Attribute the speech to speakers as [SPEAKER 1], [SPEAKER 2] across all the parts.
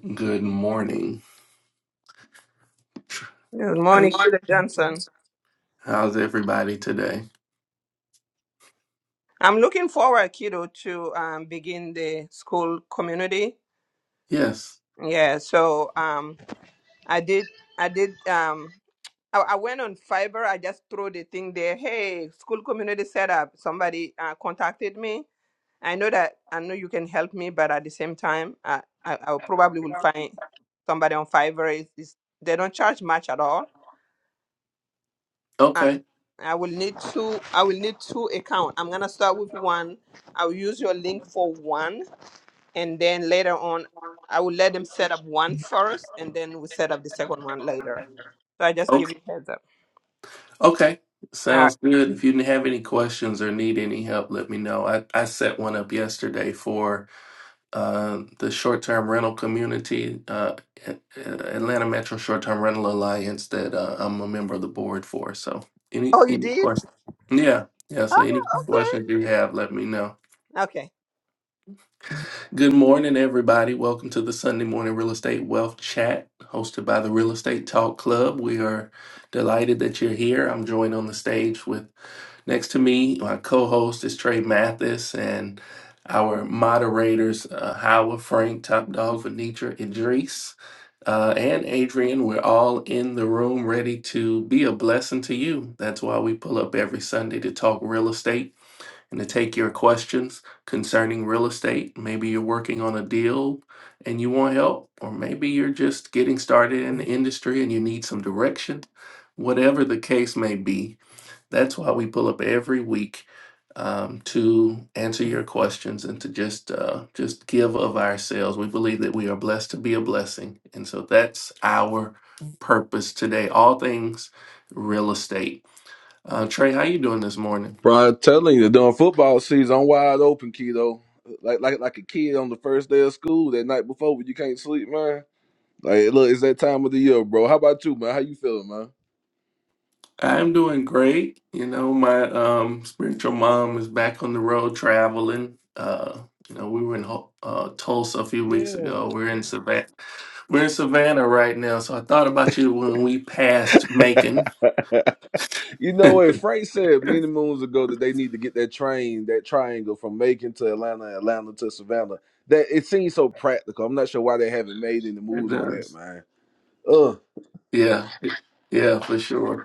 [SPEAKER 1] Good morning.
[SPEAKER 2] Good
[SPEAKER 1] Good
[SPEAKER 2] morning, Kiddo
[SPEAKER 1] morning.
[SPEAKER 2] Johnson.
[SPEAKER 1] How's everybody today?
[SPEAKER 2] I'm looking forward, Kiddo, to um, begin the school community.
[SPEAKER 1] Yes.
[SPEAKER 2] Yeah, so um, I did, I did, um, I, I went on Fiverr. I just threw the thing there. Hey, school community setup. Somebody uh, contacted me. I know that I know you can help me, but at the same time, I, I, I probably will find somebody on Fiverr. Is is they don't charge much at all. I
[SPEAKER 1] Okay.
[SPEAKER 2] I will need two. I will need two account. I'm gonna start with one. I will use your link for one, and then later on, I will let them set up one first, and then we set up the second one later. So I just give
[SPEAKER 1] Okay.
[SPEAKER 2] you heads up.
[SPEAKER 1] Okay.
[SPEAKER 2] All right.
[SPEAKER 1] Sounds good. If you have any questions or need any help, let me know. I, I set one up yesterday for uh, the short-term rental community, uh, A- A- Atlanta Metro Short-Term Rental Alliance that uh, I'm a member of the board for. So any
[SPEAKER 2] Oh, you
[SPEAKER 1] any
[SPEAKER 2] did?
[SPEAKER 1] questions? Yeah, yeah. So
[SPEAKER 2] Oh,
[SPEAKER 1] any questions
[SPEAKER 2] okay.
[SPEAKER 1] you have, let me know.
[SPEAKER 2] Okay.
[SPEAKER 1] Good morning, everybody. Welcome to the Sunday Morning Real Estate Wealth Chat hosted by the Real Estate Talk Club. We are delighted that you're here. I'm joined on the stage with next to me, my co host is Trey Mathis, and our moderators, uh, Howard Frank, Top Dog Venetra Idris, uh, and Adrian. We're all in the room ready to be a blessing to you. That's why we pull up every Sunday to talk real estate and to take your questions concerning real estate. Maybe you're working on a deal and you want help, or maybe you're just getting started in the industry and you need some direction. Whatever the case may be, that's why we pull up every week um, to answer your questions and to just uh, just give of ourselves. We believe that we are blessed to be a blessing, and so that's our purpose today. All things real estate. Uh, Trey, how you doing this morning?
[SPEAKER 3] Bro, I'm telling you, during football season, I'm wide open, kiddo. Like like like a kid on the first day of school that night before when you can't sleep, man. Like, look, it's that time of the year, bro. How about you, man? How you feeling, man?
[SPEAKER 1] I'm doing great. You know, my um, spiritual mom is back on the road traveling. Uh, you know, we were in Ho- uh, Tulsa a few weeks
[SPEAKER 3] Yeah.
[SPEAKER 1] ago. We're in Savannah. We're in Savannah right now. So I thought about you when we passed Macon.
[SPEAKER 3] You know what? Frank said many moons ago that they need to get that train, that triangle from Macon to Atlanta, Atlanta to Savannah. That it seems so practical. I'm not sure why they haven't made any
[SPEAKER 1] And,
[SPEAKER 3] moves on
[SPEAKER 1] uh,
[SPEAKER 3] that, man. Uh,
[SPEAKER 1] yeah, it- yeah, for sure.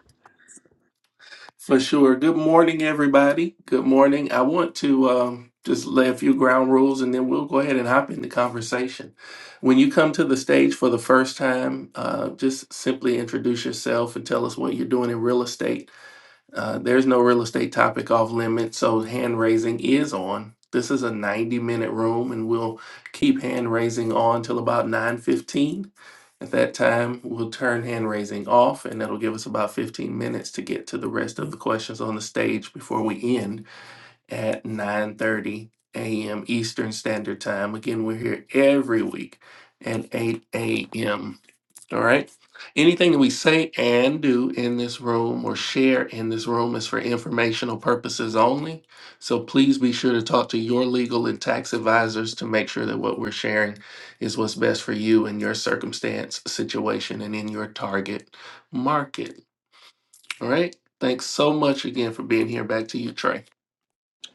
[SPEAKER 1] For sure. Good morning, everybody. Good morning. I want to um, just lay a few ground rules and then we'll go ahead and hop into conversation. When you come to the stage for the first time, uh, just simply introduce yourself and tell us what you're doing in real estate. Uh, there's no real estate topic off limits, so hand raising is on. This is a 90 minute room and we'll keep hand raising on till about 9:15. At that time, we'll turn hand raising off, and that'll give us about 15 minutes to get to the rest of the questions on the stage before we end at 9:30 a.m. Eastern Standard Time. Again, we're here every week at 8 a.m. All right. Anything that we say and do in this room or share in this room is for informational purposes only. So please be sure to talk to your legal and tax advisors to make sure that what we're sharing is what's best for you in your circumstance, situation, and in your target market. All right. Thanks so much again for being here. Back to you, Trey.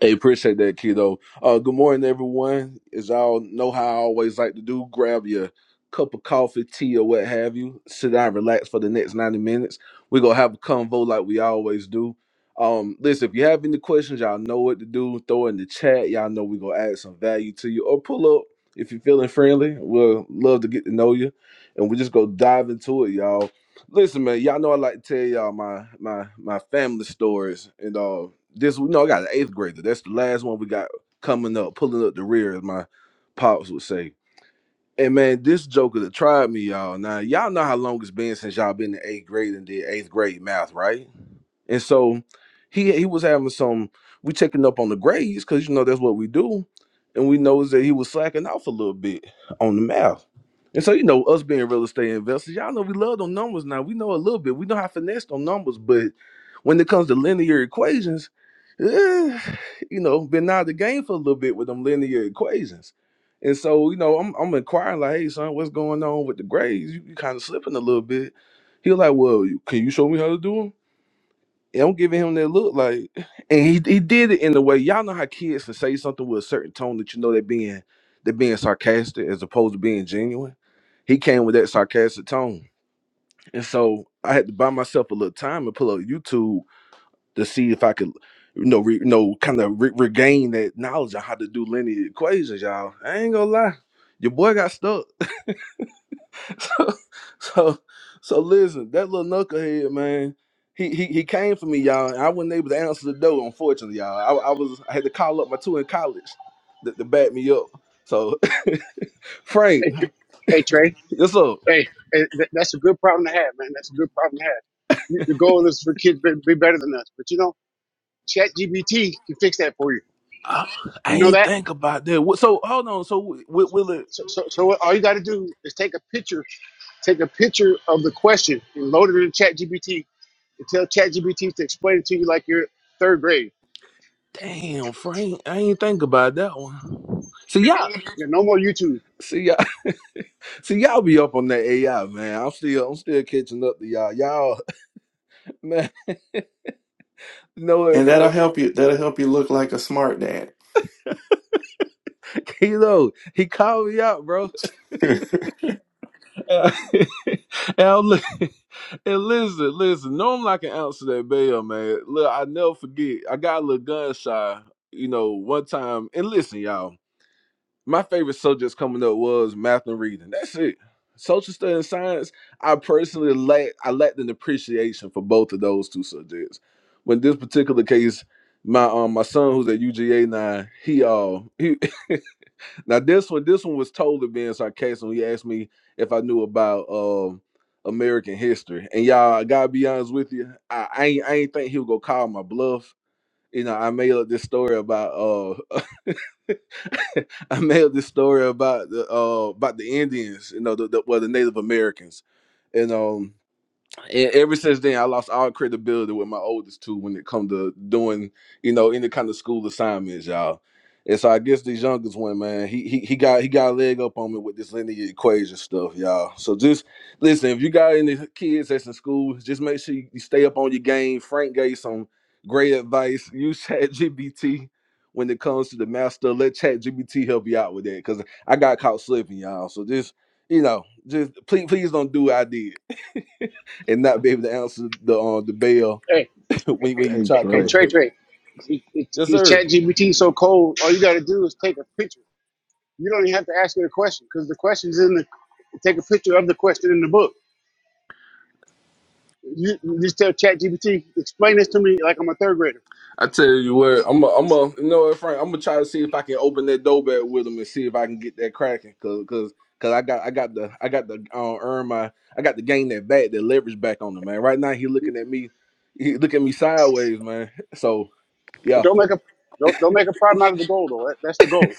[SPEAKER 3] Hey, appreciate that, Keto. Uh, good morning, everyone. As y'all know how I always like to do, grab your cup of coffee, tea, or what have you. Sit down, relax for the next 90 minutes. We're going to have a convo like we always do. Um, listen, if you have any questions, y'all know what to do. Throw in the chat. Y'all know we're going to add some value to you. Or pull up if you're feeling friendly. We'll love to get to know you. And we just go dive into it, y'all. Listen, man, y'all know I like to tell y'all my my my family stories and all this we no, I got an eighth grader. That's the last one we got coming up, pulling up the rear, as my pops would say. And man, this joker that tried me, y'all. Now y'all know how long it's been since y'all been in eighth grade and did eighth grade math, right? And so he he was having some we checking up on the grades because you know that's what we do. And we noticed that he was slacking off a little bit on the math. And so, you know, us being real estate investors, y'all know we love them numbers now. We know a little bit. We know how to finesse them numbers, but when it comes to linear equations, eh, you know, been out of the game for a little bit with them linear equations. And so, you know, I'm I'm inquiring, like, hey son, what's going on with the grades? You, you kind of slipping a little bit. He was like, Well, you- can you show me how to do 'em? Yeah, I'm giving him that look like, and he he did it in a way. Y'all know how kids can say something with a certain tone that you know they're being they're being sarcastic as opposed to being genuine. He came with that sarcastic tone, and so I had to buy myself a little time and pull up YouTube to see if I could, you know, re, you know, kind of re- regain that knowledge on how to do linear equations, y'all. I ain't gonna lie, your boy got stuck. so, so, so listen, that little knucklehead, man, he, he he came for me, y'all, and I wasn't able to answer the door, unfortunately, y'all. I, I was I had to call up my two in college to, to back me up. So, Frank,
[SPEAKER 4] Hey, Tr- hey Trey.
[SPEAKER 3] yes up?
[SPEAKER 4] Hey, hey, th- that's a good problem to have, man. That's a good problem to have. Y- The goal is for kids to be better than us, but you know, ChatGPT can fix that for you.
[SPEAKER 3] I, I
[SPEAKER 4] You know
[SPEAKER 3] ain't
[SPEAKER 4] that.
[SPEAKER 3] think about that. What- So hold on. So will, will it?
[SPEAKER 4] So, so, so what- all you got to do is take a picture, take a picture of the question, and load it in ChatGPT, and tell ChatGPT to explain it to you like you're third grade.
[SPEAKER 3] Damn, Frank, I ain't think about that one. See y'all,
[SPEAKER 4] Yeah, no more YouTube.
[SPEAKER 3] see y'all, see y'all be up on that AI, man. I'm still, I'm still catching up to y'all. Y'all, man, you know what,
[SPEAKER 1] And that'll
[SPEAKER 3] Frank?
[SPEAKER 1] help you. That'll help you look like a smart dad.
[SPEAKER 3] Kilo, he called me out, bro. and, I'm li- and listen, listen. Normally I can answer that bell, man. Look, I never forget. I got a little gun shy, you know, one time. And listen, y'all, my favorite subjects coming up was math and reading. That's it. Social studies and science. I personally lack. I lacked an appreciation for both of those two subjects. When this particular case, my um my son who's at UGA now, he uh he Now this one, this one was totally being sarcastic. When he asked me if I knew about um American history, and y'all, I gotta be honest with you, I, I ain't, I ain't think he was gonna call my bluff. You know, I made up this story about uh, I made up this story about the uh about the Indians, you know, the, the well the Native Americans, and um and ever since then, I lost all credibility with my oldest two when it come to doing, you know, any kind of school assignments, y'all. And so I guess this youngest one, man, he he he got he got a leg up on me with this linear equation stuff, y'all. So just listen, if you got any kids that's in school, just make sure you stay up on your game. Frank gave some great advice. Use ChatGPT when it comes to the master. Let ChatGPT help you out with that, cause I got caught slipping, y'all. So just you know, just please please don't do what I did and not be able to answer the uh, the bell
[SPEAKER 4] Hey,
[SPEAKER 3] when when
[SPEAKER 4] hey,
[SPEAKER 3] you
[SPEAKER 5] Hey
[SPEAKER 4] hey
[SPEAKER 3] try
[SPEAKER 4] hey,
[SPEAKER 3] coming
[SPEAKER 5] Trey,
[SPEAKER 4] Trey,
[SPEAKER 3] for you.
[SPEAKER 4] Trey. The the,
[SPEAKER 3] Yes,
[SPEAKER 4] the
[SPEAKER 3] sir.
[SPEAKER 4] ChatGPT is so cold. All you got to do is take a picture You don't even have to ask me the question because the question's in the. Take a picture of the question in the book. You, you just tell ChatGPT, explain this to me like I'm a third grader.
[SPEAKER 3] I tell you what, I'm a, I'm a, you know what, Frank, I'm gonna try to see if I can open that door back with him and see if I can get that cracking, cause, cause cause I got, I got the, I got the, uh, earn my, I got to gain that back, that leverage back on him, man. Right now he looking at me, he looking at me sideways, man. So
[SPEAKER 4] But
[SPEAKER 3] yeah,
[SPEAKER 4] don't make a don't, don't make a problem out of the goal though. That, that's the goal.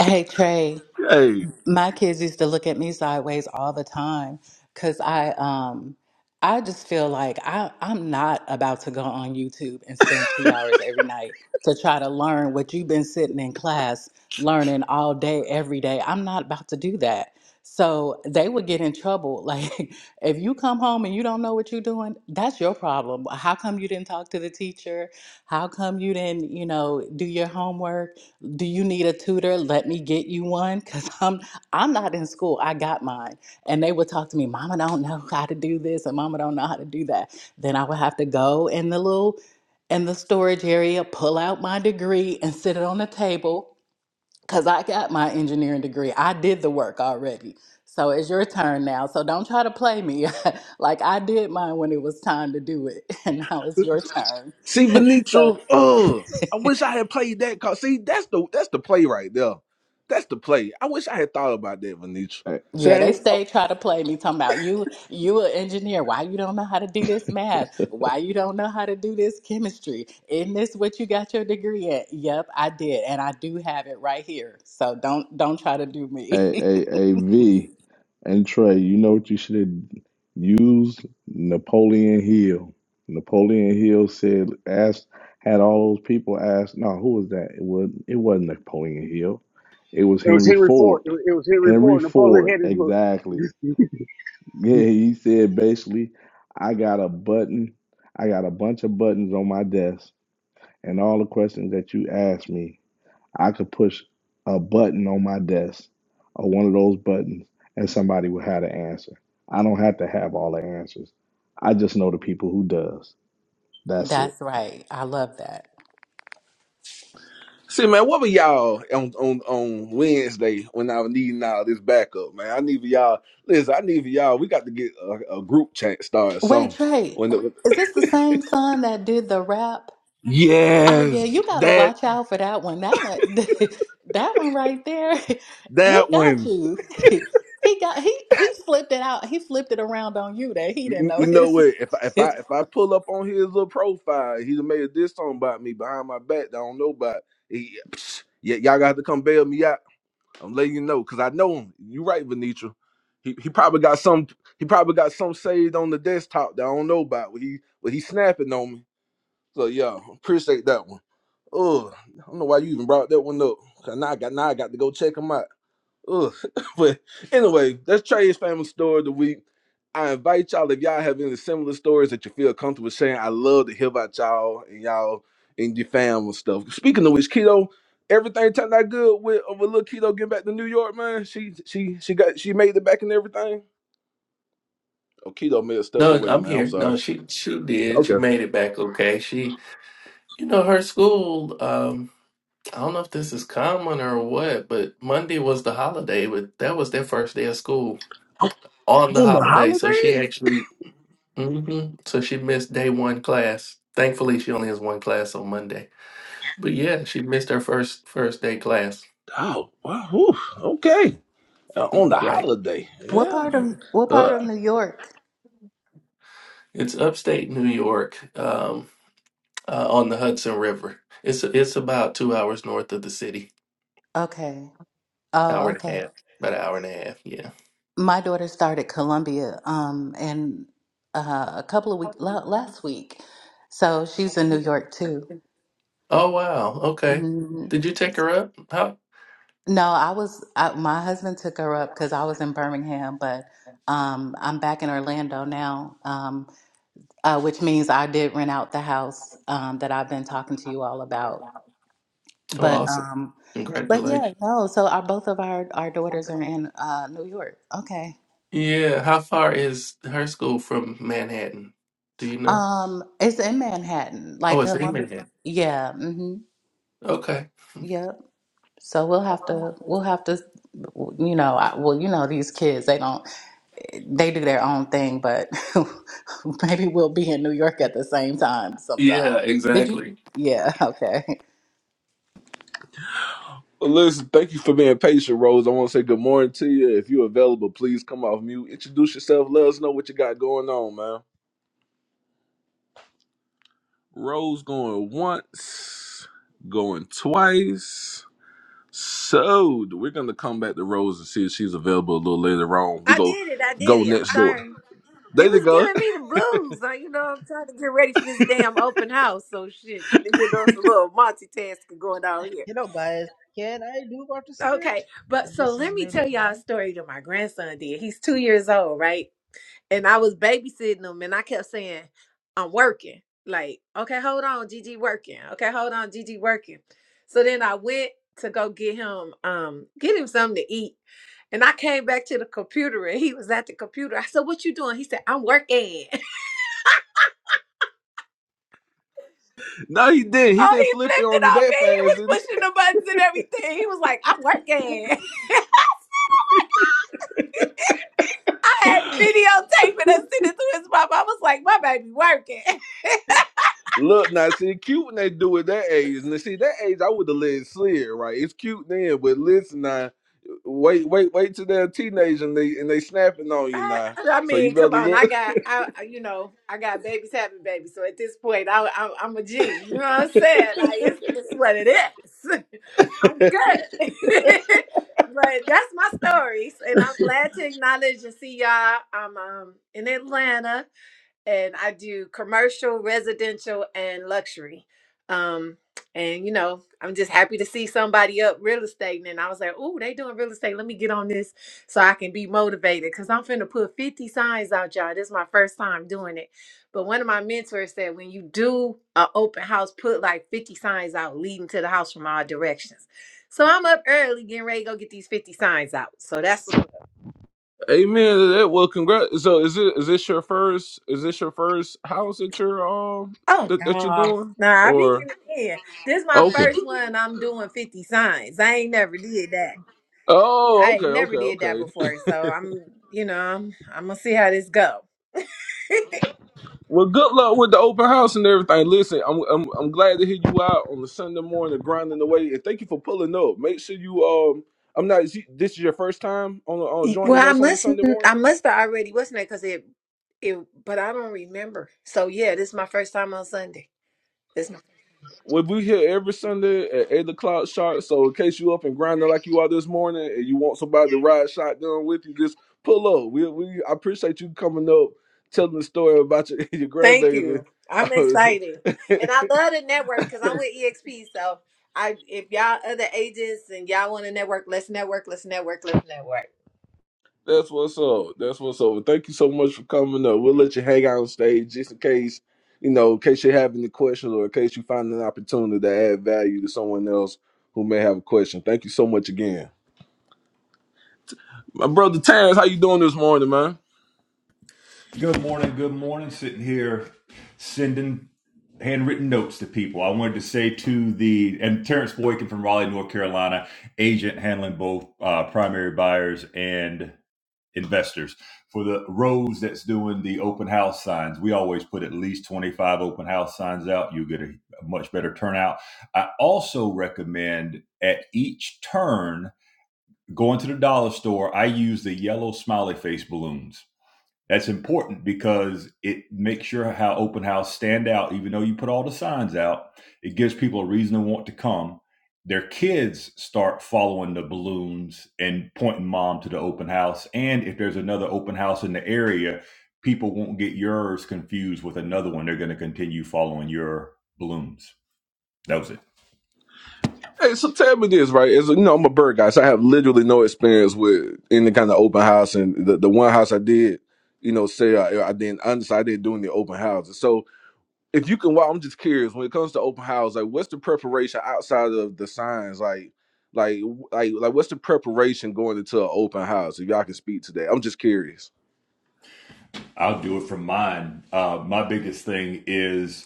[SPEAKER 6] Hey Trey,
[SPEAKER 3] hey,
[SPEAKER 6] my kids used to look at me sideways all the time because I um I just feel like I I'm not about to go on YouTube and spend two hours every night to try to learn what you've been sitting in class learning all day every day. I'm not about to do that. So they would get in trouble. Like if you come home and you don't know what you're doing, that's your problem. How come you didn't talk to the teacher? How come you didn't, you know, do your homework? do you need a tutor? Let me get you one because I'm I'm not in school. I got mine. And they would talk to me, Mama don't know how to do this and Mama don't know how to do that. Then I would have to go in the little in the storage area, pull out my degree and sit it on the table. Cause I got my engineering degree. I did the work already. So it's your turn now. So don't try to play me. like I did mine when it was time to do it. And now it's your turn.
[SPEAKER 3] see
[SPEAKER 6] So.
[SPEAKER 3] Benito, oh, I wish I had played that card. See, that's the, that's the play right there. That's the play. I wish I had thought about that, Benito.
[SPEAKER 5] hey,
[SPEAKER 3] See,
[SPEAKER 6] Yeah,
[SPEAKER 3] I
[SPEAKER 6] they
[SPEAKER 3] ain't-
[SPEAKER 6] stay try to play me talking about you you an engineer. Why you don't know how to do this math? Why you don't know how to do this chemistry? Isn't this what you got your degree at? Yep, I did. And I do have it right here. So don't don't try to do
[SPEAKER 5] hey,
[SPEAKER 6] me.
[SPEAKER 5] hey, hey, V, and Trey, you know what you should have used? Napoleon Hill. Napoleon Hill said, asked, had all those people ask, no, who was that? It was, it wasn't Napoleon Hill. It was
[SPEAKER 4] It was
[SPEAKER 5] Henry
[SPEAKER 4] Henry Ford. It
[SPEAKER 5] Ford.
[SPEAKER 4] was, it was Henry
[SPEAKER 5] Henry
[SPEAKER 4] Ford. Napoleon
[SPEAKER 5] Ford,
[SPEAKER 4] had his book.
[SPEAKER 5] exactly. Yeah, he said basically, I got a button, I got a bunch of buttons on my desk, and all the questions that you asked me. I could push a button on my desk or one of those buttons and somebody would have the answer. I don't have to have all the answers. I just know the people who does. That's it.
[SPEAKER 6] That's right. I love that.
[SPEAKER 3] See, man, what were y'all on, on on Wednesday when I was needing all this backup, man? I need for y'all. Listen, I need for y'all. We got to get a, a group chat started.
[SPEAKER 6] Wait,
[SPEAKER 3] So
[SPEAKER 6] Trey,
[SPEAKER 3] when the,
[SPEAKER 6] is this the same son that did the rap? Oh yeah,
[SPEAKER 3] yes,
[SPEAKER 6] you gotta
[SPEAKER 3] that
[SPEAKER 6] watch out for that one. That one, that one right there. He
[SPEAKER 3] that
[SPEAKER 6] got
[SPEAKER 3] one.
[SPEAKER 6] you. He got he he flipped it out. He flipped it around on you that he didn't
[SPEAKER 3] You,
[SPEAKER 6] know
[SPEAKER 3] you know
[SPEAKER 6] his
[SPEAKER 3] what? If I, if I
[SPEAKER 6] his.
[SPEAKER 3] if I pull up on his little profile, he's made this song about me behind my back. That I don't know about. He, psh, y- y'all got to come bail me out. I'm letting you know because I know him. You right, Venetra. He he probably got some he probably got some saved on the desktop that I don't know about. But he but he snapping on me. So yeah, appreciate that one. Oh, I don't know why you even brought that one up. Cause now I got now I got to go check him out. Ugh. but anyway, that's Trey's family story of the week. I invite y'all if y'all have any similar stories that you feel comfortable sharing. I love to hear about y'all and y'all and your family stuff. Speaking of which, keto, everything turned out good with uh, with little keto getting back to New York, man. She she she got she made it back and everything. Oh, keto may have stepped
[SPEAKER 1] No,
[SPEAKER 3] away,
[SPEAKER 1] I'm
[SPEAKER 3] man. I'm
[SPEAKER 1] here.
[SPEAKER 3] sorry.
[SPEAKER 1] No, she she did. She
[SPEAKER 3] Okay.
[SPEAKER 1] made it back okay. She You know, her school, um, I don't know if this is common or what, but Monday was the holiday, but that was their first day of school
[SPEAKER 3] On
[SPEAKER 1] on the
[SPEAKER 3] on the
[SPEAKER 1] holiday. So she
[SPEAKER 3] holiday?
[SPEAKER 1] actually, hmm so she missed day one class. Thankfully, she only has one class on Monday. But yeah, she missed her first first day class.
[SPEAKER 3] Oh, wow. Whew. okay. Uh, on the
[SPEAKER 1] Right.
[SPEAKER 3] holiday,
[SPEAKER 6] What
[SPEAKER 3] yeah.
[SPEAKER 6] part of what part
[SPEAKER 3] Uh,
[SPEAKER 6] of New York?
[SPEAKER 1] It's upstate New York, um, uh, on the Hudson River. It's it's about two hours north of the city,
[SPEAKER 6] Okay.
[SPEAKER 1] hour
[SPEAKER 6] Oh,
[SPEAKER 1] and a
[SPEAKER 6] okay.
[SPEAKER 1] half, about an hour and a half.
[SPEAKER 6] My daughter started Columbia, um, and uh, a couple of weeks last week, so she's in New York too.
[SPEAKER 1] Yeah. Oh wow. Okay. Did you take her up? How?
[SPEAKER 6] No, I was I, my husband took her up because I was in Birmingham, but um, I'm back in Orlando now, um, uh, which means I did rent out the house um, that I've been talking to you all about.
[SPEAKER 1] Oh,
[SPEAKER 6] But
[SPEAKER 1] awesome.
[SPEAKER 6] um, but yeah,
[SPEAKER 1] Congratulations.
[SPEAKER 6] no. So our both of our our daughters are in uh, New York. Okay,
[SPEAKER 1] Yeah. How far is her school from Manhattan? Do you know?
[SPEAKER 6] um, it's in Manhattan,
[SPEAKER 1] Oh,
[SPEAKER 6] like
[SPEAKER 1] it's in
[SPEAKER 6] Columbia.
[SPEAKER 1] Manhattan.
[SPEAKER 6] Yeah, mm-hmm,
[SPEAKER 1] Okay.
[SPEAKER 6] yep. So we'll have to we'll have to, you know, I, well, you know, these kids they don't. They do their own thing, but maybe we'll be in New York at the same time sometime.
[SPEAKER 1] Yeah.
[SPEAKER 6] Did you?
[SPEAKER 1] Exactly.
[SPEAKER 6] Yeah, okay.
[SPEAKER 3] Well, Listen, thank you for being patient, Rose. I want to say good morning to you. If you're available, please come off mute. Introduce yourself. Let us know what you got going on, man. Rose going once, going twice. So we're gonna come back to Rose and see if she's available a little later on. We
[SPEAKER 7] I
[SPEAKER 3] go
[SPEAKER 7] did it. I did
[SPEAKER 3] go
[SPEAKER 7] it. I'm
[SPEAKER 3] next door.
[SPEAKER 7] sorry.
[SPEAKER 3] There
[SPEAKER 7] It
[SPEAKER 3] you
[SPEAKER 7] was
[SPEAKER 3] go.
[SPEAKER 7] giving me the blues. Like, you know, I'm trying to get ready for this damn open house. So shit, you know, it's a little multitasking going on here.
[SPEAKER 8] Hello guys, can I do participate?
[SPEAKER 7] Okay, but
[SPEAKER 8] Uh,
[SPEAKER 7] so
[SPEAKER 8] This is
[SPEAKER 7] let me
[SPEAKER 8] me
[SPEAKER 7] tell y'all a
[SPEAKER 8] Lukman.
[SPEAKER 7] story that my grandson did. He's two years old, right? And I was babysitting him, and I kept saying, "I'm working." Like, okay, hold on, Gigi working. Okay, hold on, Gigi working. So then I went to go get him, um, get him something to eat and I came back to the computer and he was at the computer. I said, What you doing? He said, I'm working.
[SPEAKER 3] no, he didn't. He
[SPEAKER 7] Oh,
[SPEAKER 3] didn't
[SPEAKER 7] he
[SPEAKER 3] flip it
[SPEAKER 7] flipped it
[SPEAKER 3] on you
[SPEAKER 7] on me.
[SPEAKER 3] that
[SPEAKER 7] He
[SPEAKER 3] fast. did
[SPEAKER 7] was
[SPEAKER 3] he?
[SPEAKER 7] pushing the buttons and everything. He was like, I'm working. I had the videotape it and I sent it to his mom. I was like, My baby working.
[SPEAKER 3] Look now, see, cute when they do it that age. And see, that age, I would have let it slid, right? It's cute then, but listen now, wait, wait, wait till they're a teenager and they and they snapping on you
[SPEAKER 7] I,
[SPEAKER 3] now.
[SPEAKER 7] I
[SPEAKER 3] So you
[SPEAKER 7] mean,
[SPEAKER 3] better
[SPEAKER 7] come on.
[SPEAKER 3] look.
[SPEAKER 7] I got, I I- you know, I got babies having babies. So at this point, I, I, I'm a G. You know what I'm saying? Like it's, it's what it is. I'm good. but that's my stories, and I'm glad to acknowledge and see y'all. I'm um in Atlanta and I do commercial, residential, and luxury. Um, and you know, I'm just happy to see somebody up real estate. And I was like, "Ooh, they doing real estate. Let me get on this so I can be motivated." Because I'm finna put 50 signs out, y'all. This is my first time doing it. But one of my mentors said, "When you do an open house, put like 50 signs out leading to the house from all directions." So I'm up early, getting ready to go get these 50 signs out. So that's
[SPEAKER 3] Amen to that. Well, congrats. So is it is this your first? Is this your first house that you're um
[SPEAKER 7] Oh
[SPEAKER 3] that, that you're
[SPEAKER 7] no,
[SPEAKER 3] doing?
[SPEAKER 7] nah, I be
[SPEAKER 3] Or
[SPEAKER 7] getting it in. This is my
[SPEAKER 3] okay.
[SPEAKER 7] first one. I'm doing fifty signs. I ain't never did that.
[SPEAKER 3] Oh,
[SPEAKER 7] I
[SPEAKER 3] okay,
[SPEAKER 7] ain't never
[SPEAKER 3] okay,
[SPEAKER 7] did that
[SPEAKER 3] okay.
[SPEAKER 7] before. So I'm, you know, I'm, I'm gonna see how this go.
[SPEAKER 3] Well, good luck with the open house and everything. Listen, I'm I'm, I'm glad to hear you out on the Sunday morning grinding away, and thank you for pulling up. Make sure you um, I'm not. is you- This is your first time on on
[SPEAKER 7] Y- well,
[SPEAKER 3] joining
[SPEAKER 7] I
[SPEAKER 3] us on the
[SPEAKER 7] must,
[SPEAKER 3] Sunday
[SPEAKER 7] I
[SPEAKER 3] morning.
[SPEAKER 7] must have already wasn't it? Cause it, it, but I don't remember. So yeah, this is my first time on Sunday. This, my-
[SPEAKER 3] Well, we here every Sunday at eight o'clock sharp. So in case you up and grinding like you are this morning, and you want somebody to ride shotgun with you, just pull up. We we I appreciate you coming up, telling the story about your your
[SPEAKER 7] thank
[SPEAKER 3] grandbaby.
[SPEAKER 7] you. I'm excited, and I love the network because I'm with EXP. So I, if y'all other agents and y'all want to network, let's network, let's network, let's network.
[SPEAKER 3] That's what's up. That's what's up. Well, Thank you so much for coming up. We'll let you hang out on stage just in case, you know, in case you have any questions or in case you find an opportunity to add value to someone else who may have a question. Thank you so much again. My brother Terrence, how you doing this morning, man?
[SPEAKER 9] Good morning, good morning. Sitting here sending handwritten notes to people. I wanted to say to the, and Terrence Boykin from Raleigh, North Carolina, agent handling both uh, primary buyers and investors. For the Rose that's doing the open house signs, we always put at least 25 open house signs out. You get a much better turnout. I also recommend at each turn going to the dollar store. I use the yellow smiley face balloons that's important because it makes sure how open house stand out. Even though you put all the signs out, it gives people a reason to want to come. Their kids start following the balloons and pointing mom to the open house. And if there's another open house in the area, people won't get yours confused with another one. They're going to continue following your balloons. That was it.
[SPEAKER 3] Hey, so tell me this, right? As you know, I'm a bird guy, so I have literally no experience with any kind of open house. And the, the one house I did, you know, say I, I didn't understand, I didn't do any open houses. So if you can walk, I'm just curious when it comes to open house, like what's the preparation outside of the signs, like like like like what's the preparation going into an open house? If y'all can speak to that, I'm just curious.
[SPEAKER 9] I'll do it from mine. Uh, my biggest thing is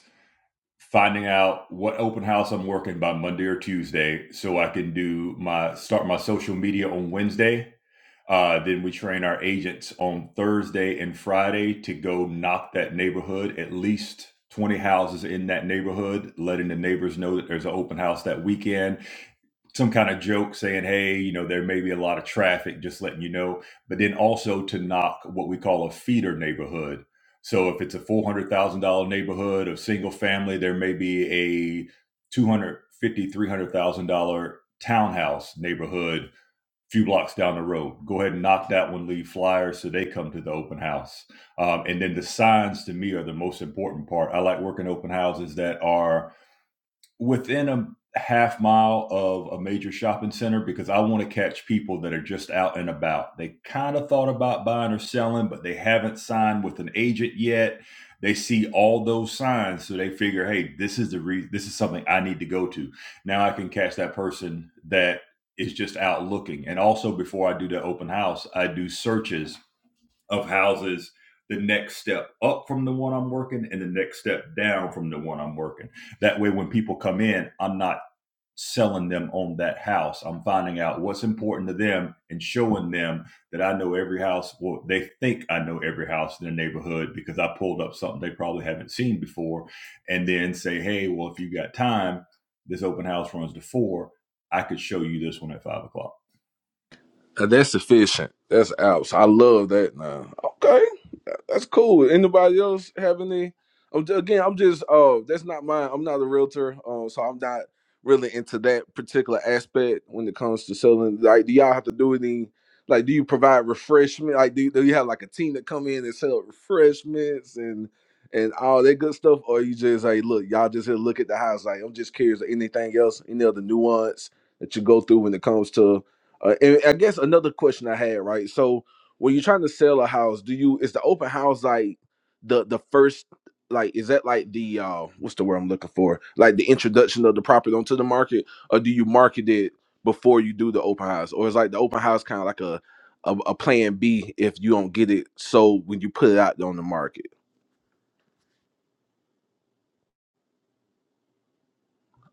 [SPEAKER 9] finding out what open house I'm working by Monday or Tuesday so I can do my start my social media on Wednesday. Uh, then we train our agents on Thursday and Friday to go knock that neighborhood, at least 20 houses in that neighborhood, letting the neighbors know that there's an open house that weekend some kind of joke saying, hey, you know, there may be a lot of traffic, just letting you know. But then also to knock what we call a feeder neighborhood. So if it's a $400,000 neighborhood of single family, there may be a $250,000, $300,000 townhouse neighborhood few blocks down the road. Go ahead and knock that one, leave flyers so they come to the open house. Um, and then the signs to me are the most important part. I like working open houses that are within a half mile of a major shopping center because I want to catch people that are just out and about. They kind of thought about buying or selling, but they haven't signed with an agent yet. They see all those signs, so they figure, "Hey, this is the re- this is something I need to go to." Now I can catch that person that is just out looking. And also before I do the open house, I do searches of houses the next step up from the one I'm working and the next step down from the one I'm working. That way, when people come in, I'm not selling them on that house. I'm finding out what's important to them and showing them that I know every house. Well, they think I know every house in their neighborhood because I pulled up something they probably haven't seen before. And then say, hey, well, if you got time, this open house runs to four. I could show you this one at five o'clock
[SPEAKER 3] Now, that's sufficient. That's outs. I love that now. Okay. that- That's cool. Anybody else have any? I'm ju- Again, I'm just, uh, that's not mine. I'm not a realtor. Uh, so I'm not really into that particular aspect when it comes to selling. Like, do y'all have to do any? Like, do you provide refreshment? Like, do, do you have like a team that come in and sell refreshments and and all that good stuff? Or you just like, look, y'all just here look at the house. Like, I'm just curious. Anything else? Any other nuance that you go through when it comes to? Uh, and I guess another question I had, right? So when you're trying to sell a house, do you is the open house like the the first like is that like the uh what's the word I'm looking for? Like the introduction of the property onto the market, or do you market it before you do the open house? Or is like the open house kind of like a, a a plan B if you don't get it sold when you put it out there on the market?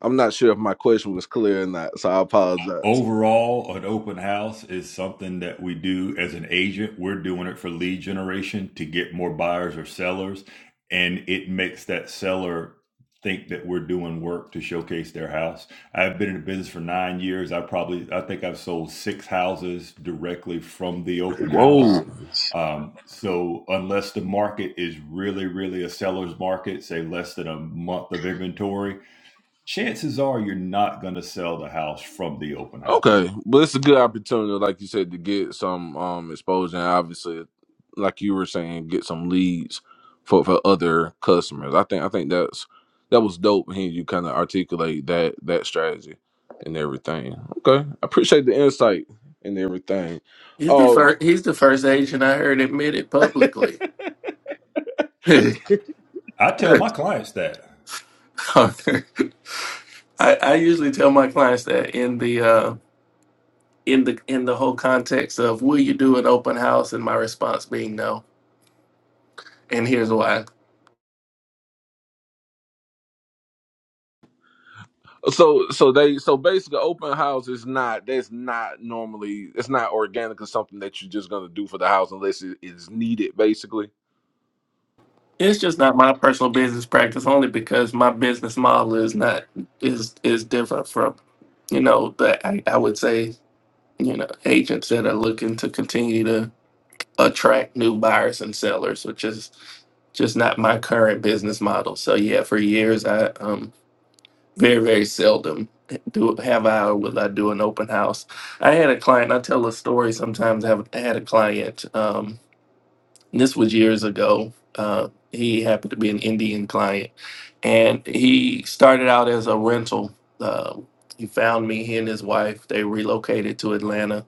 [SPEAKER 3] I'm not sure if my question was clear or not, so I apologize.
[SPEAKER 9] overall an open house is something that we do as an agent we're doing it for lead generation to get more buyers or sellers and it makes that seller think that we're doing work to showcase their house i've been in the business for nine years i probably i think i've sold six houses directly from the open
[SPEAKER 3] Whoa.
[SPEAKER 9] house um, so unless the market is really really a seller's market say less than a month of inventory chances are you're not going to sell the house from the open house.
[SPEAKER 3] Okay, but it's a good opportunity, like you said, to get some um exposure. And obviously, like you were saying, get some leads for for other customers. I think I think that's that was dope. Hearing you kind of articulate that that strategy and everything. Okay, I appreciate the insight and everything.
[SPEAKER 1] He's the
[SPEAKER 3] Um,
[SPEAKER 1] first. He's the first Asian I heard admit it publicly.
[SPEAKER 9] I tell my clients that.
[SPEAKER 1] I, I usually tell my clients that in the uh, in the in the whole context of will you do an open house, and my response being no. And here's why.
[SPEAKER 3] so so they so basically, open house is not that's not normally it's not organic or something that you're just gonna do for the house unless it is needed. Basically.
[SPEAKER 1] It's just not my personal business practice only because my business model is not is is different from, you know, the I, I would say, you know, agents that are looking to continue to attract new buyers and sellers, which is just not my current business model. So yeah, for years I um very very seldom do have I or will I do an open house. I had a client. I tell a story sometimes. I have I had a client. Um, this was years ago. Uh, he happened to be an Indian client, and he started out as a rental. Uh, he found me. He and his wife they relocated to Atlanta.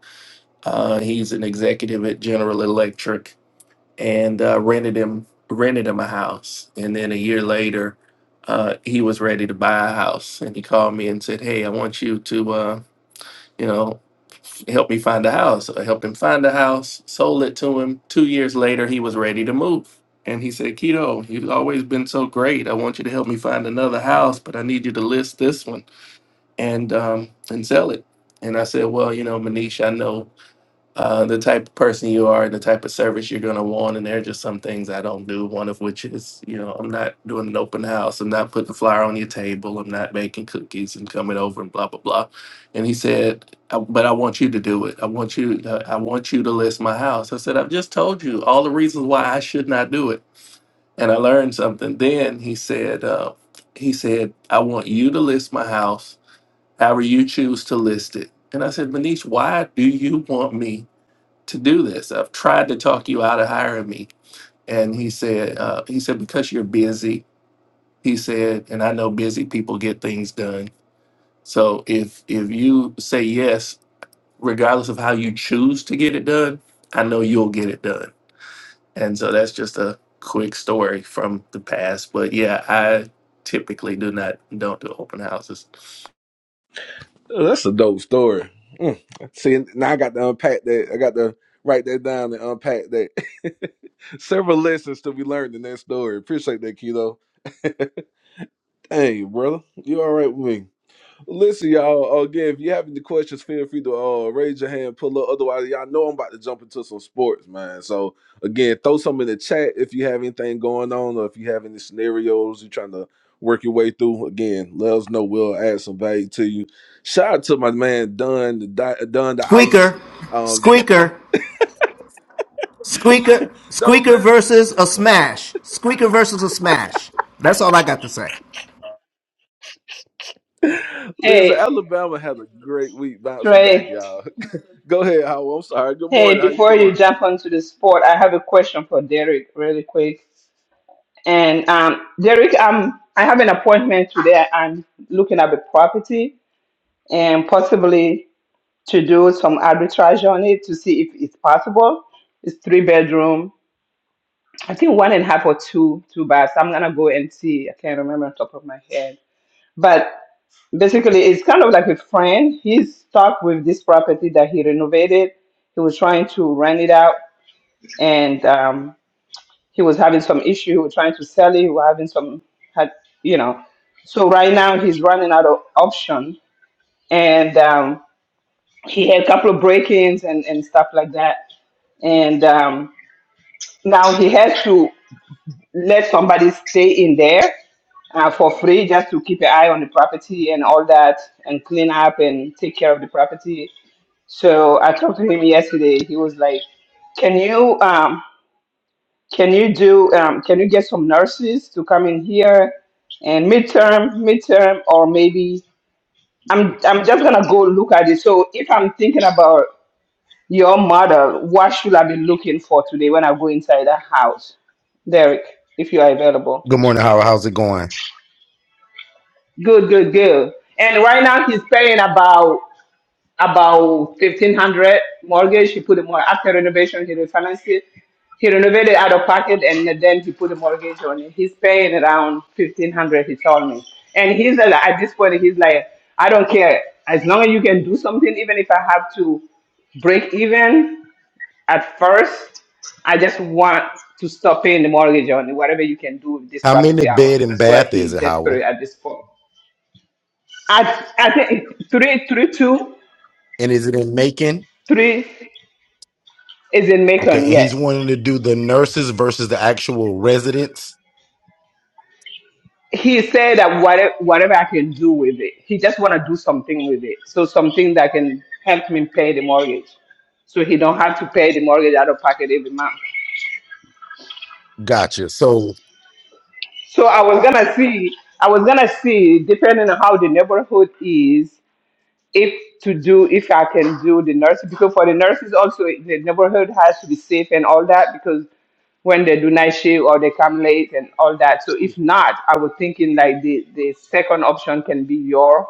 [SPEAKER 1] Uh, he's an executive at General Electric, and uh, rented him rented him a house. And then a year later, uh, he was ready to buy a house, and he called me and said, "Hey, I want you to." Uh, you know help me find a house. I helped him find a house, sold it to him. Two years later, he was ready to move. And he said, Keto, you've always been so great. I want you to help me find another house, but I need you to list this one and um, and sell it. And I said, Well, you know, Manish, I know uh, the type of person you are and the type of service you're going to want. And there are just some things I don't do. One of which is, you know, I'm not doing an open house. I'm not putting a flyer on your table. I'm not baking cookies and coming over and blah blah blah. And he said, "I- "But I want you to do it. I want you. To, I want you to list my house." I said, "I've just told you all the reasons why I should not do it." And I learned something. Then he said, uh, "He said I want you to list my house, however you choose to list it." And I said, "Manish, why do you want me?" to do this. I've tried to talk you out of hiring me. And he said, uh, he said, because you're busy, he said, and I know busy people get things done. So if if you say yes, regardless of how you choose to get it done, I know you'll get it done. And so that's just a quick story from the past. But yeah, I typically do not don't do open houses.
[SPEAKER 3] Oh, That's a dope story. Mm. See, now I got to unpack that. I got to write that down and unpack that. Several lessons to be learned in that story. Appreciate that, Keto. Dang, brother. You all right with me? Listen, y'all. uh, Again, if you have any questions, feel free to uh, raise your hand, pull up. Otherwise, y'all know I'm about to jump into some sports, man. So again, throw some in the chat if you have anything going on, or if you have any scenarios you're trying to work your way through. Again, let us know. We'll add some value to you. Shout out to my man Dunn, the Di- Dunn the Ice.
[SPEAKER 10] Squeaker,
[SPEAKER 3] Um,
[SPEAKER 10] Squeaker, Squeaker,
[SPEAKER 3] no,
[SPEAKER 10] Squeaker
[SPEAKER 3] listen,
[SPEAKER 10] versus a smash. Squeaker versus a smash. That's all I got to say.
[SPEAKER 3] listen, listen.
[SPEAKER 2] Hey,
[SPEAKER 3] Alabama had a great week bouncing back,
[SPEAKER 2] Trey.
[SPEAKER 3] y'all. Go ahead, Howell. I'm sorry. Good
[SPEAKER 2] Hey,
[SPEAKER 3] morning. How you
[SPEAKER 2] before you
[SPEAKER 3] doing?
[SPEAKER 2] jump onto the sport, I have a question for Derek really quick. And um, Derek, um, I have an appointment today. I'm looking at the property and possibly. to do some arbitrage on it to see if it's possible. It's three bedroom. I think one and a half or two, two baths. I'm gonna go and see. I can't remember on top of my head. But basically it's kind of like a friend. He's stuck with this property that he renovated. He was trying to rent it out and um, he was having some issue. He was trying to sell it. He was having some, had, you know. So right now he's running out of option and um, he had a couple of break-ins and, and stuff like that. and um, now he has to let somebody stay in there uh, for free just to keep an eye on the property and all that and clean up and take care of the property so i talked to him yesterday he was like can you um, can you do um, can you get some nurses to come in here and midterm midterm or maybe i'm i'm just gonna go look at it so if i'm thinking about Your model. what should I be looking for today when I go inside the house? Derek, if you are available.
[SPEAKER 11] Good morning, Howell. How's it going?
[SPEAKER 2] Good, good, good. And right now he's paying about about fifteen hundred mortgage. He put a more after renovation, he refinanced it. He renovated out of pocket and then he put a mortgage on it. He's paying around fifteen hundred, he told me. And he's like, at this point he's like, I don't care. As long as you can do something, even if I have to break even at first, I just want to stop paying the mortgage on whatever you can do with this
[SPEAKER 11] How many
[SPEAKER 2] property. I want.
[SPEAKER 11] bed and
[SPEAKER 2] That's why
[SPEAKER 11] bath
[SPEAKER 2] he's
[SPEAKER 11] is it,
[SPEAKER 2] desperate
[SPEAKER 11] Howell?
[SPEAKER 2] at this point. I I think three three two
[SPEAKER 11] And is it in Macon?
[SPEAKER 2] three is in
[SPEAKER 11] Okay,
[SPEAKER 2] Macon.
[SPEAKER 11] and he's
[SPEAKER 2] Yes,
[SPEAKER 11] wanting to do the nurses versus the actual residents.
[SPEAKER 2] he said that whatever whatever I can do with it, he just want to do something with it. So something that can help me pay the mortgage, so he don't have to pay the mortgage out of pocket every month.
[SPEAKER 11] Gotcha. So
[SPEAKER 2] So I was gonna see. I was gonna see, depending on how the neighborhood is, if to do if I can do the nurse because for the nurses also the neighborhood has to be safe and all that because when they do night shift or they come late and all that. So if not, I was thinking like the the second option can be your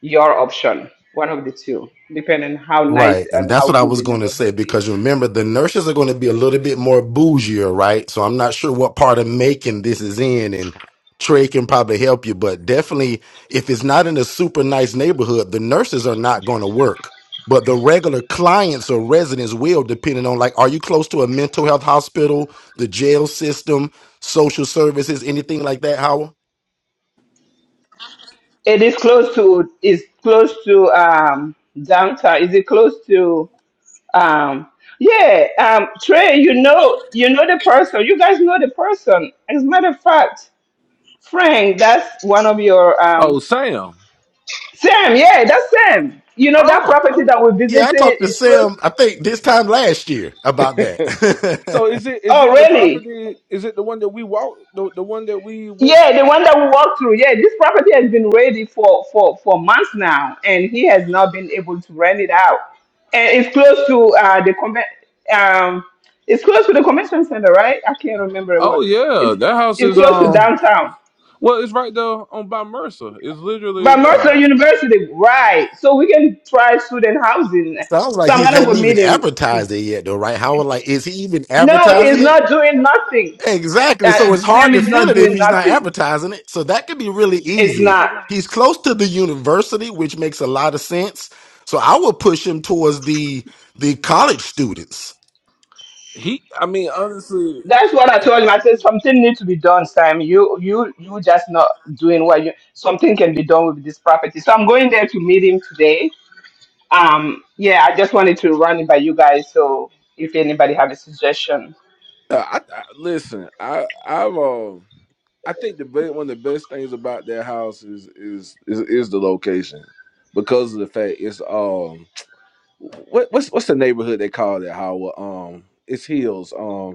[SPEAKER 2] your option, one of the two, depending how nice
[SPEAKER 11] Right. And
[SPEAKER 2] and
[SPEAKER 11] that's
[SPEAKER 2] how
[SPEAKER 11] what I
[SPEAKER 2] good
[SPEAKER 11] was
[SPEAKER 2] the
[SPEAKER 11] going to say
[SPEAKER 2] neighborhood
[SPEAKER 11] because
[SPEAKER 2] is.
[SPEAKER 11] remember, the nurses are going to be a little bit more bougier, right? So I'm not sure what part of Macon this is in, and Trey can probably help you, but definitely if it's not in a super nice neighborhood, the nurses are not going to work. But the regular clients or residents will, depending on like, are you close to a mental health hospital, the jail system, social services, anything like that, Howard?
[SPEAKER 2] It is close to is close to um downtown. Is it close to um yeah, um, Trey, you know, you know the person. You guys know the person. As a matter of fact, Frank, that's one of your
[SPEAKER 3] Oh,
[SPEAKER 2] um
[SPEAKER 3] Sam.
[SPEAKER 2] Sam, yeah, that's Sam. You know that
[SPEAKER 3] Oh.
[SPEAKER 2] property that we
[SPEAKER 11] Yeah, I
[SPEAKER 2] visited
[SPEAKER 11] talked to
[SPEAKER 2] is close.
[SPEAKER 11] Sam, I think this time last year about that.
[SPEAKER 3] So is it is
[SPEAKER 2] Oh,
[SPEAKER 3] it the
[SPEAKER 2] really?
[SPEAKER 3] property? Is it the one that we walked? The the one that we went
[SPEAKER 2] Yeah, the
[SPEAKER 3] to?
[SPEAKER 2] one that we walked through. Yeah, this property has been ready for for for months now, and he has not been able to rent it out. And it's close to uh the conven um it's close to the convention center, right? I can't remember
[SPEAKER 3] Oh
[SPEAKER 2] what.
[SPEAKER 3] yeah,
[SPEAKER 2] It's
[SPEAKER 3] that house
[SPEAKER 2] it's
[SPEAKER 3] is
[SPEAKER 2] close to
[SPEAKER 3] um.
[SPEAKER 2] downtown.
[SPEAKER 3] Well, it's right there on by Mercer. It's literally
[SPEAKER 2] But
[SPEAKER 3] yeah.
[SPEAKER 2] Mercer University, right? So we can try student housing.
[SPEAKER 11] Sounds
[SPEAKER 2] So
[SPEAKER 11] like
[SPEAKER 2] I'm
[SPEAKER 11] he
[SPEAKER 2] gonna go
[SPEAKER 11] hadn't
[SPEAKER 2] meet
[SPEAKER 11] even
[SPEAKER 2] him
[SPEAKER 11] advertised it yet, though, right? Howard, like, is he even
[SPEAKER 2] No, he's
[SPEAKER 11] advertising it?
[SPEAKER 2] not doing nothing.
[SPEAKER 11] Exactly. So
[SPEAKER 2] That
[SPEAKER 11] it's hard
[SPEAKER 2] Sam
[SPEAKER 11] to
[SPEAKER 2] is
[SPEAKER 11] feel
[SPEAKER 2] not
[SPEAKER 11] it if
[SPEAKER 2] doing
[SPEAKER 11] he's not
[SPEAKER 2] nothing.
[SPEAKER 11] advertising it. So that could be really
[SPEAKER 2] It's
[SPEAKER 11] easy.
[SPEAKER 2] not.
[SPEAKER 11] He's close to the university, which makes a lot of sense. So I would push him towards the the college students.
[SPEAKER 3] He, I mean, honestly,
[SPEAKER 2] That's what I told him. I said something needs to be done, Sam. You you you just not doing what you something can be done with this property. So I'm going there to meet him today. Um yeah, I just wanted to run it by you guys so if anybody have a suggestion.
[SPEAKER 3] uh, I, I listen. I I've um. I think the be- one of the best things about that house is is is, is the location because of the fact it's um what what's what's the neighborhood they call that Howard um it's hills um.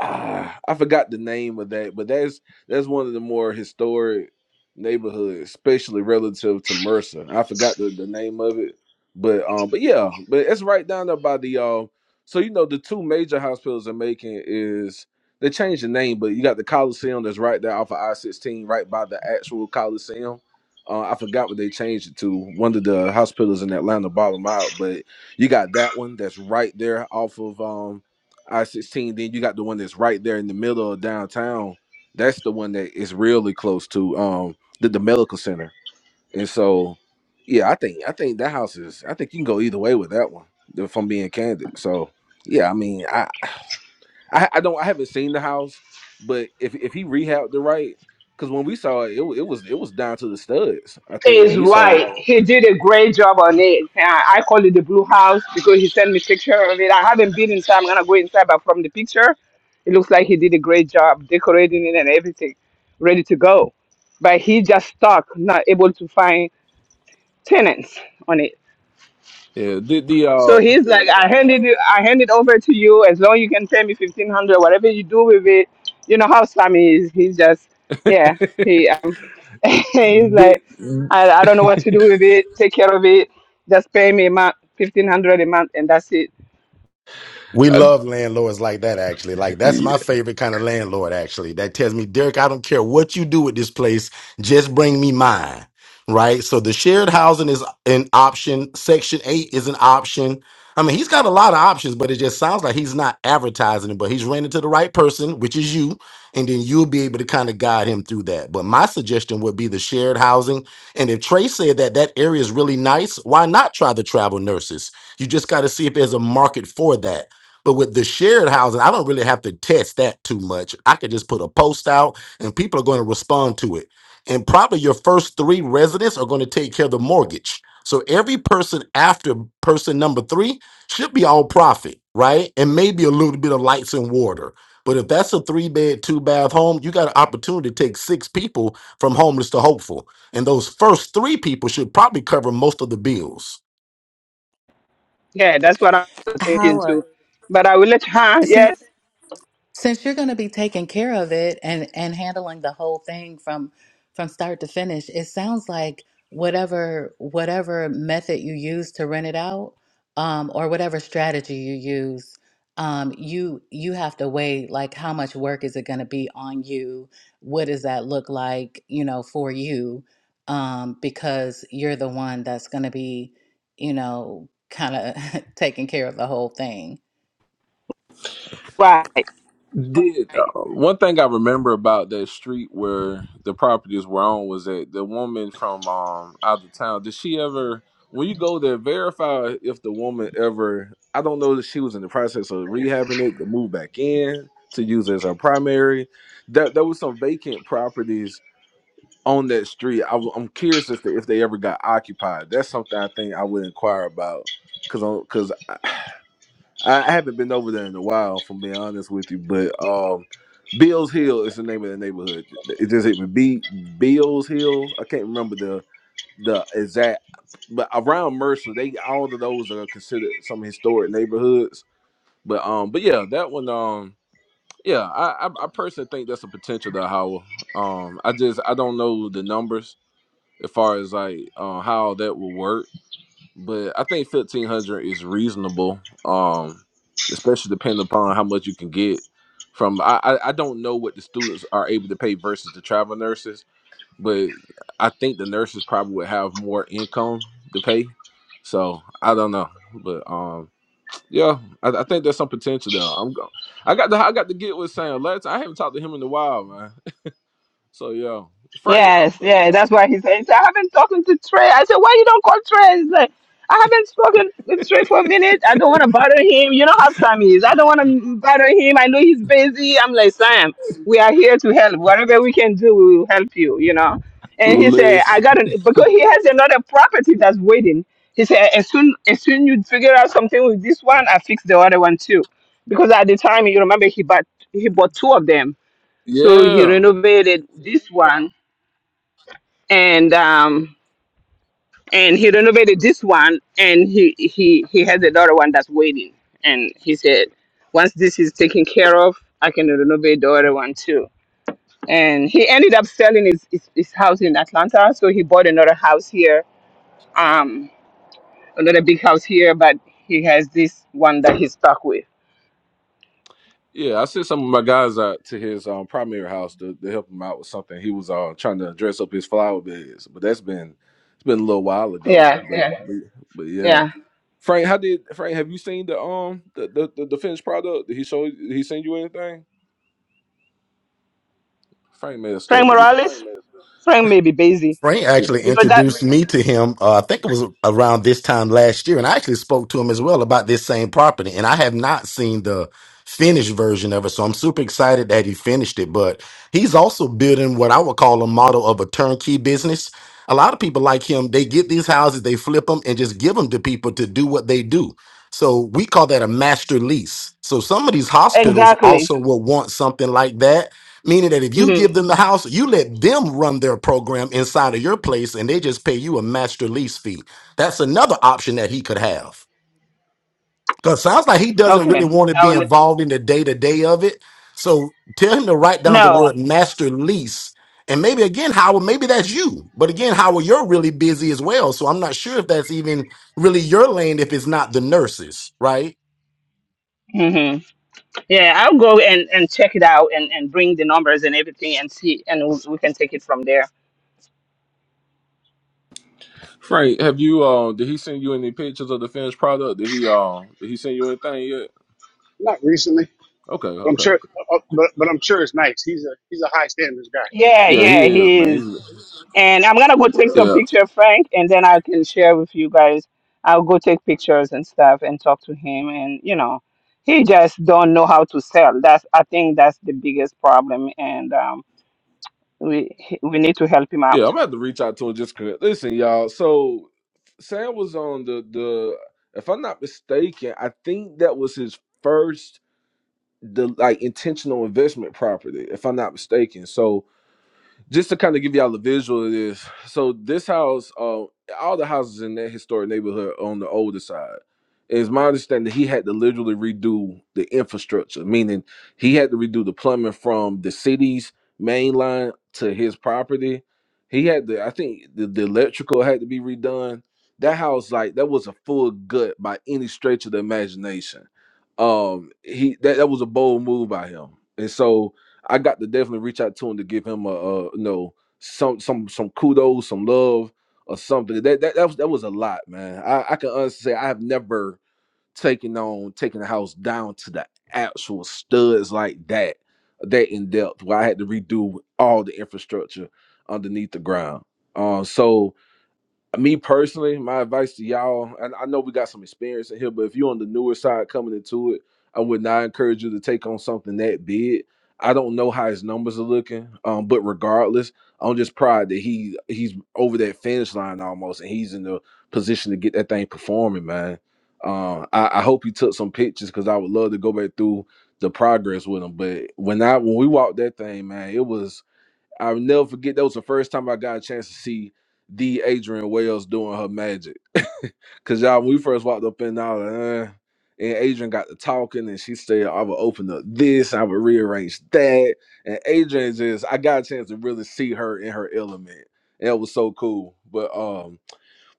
[SPEAKER 3] ah, I forgot the name of that, but that's that's one of the more historic neighborhoods, especially relative to Mercer. I forgot the, the name of it, but um, but yeah, but it's right down there by the uh. So you know the two major hospitals are making is they changed the name, but you got the Coliseum that's right there off of I sixteen, right by the actual Coliseum. Uh, I forgot what they changed it to. One of the hospitals in Atlanta bought them out, but you got that one that's right there off of um I sixteen. Then you got the one that's right there in the middle of downtown. That's the one that is really close to um the, the medical center. And so, yeah, I think I think that house is. I think you can go either way with that one. If I'm being candid, so yeah, I mean, I I, I don't I haven't seen the house, but if if he rehabbed the right, because when we saw it, it, wa- it was it was down to the studs. I think when
[SPEAKER 2] is
[SPEAKER 3] we saw it,
[SPEAKER 2] right. He did a great job on it. Uh, I call it the blue house because he sent me picture of it. I haven't been inside. I'm gonna go inside, but from the picture, it looks like he did a great job decorating it and everything, ready to go. But he just stuck, not able to find tenants on it.
[SPEAKER 3] Yeah, did the
[SPEAKER 2] So he's
[SPEAKER 3] uh
[SPEAKER 2] like, I handed it, I hand it over to you as long you can pay me fifteen hundred, whatever you do with it. You know how Sammy is. He's just, yeah, he um, he's
[SPEAKER 3] did
[SPEAKER 2] like, I, I don't know what to do with it. Take care of it. Just pay me a month, fifteen hundred a month, and that's it.
[SPEAKER 11] We
[SPEAKER 3] I,
[SPEAKER 11] love landlords like that, actually. Like, that's my favorite kind of landlord, actually. That tells me, Derek, I don't care what you do with this place, just bring me mine. Right? So, the shared housing is an option. Section 8 is an option. I mean, he's got a lot of options, but it just sounds like he's not advertising it, but he's renting to the right person, which is you. And then you'll be able to kind of guide him through that. But my suggestion would be the shared housing. And if Trey said that that area is really nice, why not try the travel nurses? You just got to see if there's a market for that but with the shared housing, I don't really have to test that too much. I could just put a post out and people are going to respond to it. And probably your first three residents are going to take care of the mortgage. So every person after person number three should be all profit, right? And maybe a little bit of lights and water. But if that's a three bed, two bath home, you got an opportunity to take six people from homeless to hopeful. And those first three people should probably cover most of the bills.
[SPEAKER 2] Yeah, that's what I'm thinking
[SPEAKER 6] How?
[SPEAKER 2] too. But I will let her. Yes,
[SPEAKER 6] since you're going to be taking care of it and and handling the whole thing from from start to finish it sounds like whatever whatever method you use to rent it out um or whatever strategy you use um you you have to weigh like how much work is it going to be on you what does that look like you know for you um because you're the one that's going to be you know kind of taking care of the whole thing
[SPEAKER 3] Did uh, one thing I remember about that street where the properties were on was that the woman from um out of town. Did she ever, when you go there, verify if the woman ever? I don't know that she was in the process of rehabbing it to move back in to use as her primary. There, there was some vacant properties on that street. I, am curious as to if they ever got occupied. That's something I think I would inquire about because because I I haven't been over there in a while, if I'm being honest with you. But um, Bills Hill is the name of the neighborhood. It just hit me. B Bills Hill. I can't remember the the exact, but around Mercer, they all of those are considered some historic neighborhoods. But um, but yeah, that one um. Yeah, I, I I personally think that's a potential to how um I just I don't know the numbers as far as like uh, how that will work but I think fifteen hundred is reasonable. Um, especially depending upon how much you can get from. I, I I don't know what the students are able to pay versus the travel nurses, but I think the nurses probably would have more income to pay. So I don't know, but um, yeah, I, I think there's some potential there. I'm go- I got the I got to get with Sam. Let's. I haven't talked to him in a while, man. So yeah, Frank,
[SPEAKER 2] Yes, yeah, that's why he said, he said, I haven't talked to Trey. I said, why you don't call Trey? He's like, I haven't spoken with Trey for a minute. I don't want to bother him. You know how Sam is. I don't want to bother him. I know he's busy. I'm like, Sam, we are here to help. Whatever we can do, we will help you, you know. And he said, I
[SPEAKER 3] Liz,
[SPEAKER 2] got it because he has another property that's waiting. He said, as soon as soon you figure out something with this one, I fix the other one too. Because at the time, you remember he bought he bought two of them. So he
[SPEAKER 3] yeah.
[SPEAKER 2] renovated this one and um and he renovated this one and he he he has another one that's waiting and he said once this is taken care of i can renovate the other one too and he ended up selling his his, his house in atlanta so he bought another house here um another big house here but he has this one that he's stuck with
[SPEAKER 3] Yeah, I sent some of my guys out to his um, primary house to, to help him out with something. He was uh, trying to dress up his flower beds, but that's been it's been a little while ago.
[SPEAKER 2] yeah
[SPEAKER 3] But
[SPEAKER 2] yeah
[SPEAKER 3] but, but yeah,
[SPEAKER 2] yeah
[SPEAKER 3] Frank, how did Frank? Have you seen the um the the, the, the finished product? Did he show? Did he send you anything? Frank messed
[SPEAKER 2] frank
[SPEAKER 3] up.
[SPEAKER 2] morales frank may be busy
[SPEAKER 11] Frank
[SPEAKER 3] Yeah.
[SPEAKER 11] actually
[SPEAKER 2] because that
[SPEAKER 11] introduced me to him. Uh, I think it was around this time last year, and I actually spoke to him as well about this same property. And I have not seen the finished version of it, so I'm super excited that he finished it. But he's also building what I would call a model of a turnkey business. A lot of people like him, they get these houses, they flip them, and just give them to people to do what they do. So we call that a master lease. So some of these hospitals
[SPEAKER 2] exactly
[SPEAKER 11] also will want something like that Meaning that if you
[SPEAKER 2] hmm
[SPEAKER 11] give them the house, you let them run their program inside of your place and they just pay you a master lease fee. That's another option that he could have. Because sounds like he doesn't really
[SPEAKER 2] okay
[SPEAKER 11] want to
[SPEAKER 2] I
[SPEAKER 11] be
[SPEAKER 2] will,
[SPEAKER 11] involved in the day to day of it. So tell him to write down the
[SPEAKER 2] no.
[SPEAKER 11] word master lease. And maybe again, Howard, maybe that's you. But again, Howard, you're really busy as well. So I'm not sure if that's even really your lane if it's not the nurses, right?
[SPEAKER 2] Mm-hmm. Yeah, I'll go and, and check it out and, and bring the numbers and everything and see, and we we can take it from there.
[SPEAKER 3] Frank, have you uh did he send you any pictures of the finished product? Did he um did he send you anything yet?
[SPEAKER 4] Not recently.
[SPEAKER 3] Okay,
[SPEAKER 4] But I'm
[SPEAKER 3] okay,
[SPEAKER 4] sure.
[SPEAKER 3] okay.
[SPEAKER 4] uh, uh, But, but I'm sure it's nice. He's a he's a high standards guy.
[SPEAKER 2] Yeah,
[SPEAKER 3] Yeah,
[SPEAKER 2] yeah,
[SPEAKER 3] he is
[SPEAKER 2] he
[SPEAKER 3] man.
[SPEAKER 2] is.
[SPEAKER 3] He's,
[SPEAKER 2] And I'm gonna go take some
[SPEAKER 3] yeah,
[SPEAKER 2] picture, Frank, and then I can share with you guys. I'll go take pictures and stuff and talk to him. And you know, he just don't know how to sell. That's I think that's the biggest problem, and um, we he- we need to help him
[SPEAKER 3] Yeah, I'm
[SPEAKER 2] out.
[SPEAKER 3] gonna have to reach out to him just cause. Listen, y'all. So Sam was on the the. If I'm not mistaken, I think that was his first the like intentional investment property. If I'm not mistaken, so just to kind of give y'all a visual of this. So this house, uh, all the houses in that historic neighborhood are on the older side. It's my understanding that he had to literally redo the infrastructure, meaning he had to redo the plumbing from the city's main line to his property. He had to, I think the, the electrical had to be redone. That house, like that was a full gut by any stretch of the imagination. Um, he that, that was a bold move by him. And so I got to definitely reach out to him to give him a, uh you know some some some kudos, some love or something. That that that was, that was a lot, man. I, I can honestly say I have never taken on taking the house down to the actual studs like that, that in depth, where I had to redo all the infrastructure underneath the ground. Um, so me personally, my advice to y'all, and I know we got some experience in here, but if you're on the newer side coming into it, I would not encourage you to take on something that big. I don't know how his numbers are looking, um, but regardless, I'm just proud that he he's over that finish line almost, and he's in the position to get that thing performing, man. Uh, I, I hope he took some pictures because I would love to go back through the progress with him. But when I when we walked that thing, man, it was I'll never forget that was the first time I got a chance to see the Adrian Wells doing her magic. Cause y'all, when we first walked up in, I was like, uh, and Adrian got to talking, and she said, "I would open up this, I would rearrange that." And Adrian just, I got a chance to really see her in her element. And it was so cool. But um,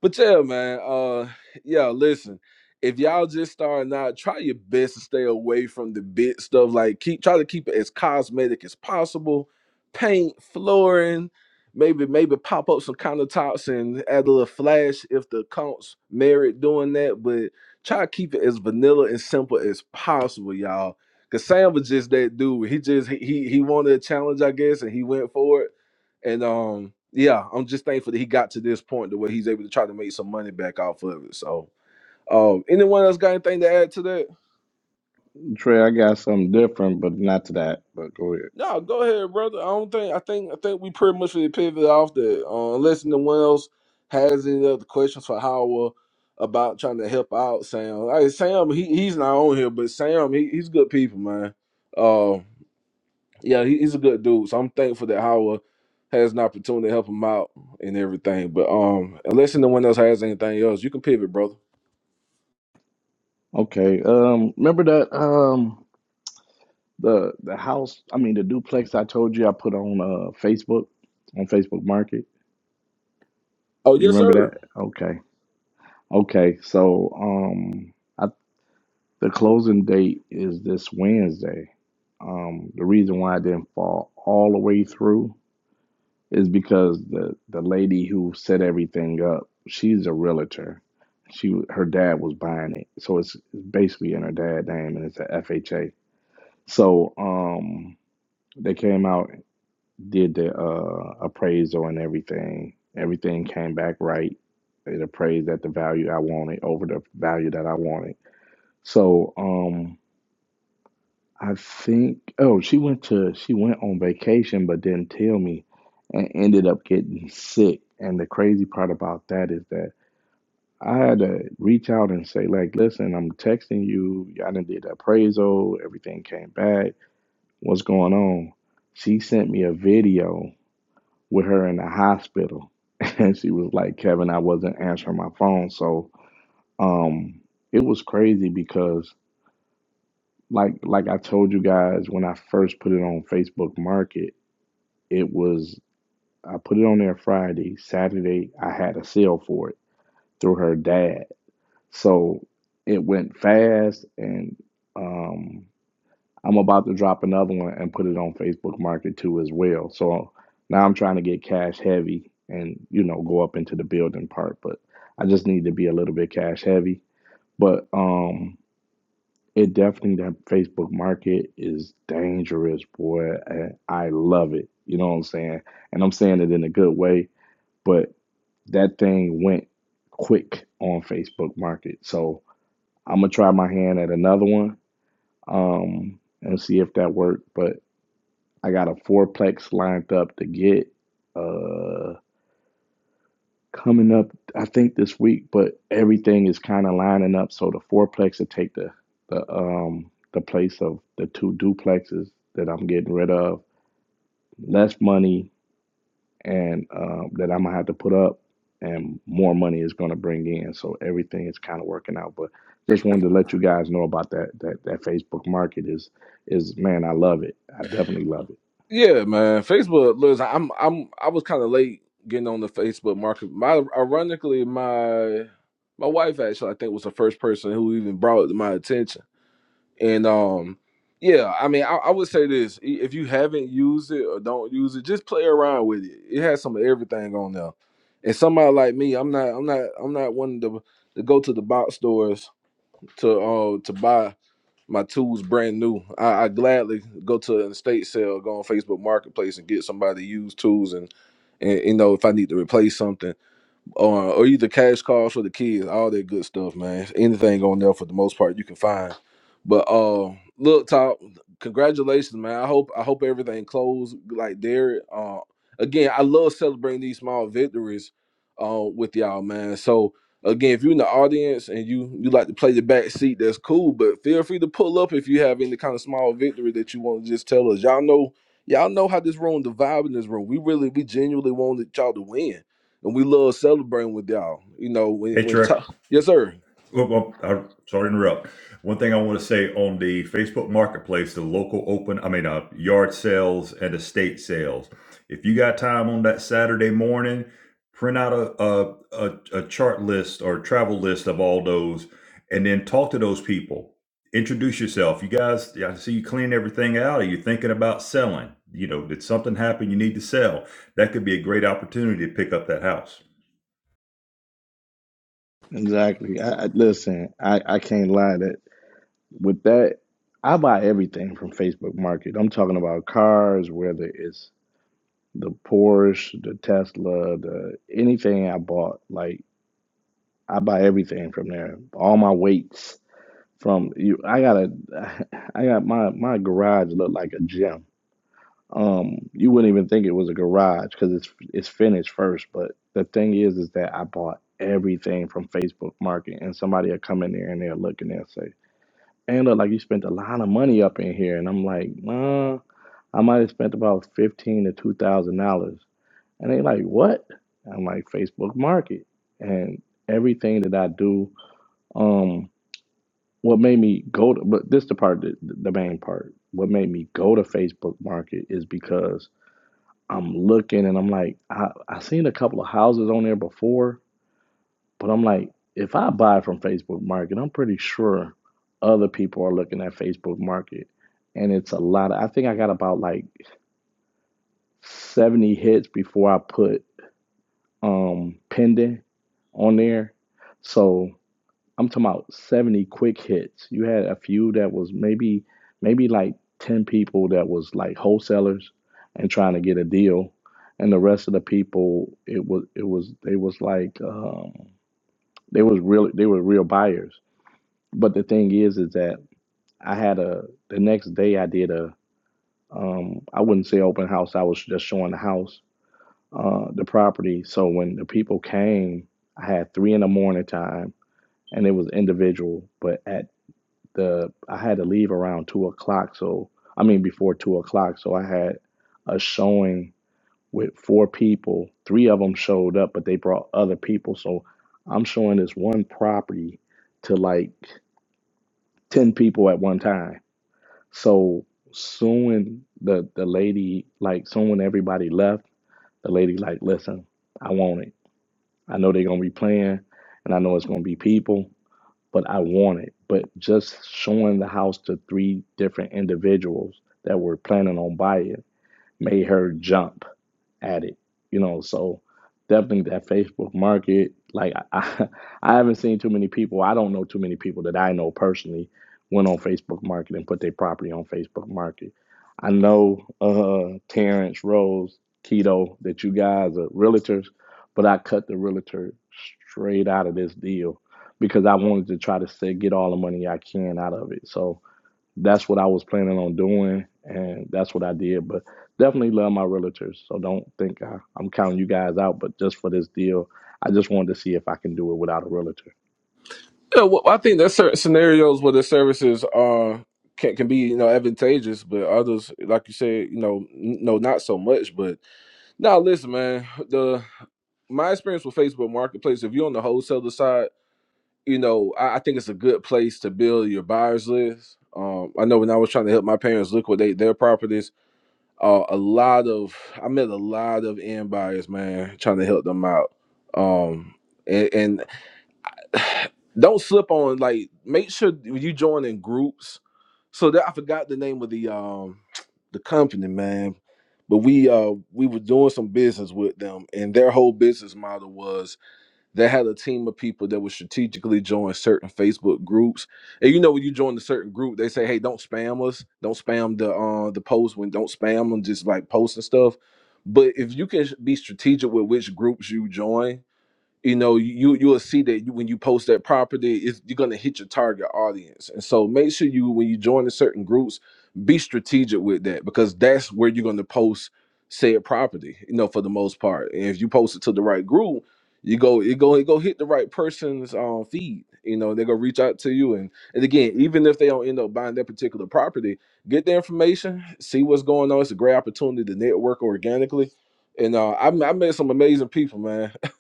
[SPEAKER 3] but yeah, man, uh yeah, listen. If y'all just starting out, try your best to stay away from the bit stuff. Like keep try to keep it as cosmetic as possible. Paint, flooring, maybe maybe pop up some countertops and add a little flash if the accounts merit doing that. But try to keep it as vanilla and simple as possible, y'all. Cause Sam was just that dude. He just he he, he wanted a challenge, I guess, and he went for it and um, yeah, I'm just thankful that he got to this point to where he's able to try to make some money back off of it. So, um, anyone else got anything to add to that?
[SPEAKER 5] Trey, I got something different, but not to that. But go ahead.
[SPEAKER 3] No, go ahead, brother. I don't think I think I think we pretty much really pivot off that. Uh, unless anyone else has any other questions for Howard about trying to help out Sam. Like Sam, he, he's not on here, but Sam, he, he's good people, man. Um. yeah, he, he's a good dude. So I'm thankful that Howard has an opportunity to help him out and everything. But um, unless anyone else has anything else, you can pivot, brother.
[SPEAKER 5] Okay. Um remember that um the the house I mean the duplex I told you I put on uh Facebook on Facebook Market?
[SPEAKER 3] Oh
[SPEAKER 5] You
[SPEAKER 3] yes,
[SPEAKER 5] remember
[SPEAKER 3] sir.
[SPEAKER 5] that? Okay. Okay. So um I. The closing date is this Wednesday. Um, the reason why I didn't fall all the way through is because the the lady who set everything up, she's a realtor. She her dad was buying it, so it's basically in her dad's name, and it's an F H a FHA. So um, they came out, did the uh, appraisal and everything. Everything came back right. It appraised at the value I wanted over the value that I wanted. So um, I think. Oh, she went to she went on vacation, but didn't tell me, and ended up getting sick. And the crazy part about that is that I had to reach out and say, like, listen, I'm texting you. I done did the appraisal. Everything came back. What's going on? She sent me a video with her in the hospital, and she was like, Kevin, I wasn't answering my phone, so um, it was crazy because like like I told you guys when I first put it on Facebook Market, it was I put it on there Friday, Saturday I had a sale for it through her dad. So it went fast and um I'm about to drop another one and put it on Facebook Market too as well. So now I'm trying to get cash heavy and you know go up into the building part, but I just need to be a little bit cash heavy. But um It definitely that Facebook market is dangerous, boy. And I love it. You know what I'm saying? And I'm saying it in a good way, but that thing went quick on Facebook market. So I'm gonna try my hand at another one um, and see if that worked. But I got a fourplex lined up to get. Uh, coming up, I think this week, but everything is kind of lining up. So the fourplex will take the the um the place of the two duplexes that I'm getting rid of. Less money and um, that I'm gonna have to put up, and more money is gonna bring in. So everything is kind of working out. But just wanted to let you guys know about that that that Facebook market is is man, I love it. I definitely love it.
[SPEAKER 3] Yeah, man. Facebook. Look, I'm I'm I was kind of late getting on the Facebook market. My ironically, my my wife actually I think was the first person who even brought it to my attention. And um, yeah, I mean, I, I would say this: i- if you haven't used it or don't use it, just play around with it. It has some of everything on there. And somebody like me, I'm not, I'm not, I'm not one to to go to the box stores to uh to buy my tools brand new. I, I gladly go to an estate sale, go on Facebook Marketplace, and get somebody used tools and. And you know, if I need to replace something or, or either cash calls for the kids, all that good stuff, man. Anything on there for the most part you can find. But uh look, top, congratulations, man. I hope I hope everything closed like Derek. Uh again, I love celebrating these small victories uh with y'all, man. So again, if you're in the audience and you you like to play the back seat, that's cool. But feel free to pull up if you have any kind of small victory that you want to just tell us. Y'all know y'all know how this room, the vibe in this room. We really we genuinely wanted y'all to win and we love celebrating with y'all. You know, when
[SPEAKER 9] Hey,
[SPEAKER 3] when
[SPEAKER 9] Trey.
[SPEAKER 3] ti- yes, sir.
[SPEAKER 9] Well, well, I'm sorry to interrupt. One thing I want to say on the Facebook Marketplace, the local open, I mean, uh, yard sales and estate sales. If you got time on that Saturday morning, print out a a, a, a chart list or travel list of all those, and then talk to those people. Introduce yourself. You guys, yeah, I see you clean everything out. Are you thinking about selling? You know, did something happen? You need to sell. That could be a great opportunity to pick up that house.
[SPEAKER 5] Exactly. I, I listen. I I can't lie that with that, I buy everything from Facebook Market. I'm talking about cars, whether it's the Porsche, the Tesla, the anything I bought. Like I buy everything from there. All my weights from you. I got a. I got my my garage look like a gym. Um, you wouldn't even think it was a garage because it's it's finished first. But the thing is, is that I bought everything from Facebook Market, and somebody will come in there and they'll look and they'll say, "Angela, like you spent a lot of money up in here," and I'm like, "Nah, I might have spent about fifteen to two thousand dollars," and they like, "What?" I'm like, "Facebook Market," and everything that I do, um, what made me go to, but this the part, that the main part. What made me go to Facebook Market is because I'm looking and I'm like, I, I seen a couple of houses on there before, but I'm like, if I buy from Facebook Market, I'm pretty sure other people are looking at Facebook Market. And it's a lot of, I think I got about like 70 hits before I put um pending on there. So I'm talking about 70 quick hits. You had a few that was maybe maybe like 10 people that was like wholesalers and trying to get a deal. And the rest of the people, it was it was they was like um, they was real they were real buyers. But the thing is is that I had a the next day I did a um, I wouldn't say open house, I was just showing the house, uh, the property. So when the people came, I had three in the morning time and it was individual. But at the I had to leave around two o'clock. So I mean before two o'clock. So I had a showing with four people. Three of them showed up, but they brought other people. So I'm showing this one property to like ten people at one time. So soon the the lady like soon when everybody left, the lady like, listen, I want it. I know they're gonna be playing, and I know it's gonna be people but I want it. But just showing the house to three different individuals that were planning on buying made her jump at it, you know. So definitely that Facebook market. Like I, I haven't seen too many people. I don't know too many people that I know personally went on Facebook Market and put their property on Facebook Market. I know uh, Terrence Rose Keto that you guys are realtors, but I cut the realtor straight out of this deal because I wanted to try to say, get all the money I can out of it. So that's what I was planning on doing, and that's what I did. But definitely love my realtors, so don't think I, I'm counting you guys out. But just for this deal, I just wanted to see if I can do it without a realtor.
[SPEAKER 3] Yeah, well, I think there's certain scenarios where the services are can can be you know advantageous, but others, like you said, you know, n- no, not so much. But now, listen, man, the my experience with Facebook Marketplace, if you're on the wholesaler side, you know, I, I think it's a good place to build your buyers list. Um, I know when I was trying to help my parents liquidate their properties uh, a lot of I met a lot of end buyers, man, trying to help them out. Um, and, and don't slip on like make sure you join in groups. So that I forgot the name of the um the company, man. But we uh we were doing some business with them, and their whole business model was they had a team of people that would strategically join certain Facebook groups. And you know, when you join a certain group, they say, "Hey, don't spam us. Don't spam the uh the post. When don't spam them, just like post and stuff." But if you can sh- be strategic with which groups you join, you know you you will see that you, when you post that property it's, you're going to hit your target audience and so make sure you when you join the certain groups be strategic with that because that's where you're going to post said property you know for the most part and if you post it to the right group you go it go it go hit the right person's um, feed you know they're going to reach out to you and and again even if they don't end up buying that particular property get the information see what's going on it's a great opportunity to network organically and uh, I, I met some amazing people, man.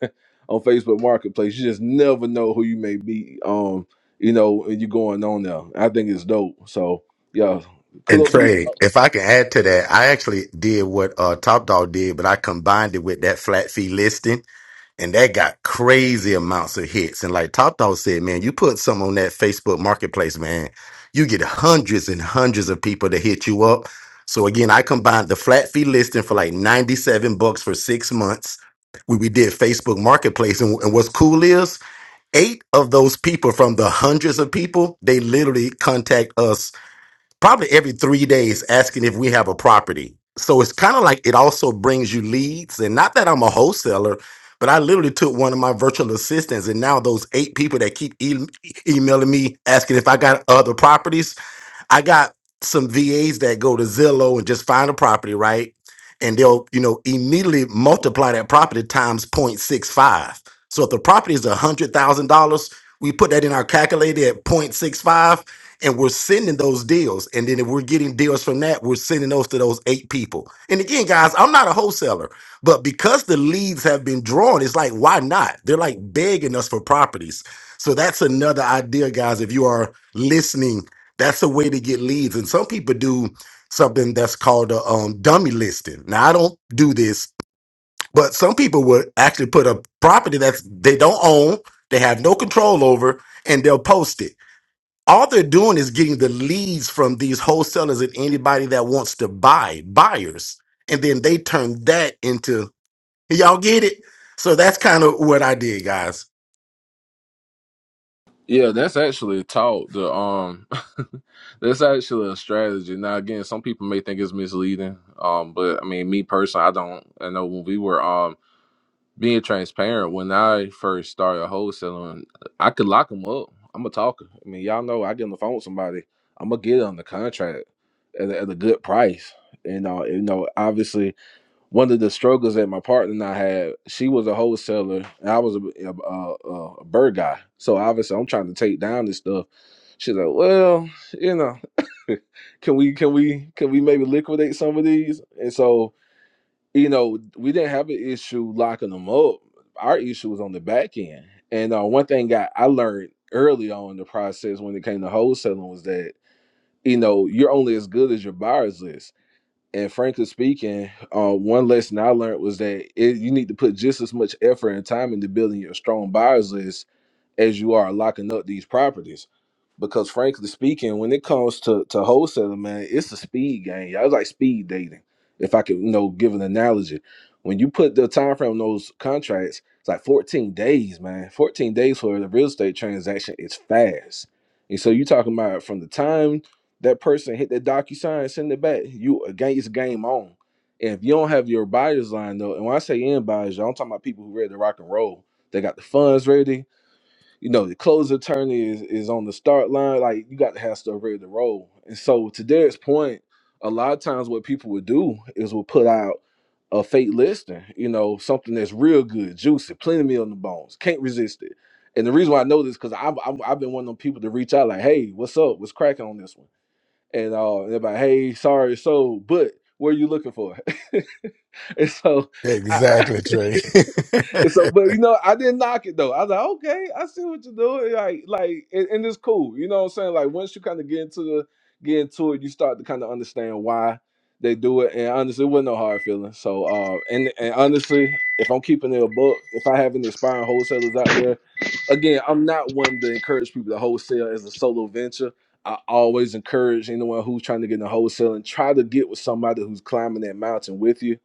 [SPEAKER 3] on Facebook Marketplace. You just never know who you may be. Um, you know, and you going on there. I think it's dope. So yeah,
[SPEAKER 11] And
[SPEAKER 3] cool.
[SPEAKER 11] Trey, if I can add to that, I actually did what uh, Top Dog did, but I combined it with that flat fee listing, and that got crazy amounts of hits. And like Top Dog said, man, you put some on that Facebook Marketplace, man, you get hundreds and hundreds of people to hit you up. So again, I combined the flat fee listing for like ninety-seven bucks for six months. We, we did Facebook Marketplace, and, and what's cool is eight of those people from the hundreds of people they literally contact us probably every three days asking if we have a property. So it's kind of like it also brings you leads. And not that I'm a wholesaler, but I literally took one of my virtual assistants, and now those eight people that keep e- emailing me asking if I got other properties, I got some VAs that go to Zillow and just find a property, right? And they'll, you know, immediately multiply that property times 0.65. So if the property is $100,000, we put that in our calculator at 0.65 and we're sending those deals. And then if we're getting deals from that, we're sending those to those eight people. And again, guys, I'm not a wholesaler, but because the leads have been drawn, it's like, why not? They're like begging us for properties. So that's another idea, guys. If you are listening that's a way to get leads. And some people do something that's called a um, dummy listing. Now, I don't do this, but some people would actually put a property that they don't own, they have no control over, and they'll post it. All they're doing is getting the leads from these wholesalers and anybody that wants to buy, buyers. And then they turn that into, "Hey, y'all get it? So that's kind of what I did, guys.
[SPEAKER 3] Yeah, that's actually a talk. The um, that's actually a strategy. Now, again, some people may think it's misleading. Um, but I mean, me personally, I don't. I know when we were um. being transparent, when I first started wholesaling, I could lock them up. I'm a talker. I mean, y'all know I get on the phone with somebody, I'm gonna get on the contract at, a- at a good price. You know, you know, obviously, one of the struggles that my partner and I had, she was a wholesaler, and I was a, a, a, a bird guy. So obviously, I'm trying to take down this stuff. She's like, well, you know, can we can we can we maybe liquidate some of these? And so you know, we didn't have an issue locking them up. Our issue was on the back end. And uh, one thing I, I learned early on in the process when it came to wholesaling was that, you know, you're only as good as your buyers list. And frankly speaking, uh, one lesson I learned was that it, you need to put just as much effort and time into building your strong buyers list as you are locking up these properties. Because frankly speaking, when it comes to to wholesaling, man, it's a speed game. Y'all It's like speed dating. If I could, you know, give an analogy, when you put the time frame on those contracts, it's like 14 days, man. 14 days for the real estate transaction is fast. And so you're talking about from the time that person hit that docu sign, send it back, you again it's game on. And if you don't have your buyers lined up, and when I say in buyers, y'all, I'm talking about people who ready to rock and roll. They got the funds ready you know, the close attorney is, is on the start line. Like you got to have stuff ready to roll. And so to Derek's point, a lot of times what people would do is will put out a fake listing, you know, something that's real good, juicy, plenty of meat on the bones, can't resist it. And the reason why I know this because I've, I've I've been one of them people to reach out like, hey, what's up? What's cracking on this one? And uh, they're like, hey, sorry, so, but what are you looking for? and so, I,
[SPEAKER 11] Exactly, Trey.
[SPEAKER 3] And so, but you know, I didn't knock it though. I was like, okay, I see what you're doing. Like, like, and, and it's cool. You know what I'm saying? Like, once you kind of get into the get into it, you start to kind of understand why they do it. And honestly, it wasn't no hard feelings. So, uh, and and honestly, if I'm keeping it a book, if I have any aspiring wholesalers out there, again, I'm not one to encourage people to wholesale as a solo venture. I always encourage anyone who's trying to get into wholesaling, try to get with somebody who's climbing that mountain with you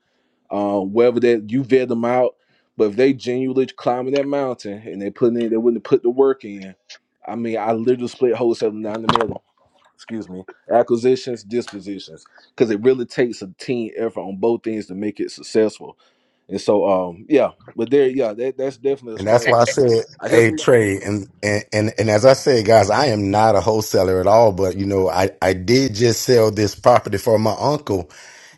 [SPEAKER 3] uh, whether that you vet them out, but if they genuinely climbing that mountain and they putting in, they wouldn't put the work in. I mean, I literally split wholesale down the middle. Excuse me, acquisitions, dispositions, because it really takes a team effort on both things to make it successful. And so, um, yeah, but there, yeah, that, that's definitely a
[SPEAKER 11] And that's why
[SPEAKER 3] strategy,
[SPEAKER 11] I
[SPEAKER 3] man.
[SPEAKER 11] said,
[SPEAKER 3] I hear
[SPEAKER 11] hey,
[SPEAKER 3] some.
[SPEAKER 11] Trey, and, and, and, and as I said, guys, I am not a wholesaler at all, but you know, I, I did just sell this property for my uncle.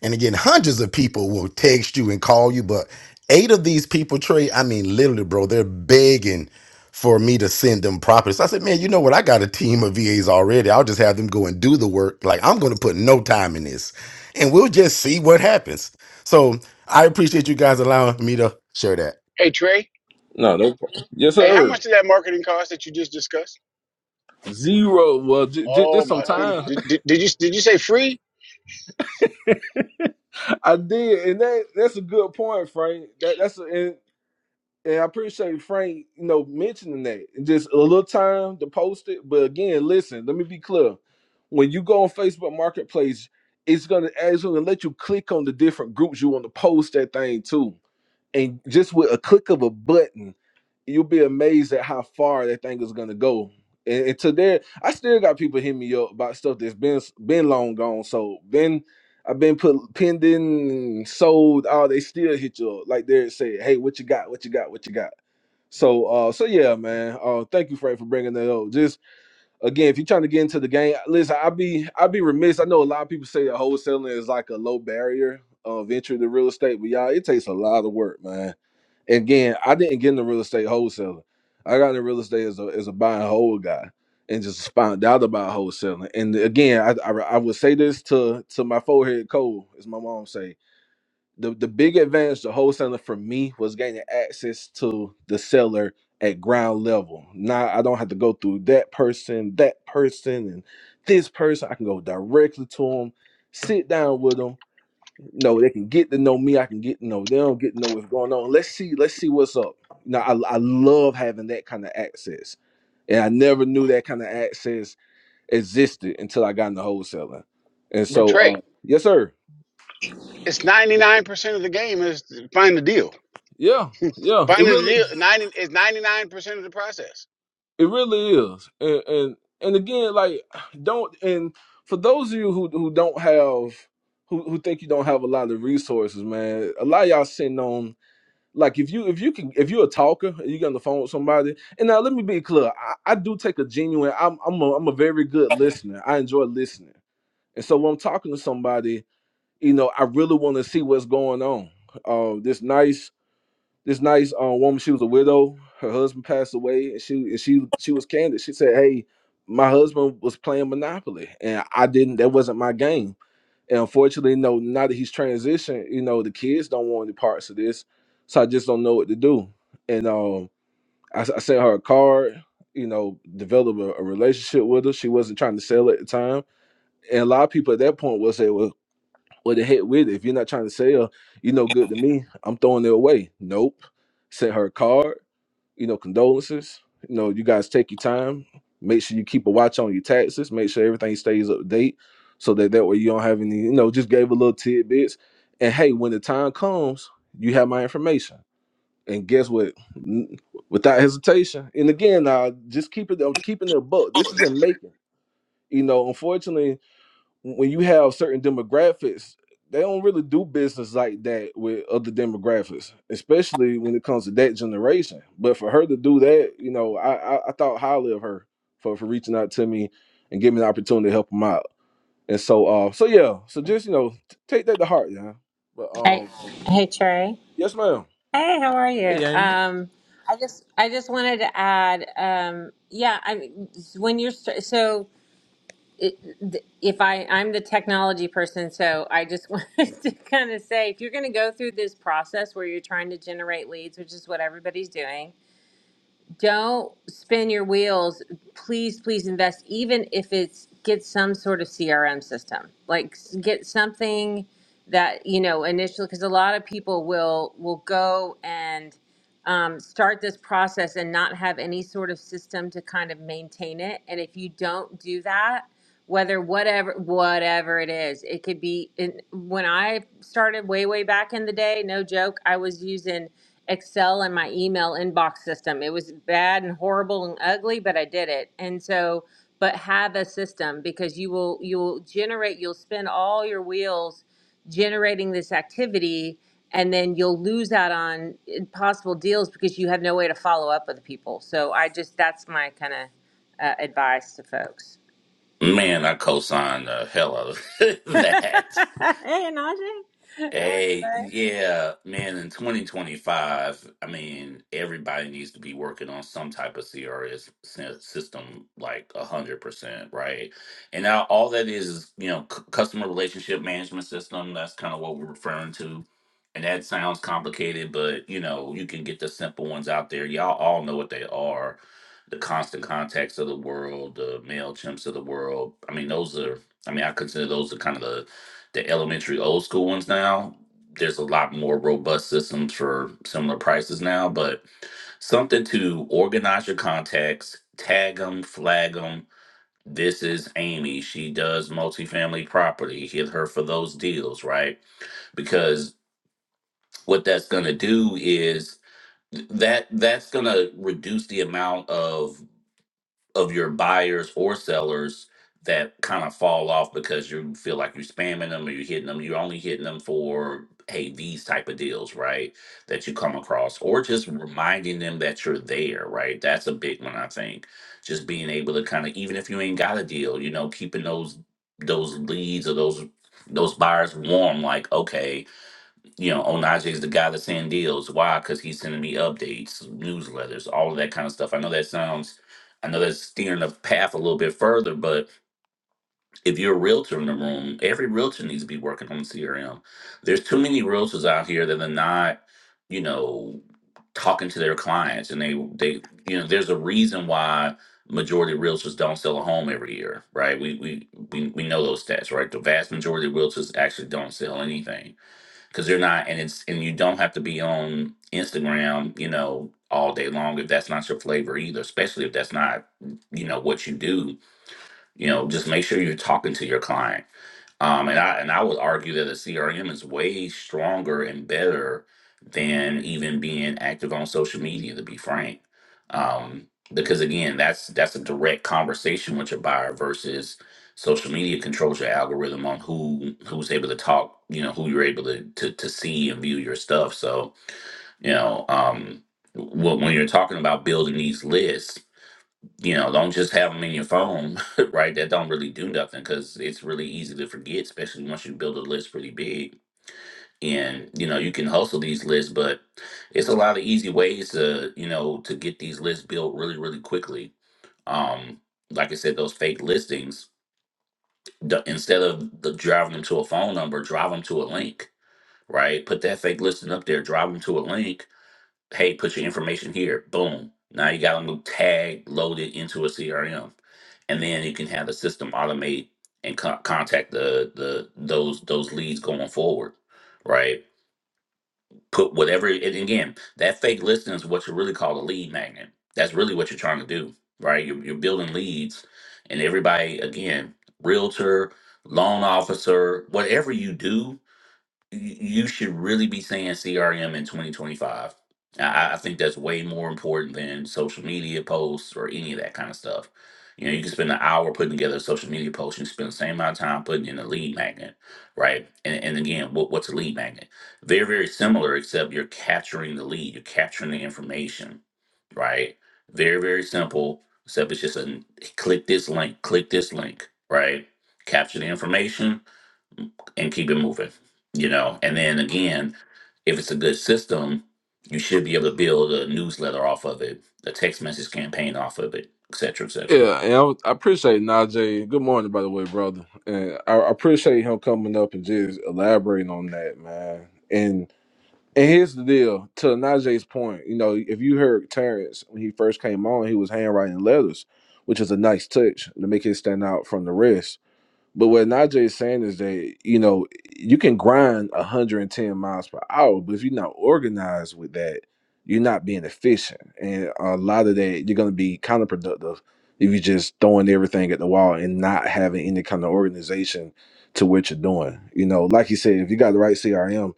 [SPEAKER 11] And again, hundreds of people will text you and call you, but eight of these people, Trey, I mean, literally, bro, they're begging for me to send them properties. I said, man, you know what? I got a team of VAs already. I'll just have them go and do the work. Like, I'm going to put no time in this and we'll just see what happens. So I appreciate you guys allowing me to share that.
[SPEAKER 4] Hey Trey.
[SPEAKER 3] No, no. Yes,
[SPEAKER 4] Hey, how
[SPEAKER 3] sir.
[SPEAKER 4] much did that marketing cost that you just discussed?
[SPEAKER 3] Zero. Well, j- j-
[SPEAKER 4] Oh
[SPEAKER 3] just some
[SPEAKER 4] my goodness.
[SPEAKER 3] time.
[SPEAKER 4] Did, did, did you did you say free?
[SPEAKER 3] I did, and that that's a good point, Frank. That that's a, And I appreciate Frank, you know, mentioning that. Just a little time to post it. But again, listen, let me be clear. When you go on Facebook Marketplace, it's gonna actually let you click on the different groups you want to post that thing to and just with a click of a button, you'll be amazed at how far that thing is gonna go. And, and to there, I still got people hitting me up about stuff that's been been long gone. So been I've been put pending, sold. Oh, they still hit you up. Like they say, hey, what you got? What you got? What you got? So uh, so yeah, man. Uh, thank you, Frank, for bringing that up. Just again, if you're trying to get into the game, listen, i be i be remiss. I know a lot of people say that wholesaling is like a low barrier of entry to real estate, but y'all, it takes a lot of work, man again, I didn't get into real estate wholesaling. I got into real estate as a as a buy and hold guy, and just found out about wholesaling. And again, I, I I would say this to to my forehead cold, as my mom say. The the big advantage to wholesaling for me was gaining access to the seller at ground level. Now I don't have to go through that person, that person, and this person. I can go directly to them, sit down with them no, they can get to know me. I can get to know them. Get to know what's going on. Let's see. Let's see what's up. Now, I, I love having that kind of access, and I never knew that kind of access existed until I got into wholesaling. And
[SPEAKER 4] But
[SPEAKER 3] so,
[SPEAKER 4] Trey,
[SPEAKER 3] uh, yes, sir.
[SPEAKER 4] it's 99% of the game is to find the deal.
[SPEAKER 3] Yeah, yeah. It
[SPEAKER 4] Finding the deal
[SPEAKER 3] really,
[SPEAKER 4] ninety is ninety nine percent of the process.
[SPEAKER 3] it really is. And and and again, like, don't. And for those of you who who don't have, who who think you don't have a lot of resources, man, a lot of y'all sitting on Like if you if you can if you're a talker and you get on the phone with somebody, and now let me be clear, I, I do take a genuine. I'm I'm a, I'm a very good listener. I enjoy listening, and so when I'm talking to somebody, you know, I really want to see what's going on. Uh, this nice this nice uh, woman, she was a widow. Her husband passed away, and she and she she was candid. She said, "Hey, my husband was playing Monopoly, and I didn't. That wasn't my game." And unfortunately, you know, now that he's transitioned, you know, the kids don't want any parts of this. So I just don't know what to do. And um, I, s- I sent her a card, you know, develop a, a relationship with her. She wasn't trying to sell at the time. And a lot of people at that point was say, well, what the heck with it? If you're not trying to sell, you know, good to me. I'm throwing it away. Nope. Sent her a card. You know, condolences. You know, you guys take your time. Make sure you keep a watch on your taxes. Make sure everything stays up to date, so that that way you don't have any. You know, just gave a little tidbits. And hey, when the time comes, you have my information. And guess what? N- Without hesitation. And again, I just keep it. I'm keeping it a buck. This is in making. You know, unfortunately, when you have certain demographics, they don't really do business like that with other demographics, especially when it comes to that generation. But for her to do that, you know, I I, I thought highly of her for for reaching out to me and giving me the opportunity to help them out. And so, uh, so yeah, so just you know, t- take that to heart, yeah. But
[SPEAKER 12] Hey,
[SPEAKER 3] um,
[SPEAKER 12] hey Trey.
[SPEAKER 3] yes, ma'am.
[SPEAKER 12] Hey, how are you?
[SPEAKER 3] Hey, Amy.
[SPEAKER 12] Um, I just I just wanted to add. Um, yeah, I when you're st- so it, th- if I I'm the technology person, so I just wanted to kind of say if you're going to go through this process where you're trying to generate leads, which is what everybody's doing, don't spin your wheels. Please, please invest, even if it's get some sort of CRM system. Like s- get something that you know initially, because a lot of people will will go and um, start this process and not have any sort of system to kind of maintain it. And if you don't do that, whether whatever whatever it is it could be in, when i started way way back in the day no joke i was using excel and my email inbox system it was bad and horrible and ugly but i did it and so but have a system because you will you'll generate you'll spin all your wheels generating this activity and then you'll lose out on possible deals because you have no way to follow up with people so i just that's my kind of uh, advice to folks
[SPEAKER 13] Man, I co-signed the hell out of that.
[SPEAKER 12] hey, Najee. How are you,
[SPEAKER 13] Hey,
[SPEAKER 12] bud?
[SPEAKER 13] yeah, man, in 2025, I mean, everybody needs to be working on some type of CRS sy- system like 100%, right? And now all that is is, you know, c- customer relationship management system. That's kind of what we're referring to. And that sounds complicated, but, you know, you can get the simple ones out there. Y'all all know what they are. The constant contacts of the world, the MailChimps of the world. I mean, those are, I mean, I consider those are kind of the the elementary old school ones now there's a lot more robust systems for similar prices now but something to organize your contacts tag them flag them this is amy she does multifamily property hit her for those deals right because what that's going to do is th- that that's going to reduce the amount of of your buyers or sellers that kind of fall off because you feel like you're spamming them or you're hitting them. You're only hitting them for hey these type of deals, right? That you come across, or just reminding them that you're there, right? That's a big one, I think. Just being able to kind of even if you ain't got a deal, you know, keeping those those leads or those those buyers warm, like okay you know, Onaje is the guy that's sending deals. Why? Because he's sending me updates, newsletters, all of that kind of stuff. I know that sounds, I know that's steering the path a little bit further, but if you're a realtor in the room, every realtor needs to be working on CRM. There's too many realtors out here that are not, you know, talking to their clients, and they they you know, there's a reason why majority of realtors don't sell a home every year, right? We we we we know those stats, right? The vast majority of realtors actually don't sell anything because they're not and it's and you don't have to be on instagram you know all day long if that's not your flavor either especially if that's not you know what you do you know just make sure you're talking to your client um, and I and I would argue that the CRM is way stronger and better than even being active on social media, to be frank. Um, because again, that's that's a direct conversation with your buyer versus social media controls your algorithm on who who's able to talk, you know, who you're able to to, to see and view your stuff. So, you know, um, wh- when you're talking about building these lists, you know, don't just have them in your phone, right? That don't really do nothing because it's really easy to forget, especially once you build a list pretty big. And you know, you can hustle these lists, but it's a lot of easy ways to you know to get these lists built really, really quickly. Um, like I said, those fake listings. The, instead of the, driving them to a phone number, drive them to a link, right? Put that fake listing up there, drive them to a link, hey, put your information here. Boom. Now you got a new tag loaded into a CRM, and then you can have the system automate and con- contact the the those those leads going forward, right? Put whatever. And again, that fake listing is what you really call a lead magnet. That's really what you're trying to do, right? You're, you're building leads, and everybody again, realtor, loan officer, whatever you do, y- you should really be saying CRM in 2025. I, I think that's way more important than social media posts or any of that kind of stuff. You know, you can spend an hour putting together a social media post. You can spend the same amount of time putting in a lead magnet, right? And, and again, what, what's a lead magnet? They're very similar, except you're capturing the lead, you're capturing the information, right? Very, very simple, except it's just a click this link, click this link, right? Capture the information, and keep it moving, you know. And then again, if it's a good system, you should be able to build a newsletter off of it, a text message campaign off of it, et cetera, et cetera.
[SPEAKER 3] Yeah, and I, was- I appreciate Najee. Good morning, by the way, brother. And I, I appreciate him coming up and just elaborating on that, man. And here's the deal, to Najee's point, you know, if you heard Terrence when he first came on, he was handwriting letters, which is a nice touch to make it stand out from the rest. But what Najee is saying is that you know you can grind 110 miles per hour, but if you're not organized with that, you're not being efficient, and a lot of that you're going to be counterproductive if you're just throwing everything at the wall and not having any kind of organization to what you're doing. You know, like you said, if you got the right CRM,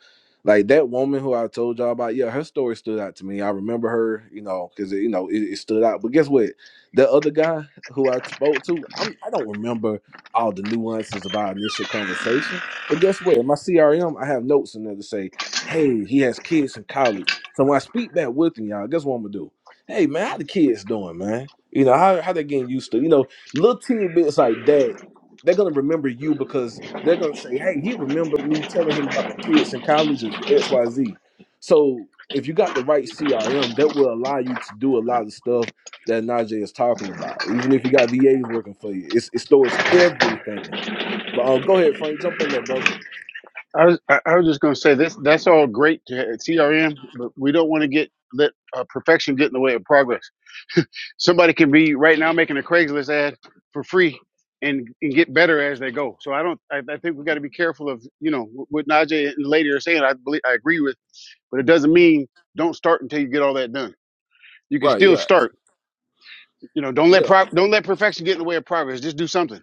[SPEAKER 3] like that woman who I told y'all about, yeah, her story stood out to me. I remember her, you know, because you know it, it stood out. But guess what? The other guy who I spoke to, I'm, I don't remember all the nuances of our initial conversation. But guess what? In my CRM, I have notes in there to say, hey, he has kids in college. So when I speak back with him, y'all, guess what I'm gonna do? Hey man, how the kids doing, man? You know, how how they getting used to, you know, little teeny bits like that, they're gonna remember you because they're gonna say, Hey, he remembered me telling him about my kids in college and XYZ. So if you got the right CRM, that will allow you to do a lot of stuff that Najee is talking about. Even if you got VAs working for you, it's, it stores everything. But um, go ahead, Frank, jump in there, brother.
[SPEAKER 4] I was I I was just going to say this. That's all great to have CRM, but we don't want to get let uh, perfection get in the way of progress. Somebody can be right now making a Craigslist ad for free and, and get better as they go. So I don't. I, I think we got to be careful of you know what Najee and the lady are saying. I believe I agree with, but it doesn't mean don't start until you get all that done. You can
[SPEAKER 3] Right,
[SPEAKER 4] still
[SPEAKER 3] yeah.
[SPEAKER 4] start. You know, don't
[SPEAKER 3] Yeah.
[SPEAKER 4] let pro- don't let perfection get in the way of progress. Just do something.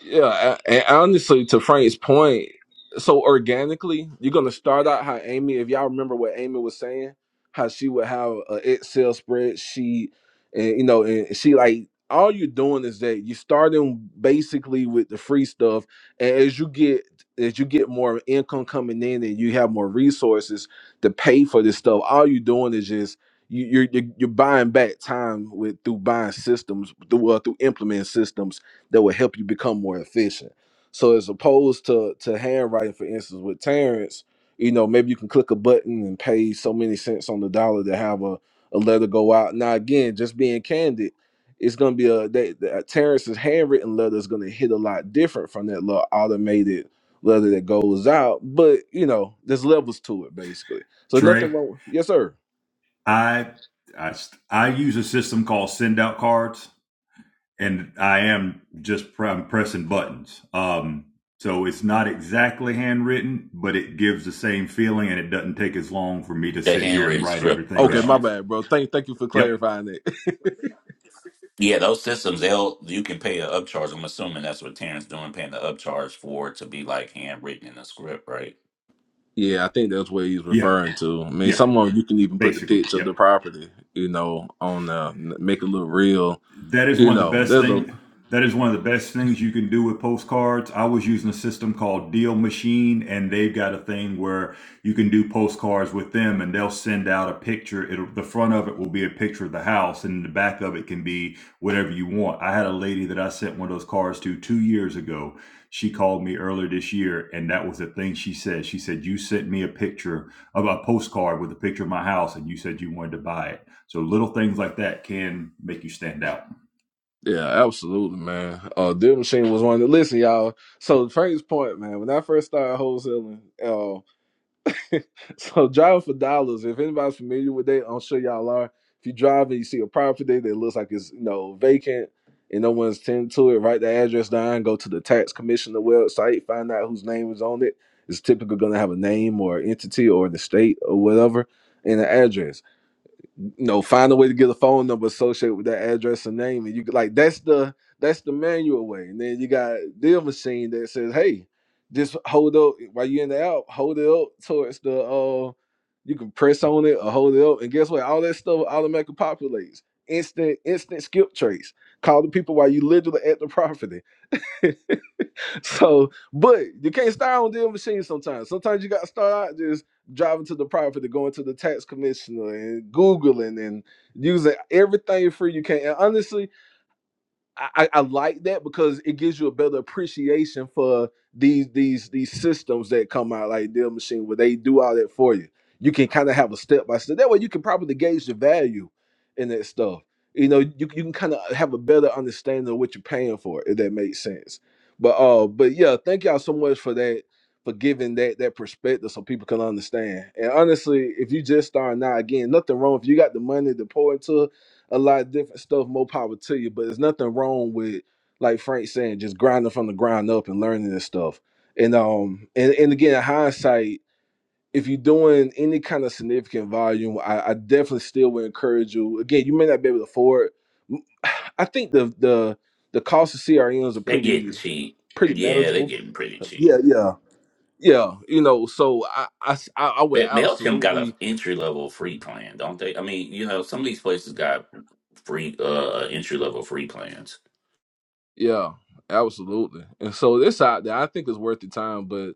[SPEAKER 3] Yeah, a- and honestly, to Frank's point, so organically, you're gonna start out how Amy. If y'all remember what Amy was saying, how she would have an Excel spreadsheet, and you know, and she like all you're doing is that you're starting basically with the free stuff, and as you get as you get more income coming in and you have more resources to pay for this stuff, all you're doing is just you, you're, you're you're buying back time with through buying systems through uh, through implementing systems that will help you become more efficient. So as opposed to to handwriting, for instance, with Terrence, you know, maybe you can click a button and pay so many cents on the dollar to have a, a letter go out. Now again, just being candid, it's gonna be a that that Terrence's handwritten letter is gonna hit a lot different from that little automated letter that goes out. But you know, there's levels to it basically. So
[SPEAKER 9] Trey.
[SPEAKER 3] nothing wrong. Yes, sir.
[SPEAKER 9] I, I, st- I use a system called send out cards, and I am just pr- I'm pressing buttons. Um, so it's not exactly handwritten, but it gives the same feeling, and it doesn't take as long for me to
[SPEAKER 13] The
[SPEAKER 9] sit here and
[SPEAKER 13] handwritten
[SPEAKER 9] write
[SPEAKER 13] script
[SPEAKER 9] everything
[SPEAKER 3] Okay, my
[SPEAKER 9] out.
[SPEAKER 13] version.
[SPEAKER 3] bad, bro. Thank thank you for
[SPEAKER 9] Yep.
[SPEAKER 3] clarifying it.
[SPEAKER 13] Yeah, those systems, they'll you can pay an upcharge. I'm assuming that's what Terrence doing, paying the upcharge for it to be like handwritten in a script, right?
[SPEAKER 3] Yeah, I think that's what he's
[SPEAKER 9] Yeah.
[SPEAKER 3] referring to. I mean,
[SPEAKER 9] Yeah.
[SPEAKER 3] some of 'em you can even put the
[SPEAKER 9] Basically.
[SPEAKER 3] picture of
[SPEAKER 9] Yep.
[SPEAKER 3] the property, you know, on the make it look real.
[SPEAKER 9] that is
[SPEAKER 3] You
[SPEAKER 9] one of the
[SPEAKER 3] know,
[SPEAKER 9] best
[SPEAKER 3] there's a
[SPEAKER 9] thing that is one of the best things you can do with postcards i was using a system called deal machine and they've got a thing where you can do postcards with them and they'll send out a picture it'll the front of it will be a picture of the house and the back of it can be whatever you want i had a lady that i sent one of those cards to two years ago she called me earlier this year and that was the thing she said she said you sent me a picture of a postcard with a picture of my house and you said you wanted to buy it so little things like that can make you stand out.
[SPEAKER 3] yeah, absolutely, man. Uh, Deal Machine was one that listen, y'all. So Frank's point, man. When I first started wholesaling, uh, so driving for dollars. If anybody's familiar with that, I'm sure y'all are. If you drive and you see a property that looks like it's you know vacant and no one's tending to it, write the address down, go to the tax commissioner website, find out whose name is on it. It's typically gonna have a name or entity or the state or whatever and an address no, find a way to get a phone number associated with that address and name, and you could- like that's the that's the manual way. And then you got deal machine that says, "Hey, just hold up while you're in the app, hold it up towards the uh, you can press on it or hold it up, and guess what? All that stuff automatically populates. Instant, instant skip trace. Call the people while you literally at the property. so, but you can't start on deal machine sometimes. Sometimes you got to start out just driving to the property, going to the tax commissioner, and Googling and using everything free you can. And honestly, I, I I like that because it gives you a better appreciation for these these these systems that come out like Deal Machine where they do all that for you. You can kind of have a step by step. That way you can probably gauge the value in that stuff. You know, you, you can kind of have a better understanding of what you're paying for, if that makes sense. But uh, but yeah, thank y'all so much for that, for giving that that perspective so people can understand. And honestly, if you just starting now, again, nothing wrong if you got the money to pour into a lot of different stuff. More power to you, but there's nothing wrong with like Frank saying just grinding from the ground up and learning this stuff. And um and and again, in hindsight, if you're doing any kind of significant volume, I, I definitely still would encourage you. Again, you may not be able to afford. m- I think the the the cost of CRMs are
[SPEAKER 13] They're getting
[SPEAKER 3] pretty
[SPEAKER 13] cheap.
[SPEAKER 3] pretty
[SPEAKER 13] Yeah, they're
[SPEAKER 3] manageable.
[SPEAKER 13] getting pretty
[SPEAKER 3] Yeah,
[SPEAKER 13] cheap.
[SPEAKER 3] yeah, yeah. You know, so I I s- I- I would
[SPEAKER 13] But MailChimp got an
[SPEAKER 3] absolutely
[SPEAKER 13] entry level free plan, don't they? I mean, you know, some of these places got free uh entry level free plans.
[SPEAKER 3] yeah. Absolutely. And so it's out there. I think it's worth the time, but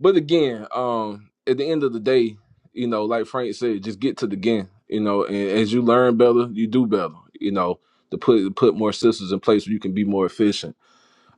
[SPEAKER 3] But again, um, at the end of the day, you know, like Frank said, just get to the game. You know, and as you learn better, you do better. You know, to put to put more systems in place where you can be more efficient.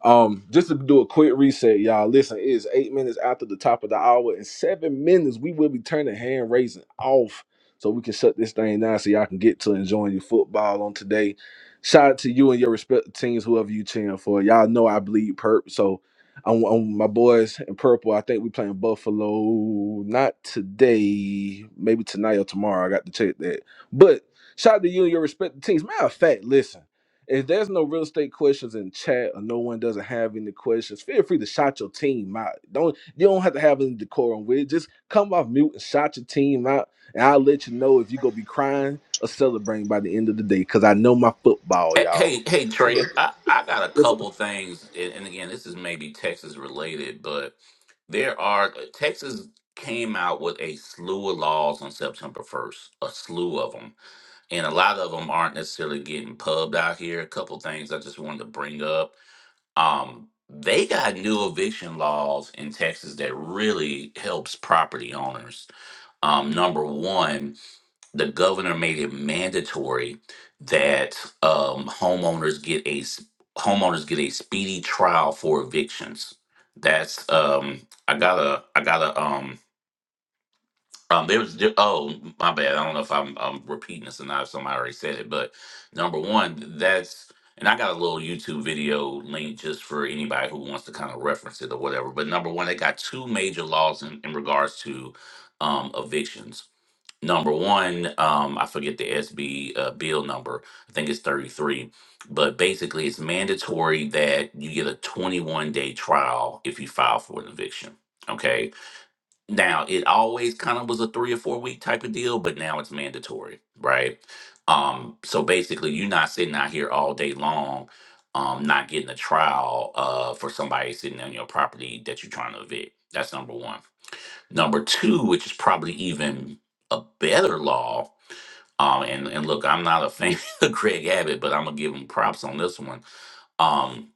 [SPEAKER 3] Um, just to do a quick reset, y'all. Listen, it is eight minutes after the top of the hour. In seven minutes, we will be turning hand raising off so we can shut this thing down so y'all can get to enjoying your football on today. Shout out to you and your respective teams, whoever you cheering for. Y'all know I bleed purple, so I'm, I'm- my boys in purple. I think we playing Buffalo, not today, maybe tonight or tomorrow. I got to check that. But shout out to you and your respective teams. Matter of fact, listen. If there's no real estate questions in chat or no one doesn't have any questions, feel free to shout your team out. Don't you don't have to have any decorum with it. Just come off mute and shout your team out, and I'll let you know if you're gonna be crying or celebrating by the end of the day. Cause I know my football,
[SPEAKER 13] Hey,
[SPEAKER 3] y'all.
[SPEAKER 13] hey, hey, Trey, I, I got a couple things, and, and again, this is maybe Texas related, but there are Texas came out with a slew of laws on September 1st, a slew of them, and a lot of them aren't necessarily getting pubbed out here. A couple things I just wanted to bring up. Um, they got new eviction laws in Texas that really helps property owners. Um, number one the governor made it mandatory that um, homeowners get a s- homeowners get a speedy trial for evictions. That's um, I gotta I gotta um um there was there- oh my bad I don't know if I'm, i repeating this or not if somebody already said it but number one that's and I got a little YouTube video link just for anybody who wants to kind of reference it or whatever. But number one, they got two major laws in, in regards to um, evictions number one, um, I forget the SB uh, bill number. I think it's 33. But basically, it's mandatory that you get a 21 day trial if you file for an eviction. Okay. Now, it always kind of was a three or four week type of deal, but now it's mandatory, right? Um, so basically, you're not sitting out here all day long, um, not getting a trial uh, for somebody sitting on your property that you're trying to evict. That's number one. Number two, which is probably even a better law, um, and and look, I'm not a fan of Greg Abbott, but I'm gonna give him props on this one. Um,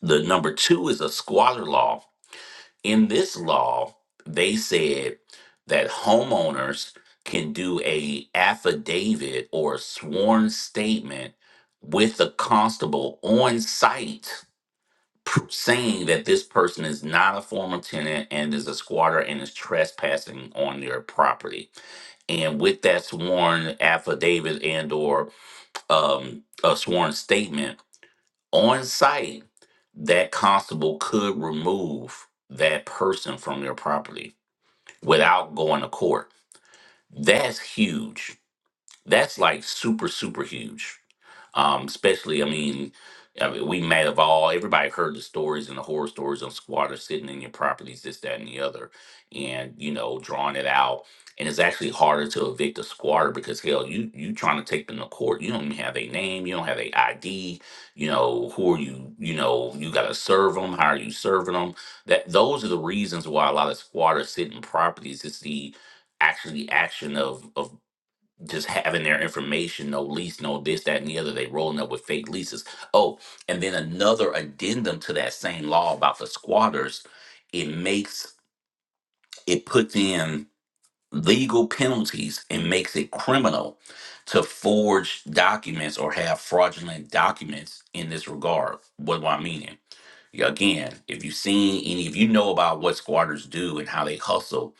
[SPEAKER 13] the number two is a squatter law. In this law, they said that homeowners can do a affidavit or a sworn statement with the constable on site pr- saying that this person is not a former tenant and is a squatter and is trespassing on their property. And with that sworn affidavit and or um, a sworn statement on site, that constable could remove that person from their property without going to court. That's huge that's like super, super huge. Um, especially, I mean, I mean, we may have all, everybody heard the stories and the horror stories on squatters sitting in your properties, this, that, and the other, and, you know, drawing it out. And it's actually harder to evict a squatter because, hell, you you trying to take them to court. You don't even have a name. You don't have a ID. You know, who are you? You know, you got to serve them. How are you serving them? That Those are the reasons why a lot of squatters sit in properties. It's the actually the action of, of just having their information, no lease, no this, that, and the other. They rolling up with fake leases. Oh, and then another addendum to that same law about the squatters, it makes it puts in legal penalties and makes it criminal to forge documents or have fraudulent documents in this regard. What do I mean? Again, if you've seen any, if you know about what squatters do and how they hustle,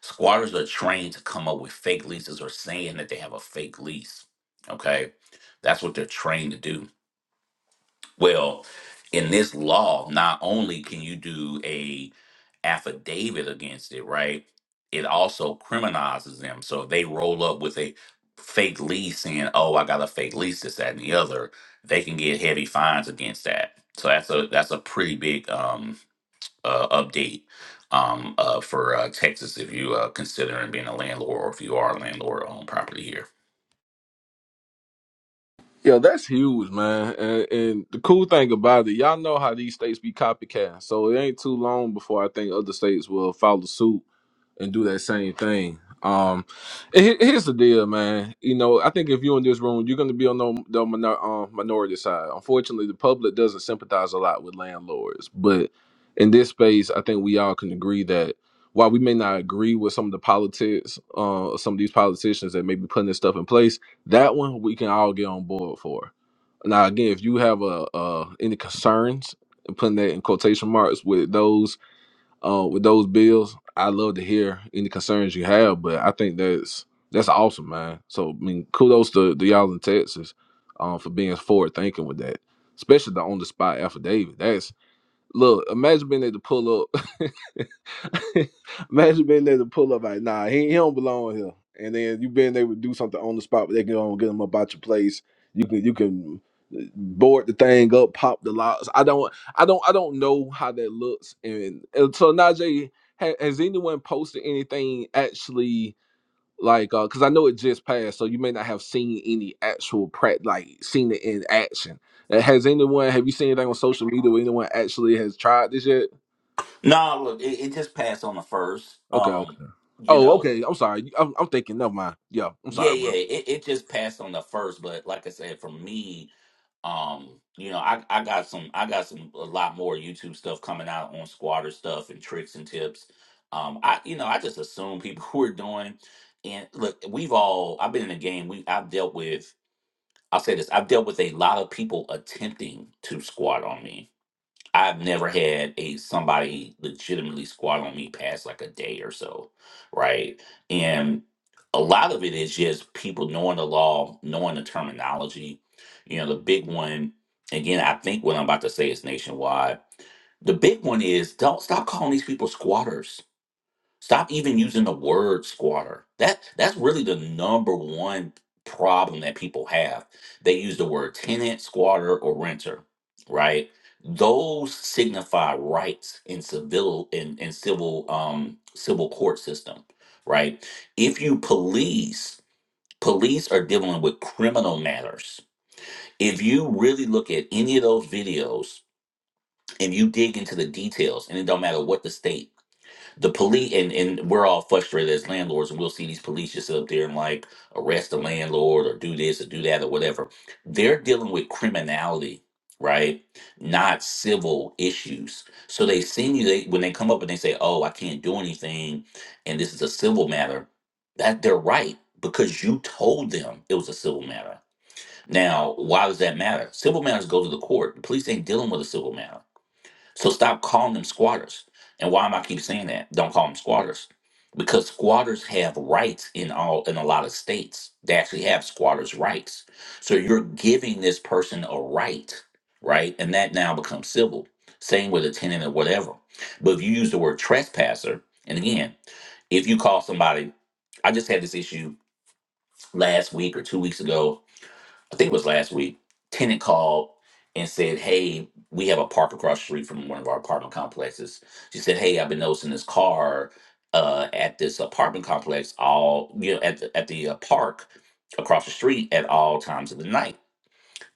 [SPEAKER 13] Squatters are trained to come up with fake leases or saying that they have a fake lease. Okay. That's what they're trained to do. Well, in this law, not only can you do a affidavit against it, right? It also criminalizes them. So if they roll up with a fake lease saying, Oh, I got a fake lease, this, that, and the other, they can get heavy fines against that. So that's a that's a pretty big um uh, update um, uh, for uh, Texas if you uh, considering being a landlord or if you are a landlord on property here.
[SPEAKER 3] Yeah, that's huge, man. And, and the cool thing about it, y'all know how these states be copycat. So it ain't too long before I think other states will follow suit and do that same thing. Um, and he- here's the deal, man. You know, I think if you're in this room, you're going to be on the, the minor, um, minority side. Unfortunately, the public doesn't sympathize a lot with landlords, but in this space, I think we all can agree that while we may not agree with some of the politics, uh, some of these politicians that may be putting this stuff in place, that one we can all get on board for. Now, again, if you have a, uh, any concerns, and putting that in quotation marks with those uh, with those bills. I'd love to hear any concerns you have, but I think that's that's awesome, man. So I mean, kudos to, to y'all in Texas um, for being forward thinking with that, especially the on the spot affidavit. That's look, imagine being able to pull up. Imagine being there to pull up like, nah, he, he don't belong here. And then you being able to do something on the spot, but they can go and get him up out your place. You can you can uh, board the thing up, pop the locks. I don't I don't I don't know how that looks. And, and so Najee, ha, has anyone posted anything actually like uh because I know it just passed, so you may not have seen any actual prac like seen it in action. Uh, Has anyone have you seen anything on social media where anyone actually has tried this yet?
[SPEAKER 13] No, look, it, it just passed on the first.
[SPEAKER 3] Okay, okay.
[SPEAKER 13] Um, you
[SPEAKER 3] Oh,
[SPEAKER 13] know,
[SPEAKER 3] okay. I'm sorry. I'm, I'm thinking. Never mind. Yeah, I'm
[SPEAKER 13] yeah,
[SPEAKER 3] sorry,
[SPEAKER 13] yeah,
[SPEAKER 3] bro.
[SPEAKER 13] it, it just passed on the first. But like I said, for me, um, you know, I, I got some, I got some a lot more YouTube stuff coming out on squatter stuff and tricks and tips. Um, I, you know, I just assume people who are doing. And look, we've all. I've been in the game. We I've dealt with I'll say this: I've dealt with a lot of people attempting to squat on me. I've never had a somebody legitimately squat on me past like a day or so, right? And a lot of it is just people knowing the law, knowing the terminology. You know, the big one again. I think what I'm about to say is nationwide. The big one is don't stop calling these people squatters Stop even using the word squatter. That that's really the number one problem that people have. They use the word tenant, squatter, or renter, right? Those signify rights in civil in, in civil um civil court system, right? If you police, police are dealing with criminal matters. If you really look at any of those videos and you dig into the details, and it don't matter what the state the police and, and we're all frustrated as landlords and we'll see these police just up there and like arrest the landlord or do this or do that or whatever they're dealing with criminality right not civil issues so they send you they when they come up and they say oh i can't do anything and this is a civil matter that they're right because you told them it was a civil matter now why does that matter civil matters go to the court the police ain't dealing with a civil matter so stop calling them squatters. And why am I keep saying that? Don't call them squatters. Because squatters have rights in all in a lot of states. They actually have squatters' rights. So you're giving this person a right, right? And that now becomes civil. Same with a tenant or whatever. But if you use the word trespasser, and again, if you call somebody, I just had this issue last week or two weeks ago I think it was last week, tenant called and said, Hey, we have a park across the street from one of our apartment complexes. She said, Hey, I've been noticing this car uh, at this apartment complex all, you know, at the, at the uh, park across the street at all times of the night.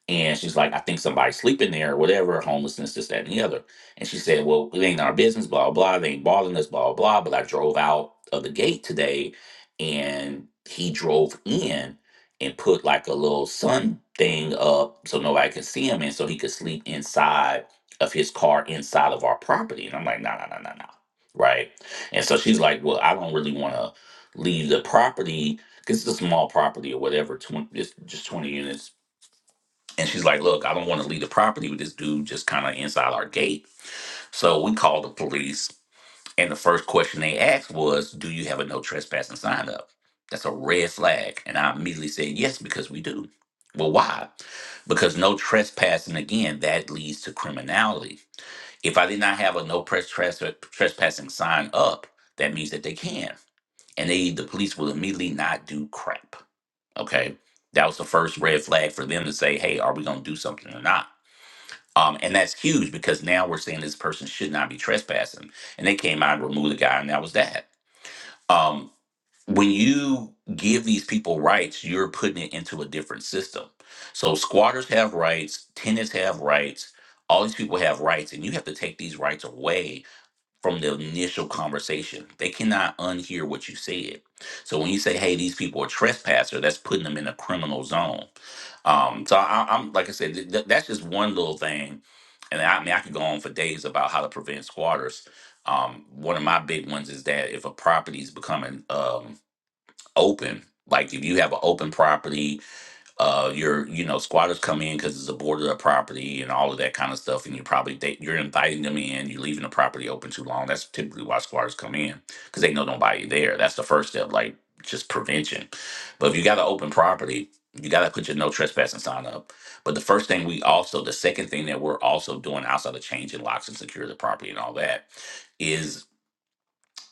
[SPEAKER 13] And she's like, I think somebody's sleeping there or whatever, homelessness, this, that, and the other. And she said, Well, it ain't our business, blah, blah. They ain't bothering us, blah, blah. But I drove out of the gate today and he drove in and put like a little sun thing up so nobody could see him and so he could sleep inside of his car inside of our property. And I'm like, No, no, no, no, no. Right. And so she's like, Well, I don't really want to leave the property because it's a small property or whatever, tw- it's just 20 units and she's like, Look, I don't want to leave the property with this dude just kind of inside our gate. So we called the police. And the first question they asked was, Do you have a no trespassing sign up? That's a red flag. And I immediately said, Yes, because we do. Well, why? Because no trespassing, again, that leads to criminality. If I did not have a no press tresp- trespassing sign up, that means that they can. And they, the police will immediately not do crap. Okay. That was the first red flag for them to say, Hey, are we going to do something or not? Um, and that's huge because now we're saying this person should not be trespassing. And they came out and removed the guy, and that was that. Um, when you give these people rights, you're putting it into a different system. So squatters have rights, tenants have rights, all these people have rights, and you have to take these rights away from the initial conversation. They cannot unhear what you said. So when you say, "Hey, these people are trespasser," that's putting them in a criminal zone. Um, so I, I'm like I said, th- th- that's just one little thing, and I, I mean I could go on for days about how to prevent squatters. Um, one of my big ones is that if a property is becoming um, open, like if you have an open property uh your you know squatters come in because it's a border of property and all of that kind of stuff and you probably they, you're inviting them in you're leaving the property open too long that's typically why squatters come in because they know nobody there that's the first step like just prevention but if you got an open property you got to put your no trespassing sign up but the first thing we also the second thing that we're also doing outside of changing locks and secure the property and all that is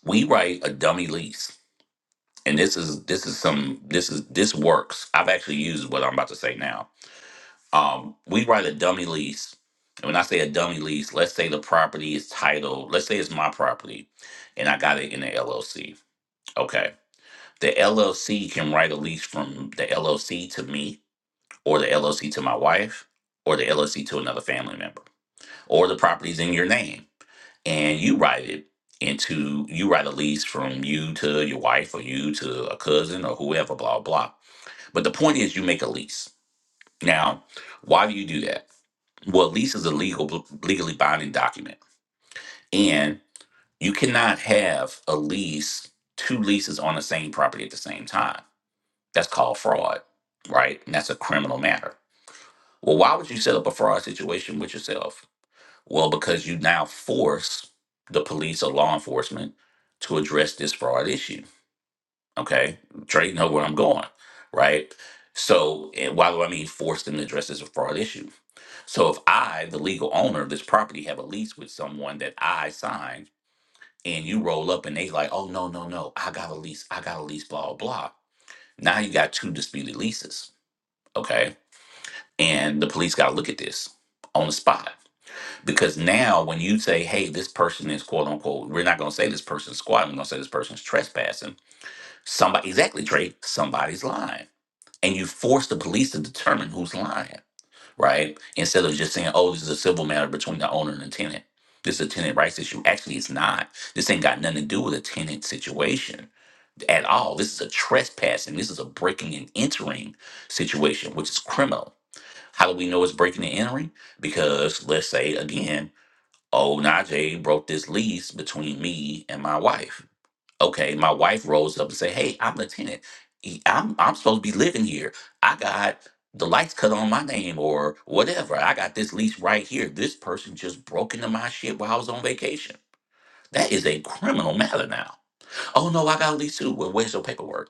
[SPEAKER 13] we write a dummy lease and this is this is some this is this works i've actually used what i'm about to say now um, we write a dummy lease. And when I say a dummy lease, let's say the property is titled, let's say it's my property and I got it in the LLC. Okay. The LLC can write a lease from the LLC to me or the LLC to my wife or the LLC to another family member or the property's in your name and you write it into, you write a lease from you to your wife or you to a cousin or whoever, blah, blah. But the point is you make a lease. Now, why do you do that? Well, lease is a legal, legally binding document, and you cannot have a lease, two leases on the same property at the same time. That's called fraud, right? And that's a criminal matter. Well, why would you set up a fraud situation with yourself? Well, because you now force the police or law enforcement to address this fraud issue. Okay, Trey, know where I'm going, right? So, and why do I mean force them to address this fraud issue? So if I, the legal owner of this property, have a lease with someone that I signed, and you roll up and they like, oh no, no, no, I got a lease, I got a lease, blah, blah, blah. Now you got two disputed leases. Okay. And the police gotta look at this on the spot. Because now when you say, hey, this person is quote unquote, we're not gonna say this person's squatting, we're gonna say this person's trespassing. Somebody exactly, Trey, somebody's lying. And you force the police to determine who's lying. right? Instead of just saying, oh, this is a civil matter between the owner and the tenant. This is a tenant rights issue. Actually, it's not. This ain't got nothing to do with a tenant situation at all. This is a trespassing. This is a breaking and entering situation, which is criminal. How do we know it's breaking and entering? Because let's say again, oh, Najee broke this lease between me and my wife Okay, my wife rolls up and say, "Hey, I'm the tenant. E- I'm I'm supposed to be living here. I got the lights cut on my name or whatever. I got this lease right here. This person just broke into my shit while I was on vacation. That is a criminal matter now. Oh no, I got a lease too. Well, where's your paperwork?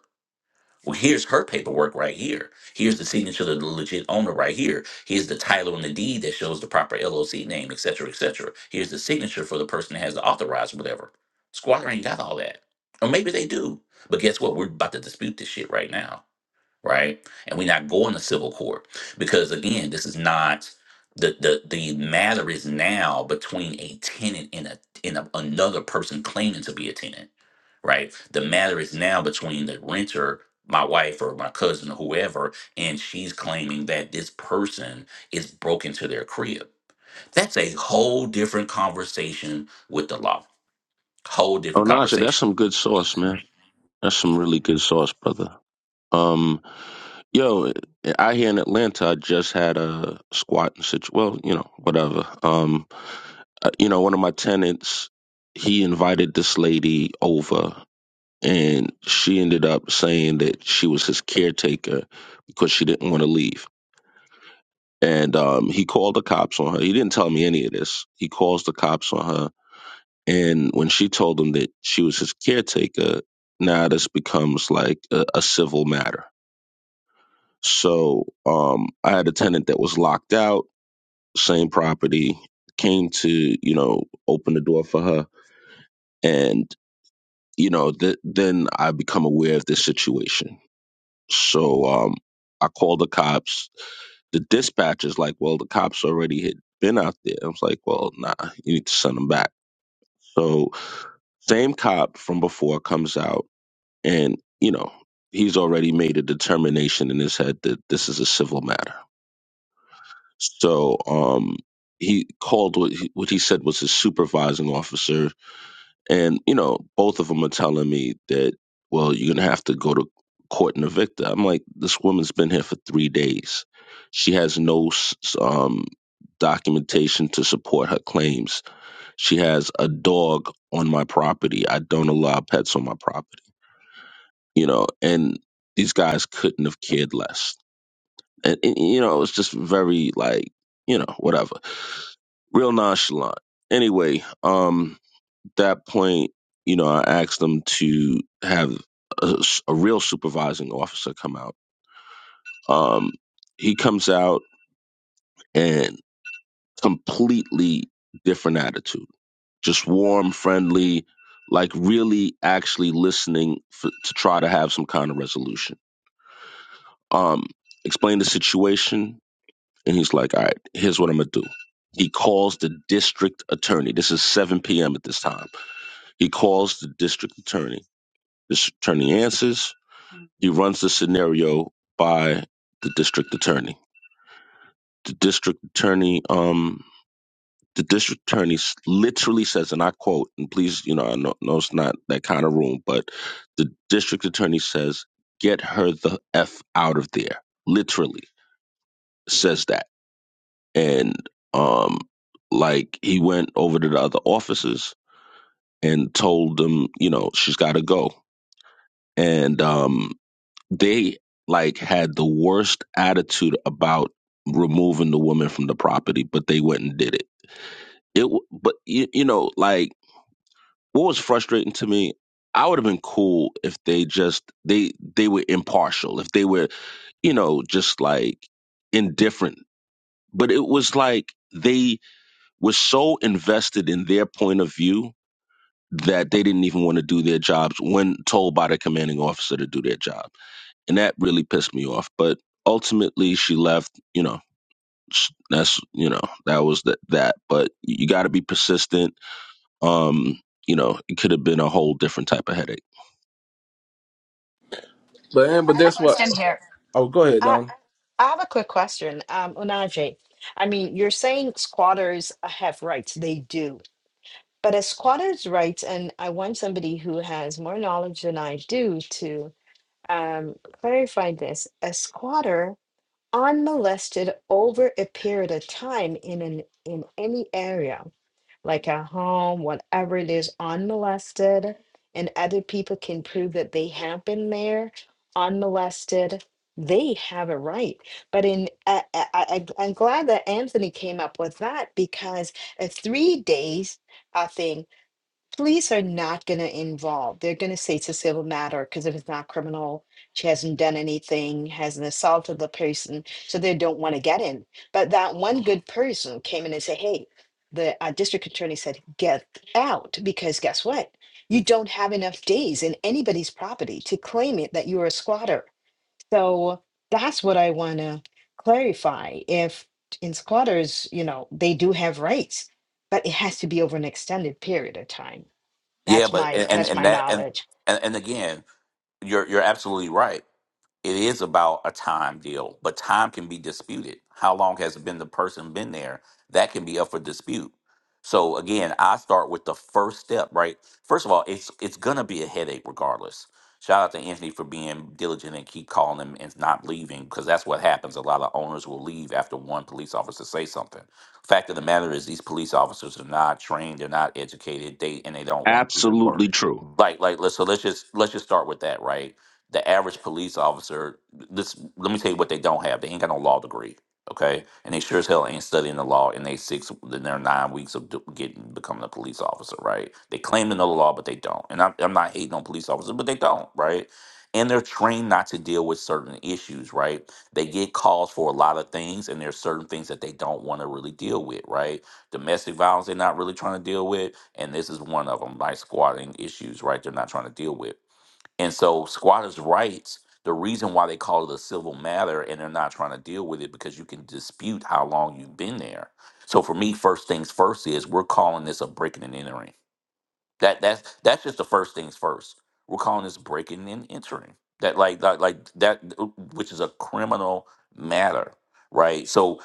[SPEAKER 13] Well, here's her paperwork right here. Here's the signature of the legit owner right here. Here's the title and the deed that shows the proper LLC name, et cetera, et cetera. Here's the signature for the person that has the authorized whatever. Squatter ain't got all that. Or maybe they do. But guess what? We're about to dispute this shit right now, right? And we're not going to civil court because again, this is not the the the matter is now between a tenant and a and a, another person claiming to be a tenant right? The matter is now between the renter, my wife or my cousin or whoever, and she's claiming that this person is broken to their crib. That's a whole different conversation with the law. Whole
[SPEAKER 14] Oh,
[SPEAKER 13] different
[SPEAKER 14] Naja, that's
[SPEAKER 13] conversation.
[SPEAKER 14] some good sauce, man. That's some really good sauce, brother. Um, yo, I here in Atlanta, I just had a squatting situation. Well, you know, whatever. Um, uh, you know, one of my tenants, he invited this lady over, and she ended up saying that she was his caretaker because she didn't want to leave. And um, he called the cops on her. He didn't tell me any of this. He calls the cops on her And when she told him that she was his caretaker, now this becomes like a, a civil matter. So um, I had a tenant that was locked out, same property, came to, you know, open the door for her. And, you know, th- then I become aware of this situation. So um, I called the cops. The dispatcher's like, well, the cops already had been out there. I was like, well, nah, you need to send them back. So same cop from before comes out And, you know, he's already made a determination in his head that this is a civil matter. So um, he called what he, what he said was his supervising officer. And, you know, both of them are telling me that, well, you're going to have to go to court and evict her. I'm like, this woman's been here for three days. She has no s- s- um, documentation to support her claims. She has a dog on my property. I don't allow pets on my property you know, and these guys couldn't have cared less. And, and, you know, it was just very like, you know, whatever, real nonchalant. Anyway, um, that point, you know, I asked them to have a, s- a real supervising officer come out. Um, he comes out and completely different attitude, just warm, friendly, like really actually listening for, to try to have some kind of resolution. Um, explain the situation And he's like, all right, here's what I'm going to do. He calls the district attorney. This is 7 p.m. at this time. He calls the district attorney. This attorney answers. He runs the scenario by the district attorney. The district attorney, um, the district attorney s- literally says, and I quote, and please, you know, I know, know it's not that kind of room, but the district attorney says, get her the F out of there. Literally says that and um like he went over to the other officers and told them you know she's got to go and um they like had the worst attitude about removing the woman from the property but they went and did it it w- but you, you know like what was frustrating to me i would have been cool if they just they they were impartial if they were you know just like indifferent but it was like they was so invested in their point of view that they didn't even want to do their jobs when told by the commanding officer to do their job. And that really pissed me off. But ultimately, she left, you know. sh- That's you know that was that that, but you got to be persistent. Um, you know it could have been a whole different type of headache.
[SPEAKER 3] But and
[SPEAKER 15] I have
[SPEAKER 3] but
[SPEAKER 15] a
[SPEAKER 3] that's what.
[SPEAKER 15] question here.
[SPEAKER 3] Oh, go ahead,
[SPEAKER 15] I,
[SPEAKER 3] Don.
[SPEAKER 15] I have a quick question, um, Unaje. I mean, you're saying squatters have rights. They do. But as squatters' rights, and I want somebody who has more knowledge than I do to um, clarify this, a squatter unmolested over a period of time in an in any area like at home, whatever it is, unmolested, and other people can prove that they have been there unmolested, they have a right. But in I, I, I, I'm glad that Anthony came up with that because a three days, I think police are not going to involve. They're going to say it's a civil matter because if it's not criminal, she hasn't done anything, hasn't assaulted the person, so they don't want to get in. But that one good person came in and said, "Hey, the uh, district attorney said get out because guess what? You don't have enough days in anybody's property to claim it that you're a squatter." So that's what I want to clarify. If in squatters, you know, they do have rights, but it has to be over an extended period of time
[SPEAKER 13] Yeah,
[SPEAKER 15] that's
[SPEAKER 13] but
[SPEAKER 15] my
[SPEAKER 13] and and
[SPEAKER 15] that's
[SPEAKER 13] and
[SPEAKER 15] my
[SPEAKER 13] that and
[SPEAKER 15] knowledge.
[SPEAKER 13] and, and again, you're you're absolutely right. It is about a time deal, but time can be disputed. How long has been the person been there? That can be up for dispute. So again, I start with the first step, right? First of all, it's it's gonna be a headache regardless. Shout out to Anthony for being diligent and keep calling him and not leaving because that's what happens. A lot of owners will leave after one police officer say something. Fact of the matter is, these police officers are not trained, they're not educated, they and they don't want to do their work.
[SPEAKER 14] Absolutely true,
[SPEAKER 13] Like, like, let's so let's just let's just start with that, right? the average police officer this let me tell you what they don't have they ain't got no law degree okay and they sure as hell ain't studying the law in they six in their nine weeks of do- getting becoming a police officer right they claim to know the law but they don't and i'm, I'm not hating on police officers but they don't right and they're trained not to deal with certain issues right they get calls for a lot of things and there's certain things that they don't want to really deal with right domestic violence they're not really trying to deal with and this is one of them like squatting issues right they're not trying to deal with and so squatters' rights, the reason why they call it a civil matter and they're not trying to deal with it because you can dispute how long you've been there. So for me, first things first is we're calling this a breaking and entering. That that's that's just the first things first. We're calling this breaking and entering. That like like, like that which is a criminal matter, right? So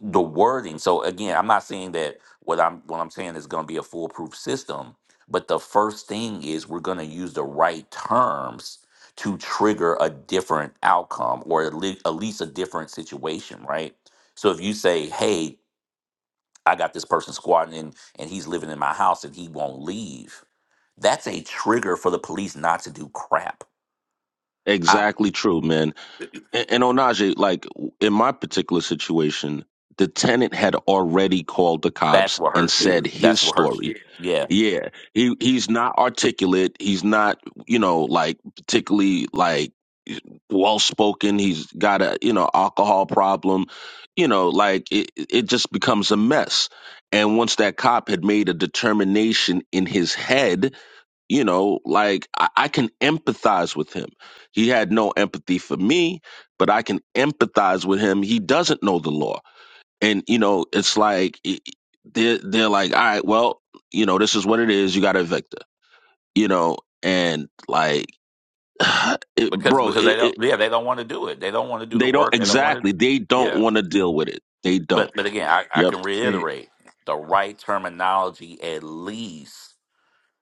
[SPEAKER 13] the wording. So again, I'm not saying that what I'm what I'm saying is going to be a foolproof system, but the first thing is we're going to use the right terms to trigger a different outcome or at le- at least a different situation, right? So if you say, "Hey, I got this person squatting in, and he's living in my house and he won't leave," That's a trigger for the police not to do crap. I,
[SPEAKER 14] exactly true, man. And, and Onaje, like in my particular situation, the tenant had already called the
[SPEAKER 13] that's
[SPEAKER 14] cops
[SPEAKER 13] what
[SPEAKER 14] and
[SPEAKER 13] hurts you.
[SPEAKER 14] said his
[SPEAKER 13] That's what hurts
[SPEAKER 14] story,
[SPEAKER 13] you. Yeah,
[SPEAKER 14] Yeah, he he's not articulate. He's not, you know, like particularly like well spoken. He's got a you know alcohol problem. You know, like it it just becomes a mess. And once that cop had made a determination in his head, you know, like I, I can empathize with him. He had no empathy for me, but I can empathize with him. He doesn't know the law and you know it's like it- they're they're like all right well you know this is what it is you got to evict her you know and like it,
[SPEAKER 13] because
[SPEAKER 14] bro it,
[SPEAKER 13] because they don't.
[SPEAKER 14] it
[SPEAKER 13] Yeah, they don't want to do it. They don't want to do the
[SPEAKER 14] they don't
[SPEAKER 13] work. They don't want to.
[SPEAKER 14] exactly they don't
[SPEAKER 13] Yeah,
[SPEAKER 14] want to deal with it they
[SPEAKER 13] but
[SPEAKER 14] don't
[SPEAKER 13] but again, I, I
[SPEAKER 14] yep
[SPEAKER 13] can
[SPEAKER 5] Hey,
[SPEAKER 13] reiterate the right terminology at least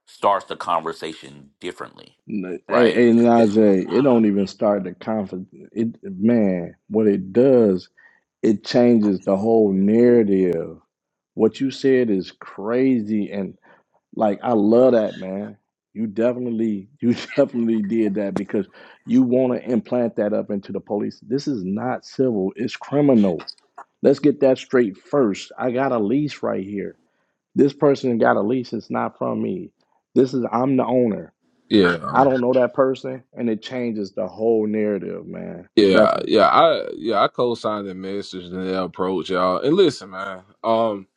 [SPEAKER 13] starts the conversation differently,
[SPEAKER 5] N- Hey,
[SPEAKER 13] right?
[SPEAKER 5] hey Najee, it don't even start the confidence. It man, what it does, it changes the whole narrative. What you said is crazy, and. Like I love that, man. You definitely, you definitely did that because you want to implant that up into the police. This is not civil; it's criminal. Let's get that straight first. I got a lease right here. This person got a lease. It's not from me. This is I'm the owner. I
[SPEAKER 3] Yeah,
[SPEAKER 5] don't know that person, and it changes the whole narrative, man.
[SPEAKER 3] yeah,
[SPEAKER 5] Definitely.
[SPEAKER 3] yeah. I yeah I co-signed the message and the approach, y'all. And listen, man. Um,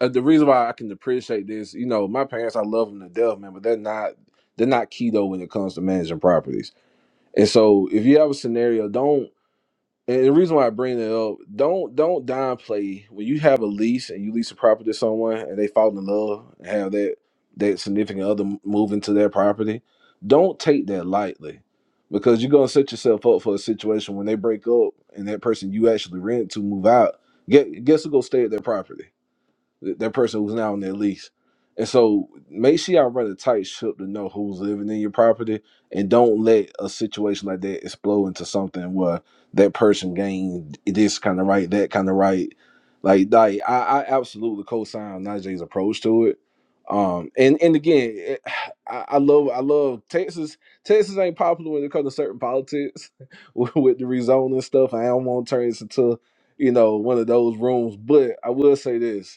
[SPEAKER 3] uh, the reason why I can appreciate this, you know, my parents, I love them to death, man. But they're not they're not keto when it comes to managing properties. And so, if you have a scenario, don't. And the reason why I bring that up, don't don't downplay when you have a lease and you lease a property to someone and they fall in love and have that that significant other m- move into their property. Don't take that lightly because you're gonna set yourself up for a situation when they break up and that person you actually rent to move out. Get guess who go stay at their property? th- that person who's now on their lease. And so make sure y'all run a tight ship to know who's living in your property and don't let a situation like that explode into something where that person gained this kind of right, that kind of right. Like, like I, I absolutely co-sign Najee's approach to it. Um, and and again, it, I, I love I love Texas. Texas ain't popular when it comes to certain politics with, with the rezoning stuff. I don't want to turn this into you know one of those rooms, but I will say this: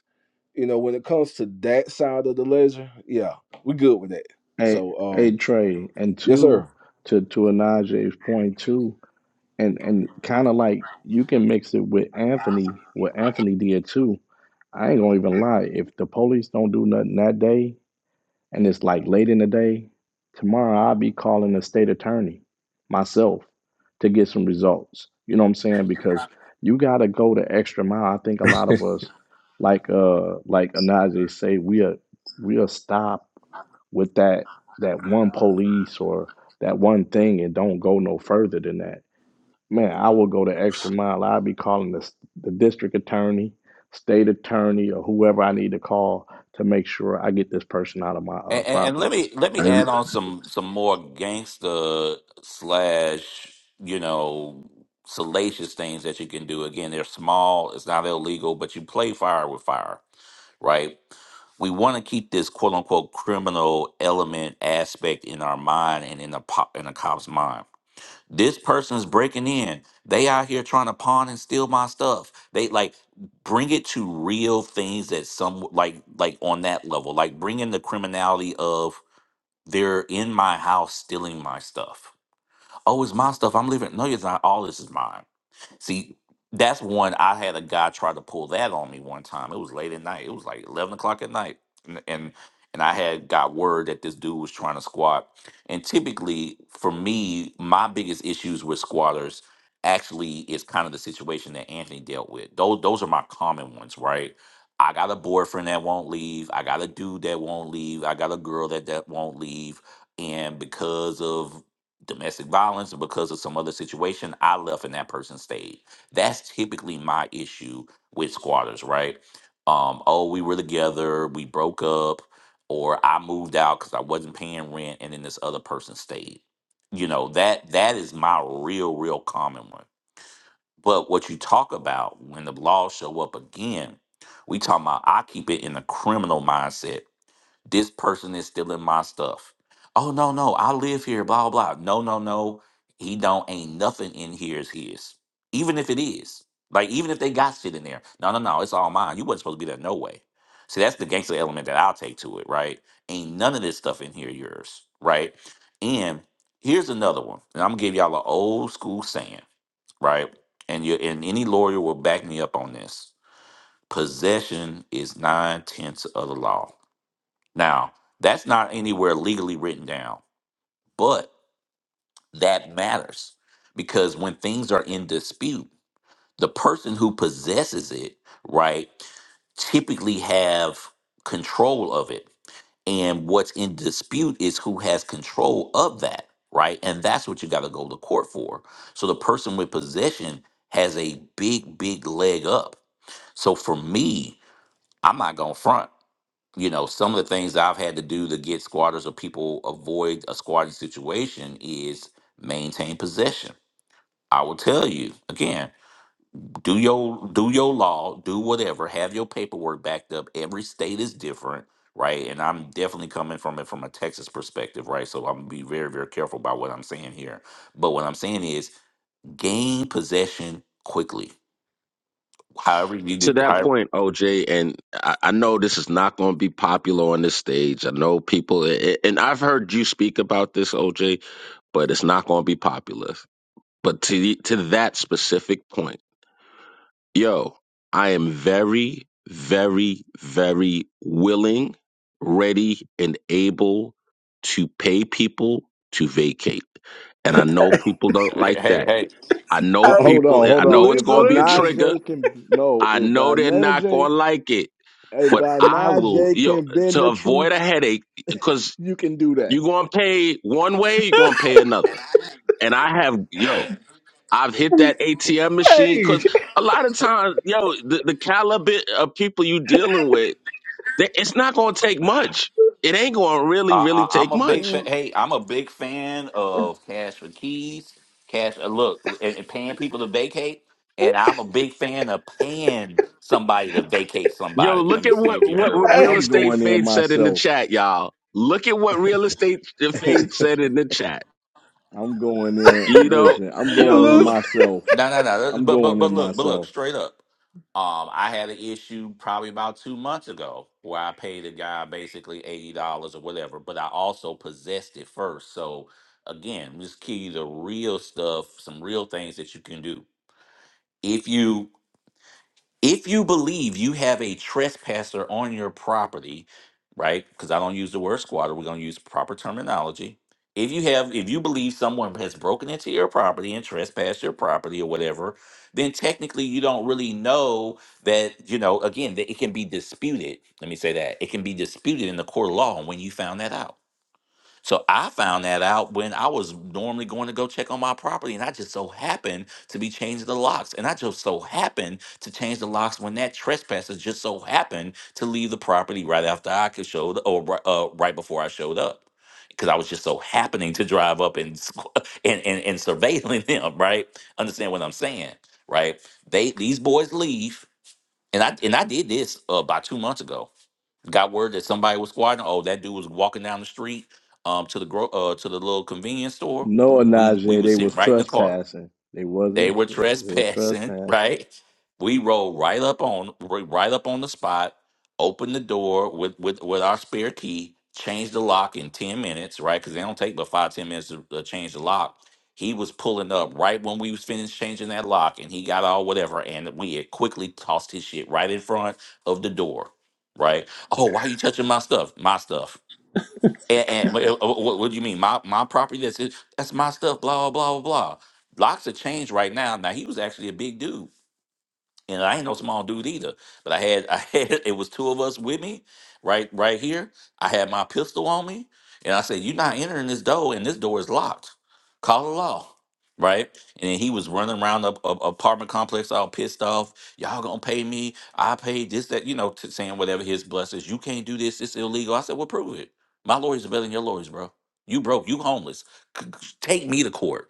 [SPEAKER 3] you know, when it comes to that side of the ledger, yeah, we good with that.
[SPEAKER 5] Hey,
[SPEAKER 3] So, um,
[SPEAKER 5] hey, Trey, and
[SPEAKER 3] yes, sir.
[SPEAKER 5] two to to Anaj's point too and and kind of like you can mix it with Anthony, what Anthony did too. I ain't gonna even lie. If the police don't do nothing that day, and it's like late in the day, tomorrow I'll be calling the state attorney myself to get some results. You know what I'm saying? Because you gotta go the extra mile. I think a lot of us, like uh, like Anaje say, we'll we'll stop with that that one police or that one thing and don't go no further than that Man, I will go the extra mile. I'll be calling the, the district attorney, state attorney, or whoever I need to call to make sure I get this person out of my uh,
[SPEAKER 13] And, and, and
[SPEAKER 5] property.
[SPEAKER 13] let me let me
[SPEAKER 3] Hey,
[SPEAKER 13] add on some some more gangster slash you know salacious things that you can do. Again, they're small. It's not illegal, but you play fire with fire, right? We want to keep this quote unquote criminal element aspect in our mind and in the pop in the cop's mind. This person's breaking in. They out here trying to pawn and steal my stuff. They like bring it to real things that some like like on that level. Like bring in the criminality of they're in my house stealing my stuff. Oh, it's my stuff. I'm leaving. No, it's not. All this is mine. See, that's one I had a guy try to pull that on me one time. It was late at night. It was like eleven o'clock at night, and and, and I had got word that this dude was trying to squat. And typically, for me, my biggest issues with squatters actually is kind of the situation that Anthony dealt with. Those those are my common ones, right? I got a boyfriend that won't leave. I got a dude that won't leave. I got a girl that that won't leave. And because of domestic violence and because of some other situation i left and that person stayed that's typically my issue with squatters right um oh we were together we broke up or i moved out because i wasn't paying rent and then this other person stayed you know that that is my real real common one but what you talk about when the laws show up again we talk about i keep it in a criminal mindset this person is stealing my stuff. Oh no, no, I live here, blah blah. No, no, no. He don't ain't nothing in here is his. Even if it is. Like even if they got shit in there. No, no, no, it's all mine. You wasn't supposed to be there no way. See, that's the gangster element that I'll take to it, right? Ain't none of this stuff in here yours, right? And here's another one. And I'm gonna give y'all an old school saying, right? And you and any lawyer will back me up on this. Possession is nine tenths of the law. Now, that's not anywhere legally written down, but that matters because when things are in dispute, the person who possesses it, right, typically have control of it. And what's in dispute is who has control of that, right? And that's what you got to go to court for. So the person with possession has a big, big leg up. So for me, I'm not going to front you know, some of the things I've had to do to get squatters or people avoid a squatting situation is maintain possession. I will tell you again, do your do your law, do whatever, have your paperwork backed up. Every state is different, right? And I'm definitely coming from it from a Texas perspective, right? So I'm gonna be very, very careful about what I'm saying here. But what I'm saying is gain possession quickly. However you
[SPEAKER 14] to
[SPEAKER 13] need
[SPEAKER 14] that
[SPEAKER 13] however,
[SPEAKER 14] point oj and i, I know this is not going to be popular on this stage i know people a- and i've heard you speak about this oj but it's not going to be popular But to the, to that specific point, yo, I am very, very, very willing, ready, and able to pay people to vacate. And I know people don't
[SPEAKER 13] hey,
[SPEAKER 14] like
[SPEAKER 13] hey,
[SPEAKER 14] that.
[SPEAKER 13] hey.
[SPEAKER 14] I know
[SPEAKER 5] Uh,
[SPEAKER 3] hey,
[SPEAKER 5] hold
[SPEAKER 14] people.
[SPEAKER 5] on, hold
[SPEAKER 14] I
[SPEAKER 5] on.
[SPEAKER 14] know it's
[SPEAKER 5] If
[SPEAKER 14] going to
[SPEAKER 3] listen,
[SPEAKER 14] be a
[SPEAKER 3] listen.
[SPEAKER 14] trigger.
[SPEAKER 5] Anaje can no,
[SPEAKER 14] I
[SPEAKER 5] if
[SPEAKER 14] know they're not
[SPEAKER 5] Anaje,
[SPEAKER 14] going to like it.
[SPEAKER 5] if
[SPEAKER 14] But I will,
[SPEAKER 5] Anaje
[SPEAKER 14] yo,
[SPEAKER 5] can bend
[SPEAKER 14] to
[SPEAKER 5] the truth,
[SPEAKER 14] avoid a headache because
[SPEAKER 5] you can do that.
[SPEAKER 14] you're going to pay one way, you're going to pay another. And I have, yo, I've hit that ATM machine
[SPEAKER 3] Hey,
[SPEAKER 14] because a lot of times, yo, the, the caliber of people you dealing with, they, it's not going to take much. It ain't going to really,
[SPEAKER 13] I,
[SPEAKER 14] really
[SPEAKER 13] I, I'm
[SPEAKER 14] take
[SPEAKER 13] a big
[SPEAKER 14] much.
[SPEAKER 13] fan. Hey, I'm a big fan of cash for keys, cash. Uh, look, and, and paying people to vacate, and I'm a big fan of paying somebody to vacate
[SPEAKER 14] Yo,
[SPEAKER 13] somebody. Let
[SPEAKER 14] look
[SPEAKER 13] me
[SPEAKER 14] at
[SPEAKER 13] see
[SPEAKER 14] what,
[SPEAKER 13] if you
[SPEAKER 14] what
[SPEAKER 13] heard what
[SPEAKER 14] what
[SPEAKER 13] I
[SPEAKER 3] hey,
[SPEAKER 14] real
[SPEAKER 13] said.
[SPEAKER 5] I'm
[SPEAKER 14] estate
[SPEAKER 5] going in
[SPEAKER 14] faith said in the
[SPEAKER 5] myself.
[SPEAKER 14] chat, y'all. Look at what real estate faith said
[SPEAKER 5] I'm
[SPEAKER 14] in the chat.
[SPEAKER 5] going in.
[SPEAKER 14] You know,
[SPEAKER 5] Listen, I'm
[SPEAKER 14] yo,
[SPEAKER 5] going in
[SPEAKER 3] listen.
[SPEAKER 14] l-
[SPEAKER 5] myself.
[SPEAKER 13] No, no, no. that-
[SPEAKER 5] I'm
[SPEAKER 13] But
[SPEAKER 5] going
[SPEAKER 13] but but
[SPEAKER 5] in
[SPEAKER 13] look, but look,
[SPEAKER 5] myself.
[SPEAKER 13] straight up. Um, I had an issue probably about two months ago where I paid a guy basically eighty dollars or whatever, but I also possessed it first. So again, just give you the real stuff, some real things that you can do if you If you believe you have a trespasser on your property, right? Because I don't use the word squatter, we're going to use proper terminology. If you have, if you believe someone has broken into your property and trespassed your property or whatever, then technically you don't really know that, you know, again, that it can be disputed. Let me say that it can be disputed in the court of law when you found that out. So I found that out when I was normally going to go check on my property, and I just so happened to be changing the locks, and I just so happened to change the locks when that trespasser just so happened to leave the property right after I could show the, or ri- uh, right before I showed up, because I was just so happening to drive up and squ- and and, and surveilling them. Right? Understand what I'm saying? Right? They these boys leave, and I and I did this uh, about two months ago got word that somebody was squatting. Oh, that dude was walking down the street um to the gro- uh to the little convenience store.
[SPEAKER 5] Noah
[SPEAKER 13] We we
[SPEAKER 5] Najee,
[SPEAKER 13] was
[SPEAKER 5] they was
[SPEAKER 13] sitting right in the car.
[SPEAKER 5] trespassing. They
[SPEAKER 13] They
[SPEAKER 5] wasn't.
[SPEAKER 13] were
[SPEAKER 5] They was
[SPEAKER 13] trespassing,
[SPEAKER 5] trespassing.
[SPEAKER 13] right? We rolled right up on ri- right up on the spot, opened the door with with, with our spare key, changed the lock in 10 minutes, right? Because they don't take but five ten minutes to uh, change the lock. He was pulling up right when we was finished changing that lock, and he got all whatever, and we had quickly tossed his shit right in front of the door, right? Oh, why you touching my stuff? My stuff. And, and what, what, what do you mean? My my property? That's it, that's my stuff. Blah blah blah blah. blah. Locks have changed right now. Now he was actually a big dude and I ain't no small dude either. But I had I had it was two of us with me, right right here. I had my pistol on me, and I said, "You're not entering this door, and this door is locked. Call the law." Right, and then he was running around the a- apartment complex, all pissed off. Y'all gonna pay me? I paid this, that, you know, t- saying whatever his blessings. You can't do this. It's illegal. I said, well, prove it. My lawyers are better than your lawyers, bro. You broke. You homeless. C- c- Take me to court.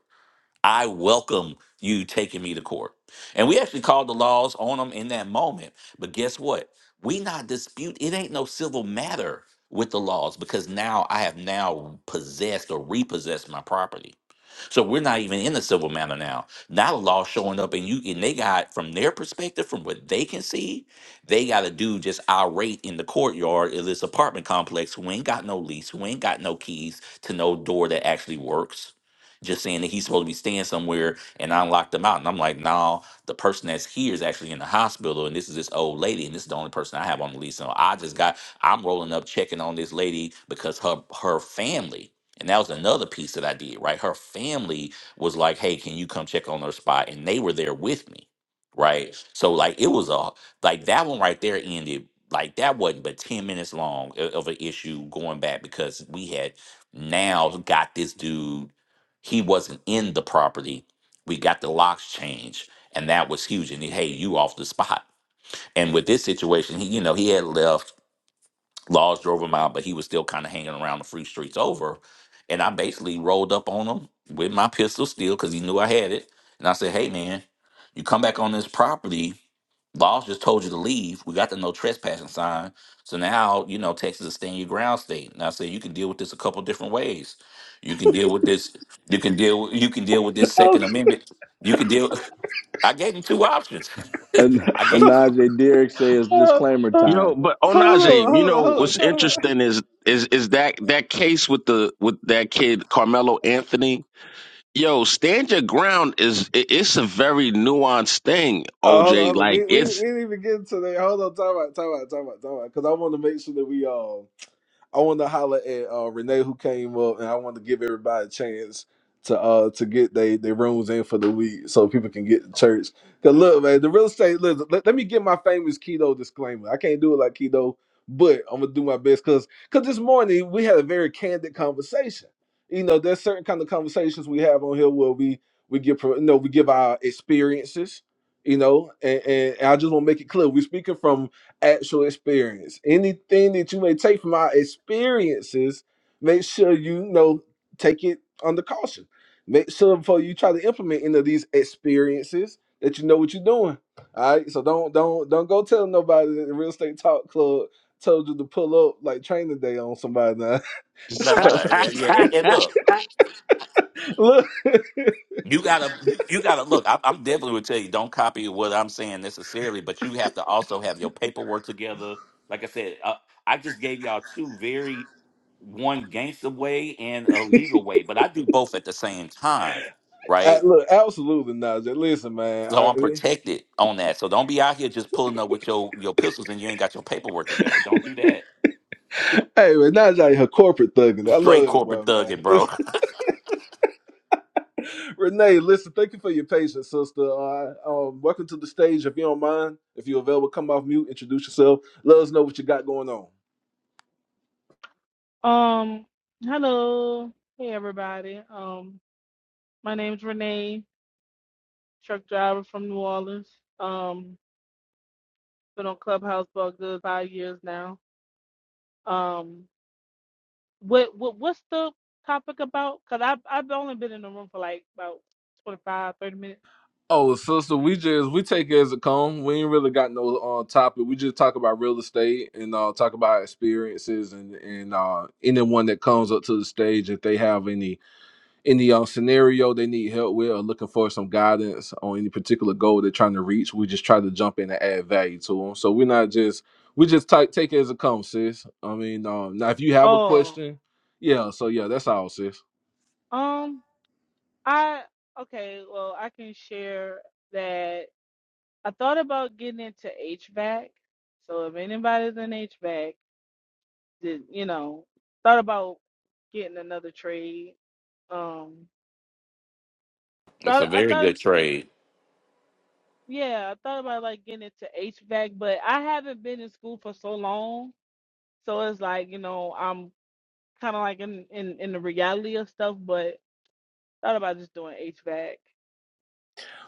[SPEAKER 13] I welcome you taking me to court. And we actually called the laws on them in that moment. But guess what? We not dispute. It ain't no civil matter with the laws because now I have now possessed or repossessed my property. So we're not even in the civil matter now. Now the law showing up and you and they got from their perspective, from what they can see, they got a dude just irate in the courtyard of this apartment complex who ain't got no lease, who ain't got no keys to no door that actually works just saying that he's supposed to be staying somewhere and I locked him out. And I'm like, no, the person that's here is actually in the hospital and this is this old lady and this is the only person I have on the lease. So I just got, I'm rolling up checking on this lady because her, her family, and that was another piece that I did, right? Her family was like, hey, can you come check on her spot? And they were there with me. Right. So like it was a like that one right there ended like that wasn't but 10 minutes long o- of an issue going back because we had now got this dude he wasn't in the property. We got the locks changed, and that was huge. And he, hey, you off the spot. And with this situation, he, you know, he had left Laws drove him out, but he was still kind of hanging around the free streets over. And I basically rolled up on him with my pistol still because he knew I had it. And I said, hey, man, you come back on this property. Laws just told you to leave. We got the no trespassing sign. So now, you know, Texas is a stand your ground state. And I said, you can deal with this a couple different ways. You can deal with this. You can deal. You can deal with this Second Amendment. You can deal. I gave him two options.
[SPEAKER 5] An
[SPEAKER 13] I gave him two.
[SPEAKER 5] Najee Derrick says
[SPEAKER 3] Uh,
[SPEAKER 5] disclaimer
[SPEAKER 3] uh,
[SPEAKER 14] yo,
[SPEAKER 5] time.
[SPEAKER 14] but
[SPEAKER 3] hold
[SPEAKER 14] Onaje,
[SPEAKER 3] on,
[SPEAKER 14] you
[SPEAKER 3] hold on,
[SPEAKER 14] know
[SPEAKER 3] hold on.
[SPEAKER 14] what's
[SPEAKER 3] Time out.
[SPEAKER 14] interesting is is is that that case with the with that kid Carmelo Anthony Yo, stand your ground is it, it's a very nuanced thing,
[SPEAKER 3] Oh, hold on,
[SPEAKER 14] OJ.
[SPEAKER 3] hold on.
[SPEAKER 14] Like
[SPEAKER 3] We, we,
[SPEAKER 14] it's
[SPEAKER 3] we didn't even get into that. Hold on, time out, time out, time out, time out. Because I want to make sure that we all. I wanted to holler at uh, Renee who came up, and I wanted to give everybody a chance to uh to get they their rooms in for the week so people can get to church. Cause look, man, the real estate. Look, let, let me get my famous keto disclaimer. I can't do it like keto, but I'm gonna do my best. Cause cause this morning we had a very candid conversation. You know, there's certain kind of conversations we have on here where we we give pro- you know we give our experiences. You know, and, and I just want to make it clear we're speaking from actual experience. Anything that you may take from our experiences, make sure you know take it under caution. Make sure before you try to implement any of these experiences that you know what you're doing. All right. So don't don't don't go tell nobody that the real estate talk club told you to pull up like training day on somebody now.
[SPEAKER 13] No,
[SPEAKER 3] so
[SPEAKER 13] no. Yeah, yeah. And, and look,
[SPEAKER 3] look
[SPEAKER 13] You gotta, you gotta look. I, I'm definitely would tell you, don't copy what I'm saying necessarily, but you have to also have your paperwork together. Like I said, uh, I just gave y'all two very one gangster way and a legal way, but I do both at the same time,
[SPEAKER 3] a-
[SPEAKER 13] right?
[SPEAKER 3] look, absolutely Najee. Listen, man.
[SPEAKER 13] So
[SPEAKER 3] I,
[SPEAKER 13] I'm protected on that. So don't be out here just pulling up with your your pistols and you ain't got your paperwork together. Don't do that.
[SPEAKER 3] hey man, Najee her corporate thugging. I
[SPEAKER 13] Straight
[SPEAKER 3] love that boy,
[SPEAKER 13] corporate thugging,
[SPEAKER 3] man.
[SPEAKER 13] bro.
[SPEAKER 3] Renee, listen, thank you for your patience, sister. Uh, um, welcome to the stage. If you don't mind, if you're available, come off mute, introduce yourself. Let us know what you got going on.
[SPEAKER 16] Um, hello. Hey everybody. Um, my name's Renee, truck driver from New Orleans. Um, been on Clubhouse for a good five years now. Um, what what what's the topic about? Cause I've I've only been in the room for like about twenty five thirty minutes.
[SPEAKER 3] Oh, sister, we just we take it as it come. We ain't really got no uh, topic. We just talk about real estate and uh, talk about experiences and and uh, anyone that comes up to the stage if they have any any um, scenario they need help with or looking for some guidance on any particular goal they're trying to reach, we just try to jump in and add value to them. So we're not just we just type, take it as it comes, sis. I mean, um, now if you have a
[SPEAKER 16] Oh,
[SPEAKER 3] question, yeah. So yeah, that's all, sis.
[SPEAKER 16] um, I okay. Well, I can share that I thought about getting into HVAC. So if anybody's in HVAC. did you know thought about getting another trade. Um,
[SPEAKER 13] That's
[SPEAKER 16] thought
[SPEAKER 13] a
[SPEAKER 16] I
[SPEAKER 13] very
[SPEAKER 16] thought
[SPEAKER 13] good trade.
[SPEAKER 16] yeah, I thought about like getting into HVAC, but I haven't been in school for so long, so it's like you know I'm kind of like in, in in the reality of stuff. But thought about just doing HVAC.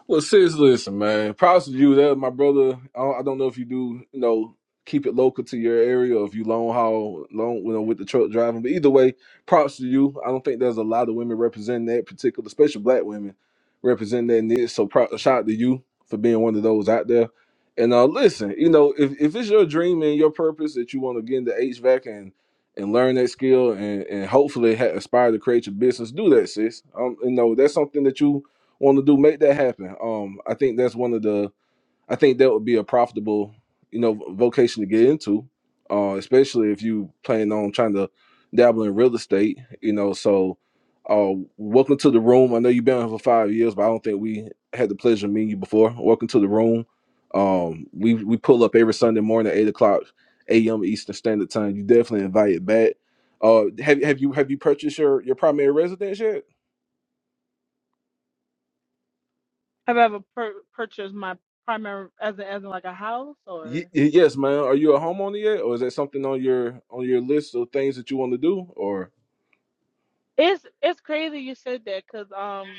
[SPEAKER 3] Well, sis, listen, man. Props to you. That my brother. I don't, I don't know if you do, you know, keep it local to your area, or if you long haul, long, you know, with the truck driving. But either way, props to you. I don't think there's a lot of women representing that particular, especially black women representing that niche. So, prop, shout out to you for being one of those out there. And uh, listen, you know, if, if it's your dream and your purpose that you want to get into HVAC and and learn that skill and and hopefully ha- aspire to create your business, do that, sis. Um, you know, that's something that you want to do, make that happen. Um, I think that's one of the. I think that would be a profitable, you know, vocation to get into, uh, especially if you plan on trying to dabble in real estate. You know, so uh, welcome to the room. I know you've been here for five years, but I don't think we had the pleasure of meeting you before. Welcome to the room. Um, we we pull up every Sunday morning at eight o'clock a.m. Eastern Standard Time. You definitely invited back. Uh, have have you have you purchased your your primary residence yet?
[SPEAKER 16] Have I ever pur- purchased my primary as in, as in like a house
[SPEAKER 3] Ye-
[SPEAKER 16] or?
[SPEAKER 3] yes, man. Are you a homeowner yet, or is that something on your on your list of things that you want to do, or?
[SPEAKER 16] It's it's crazy you said that because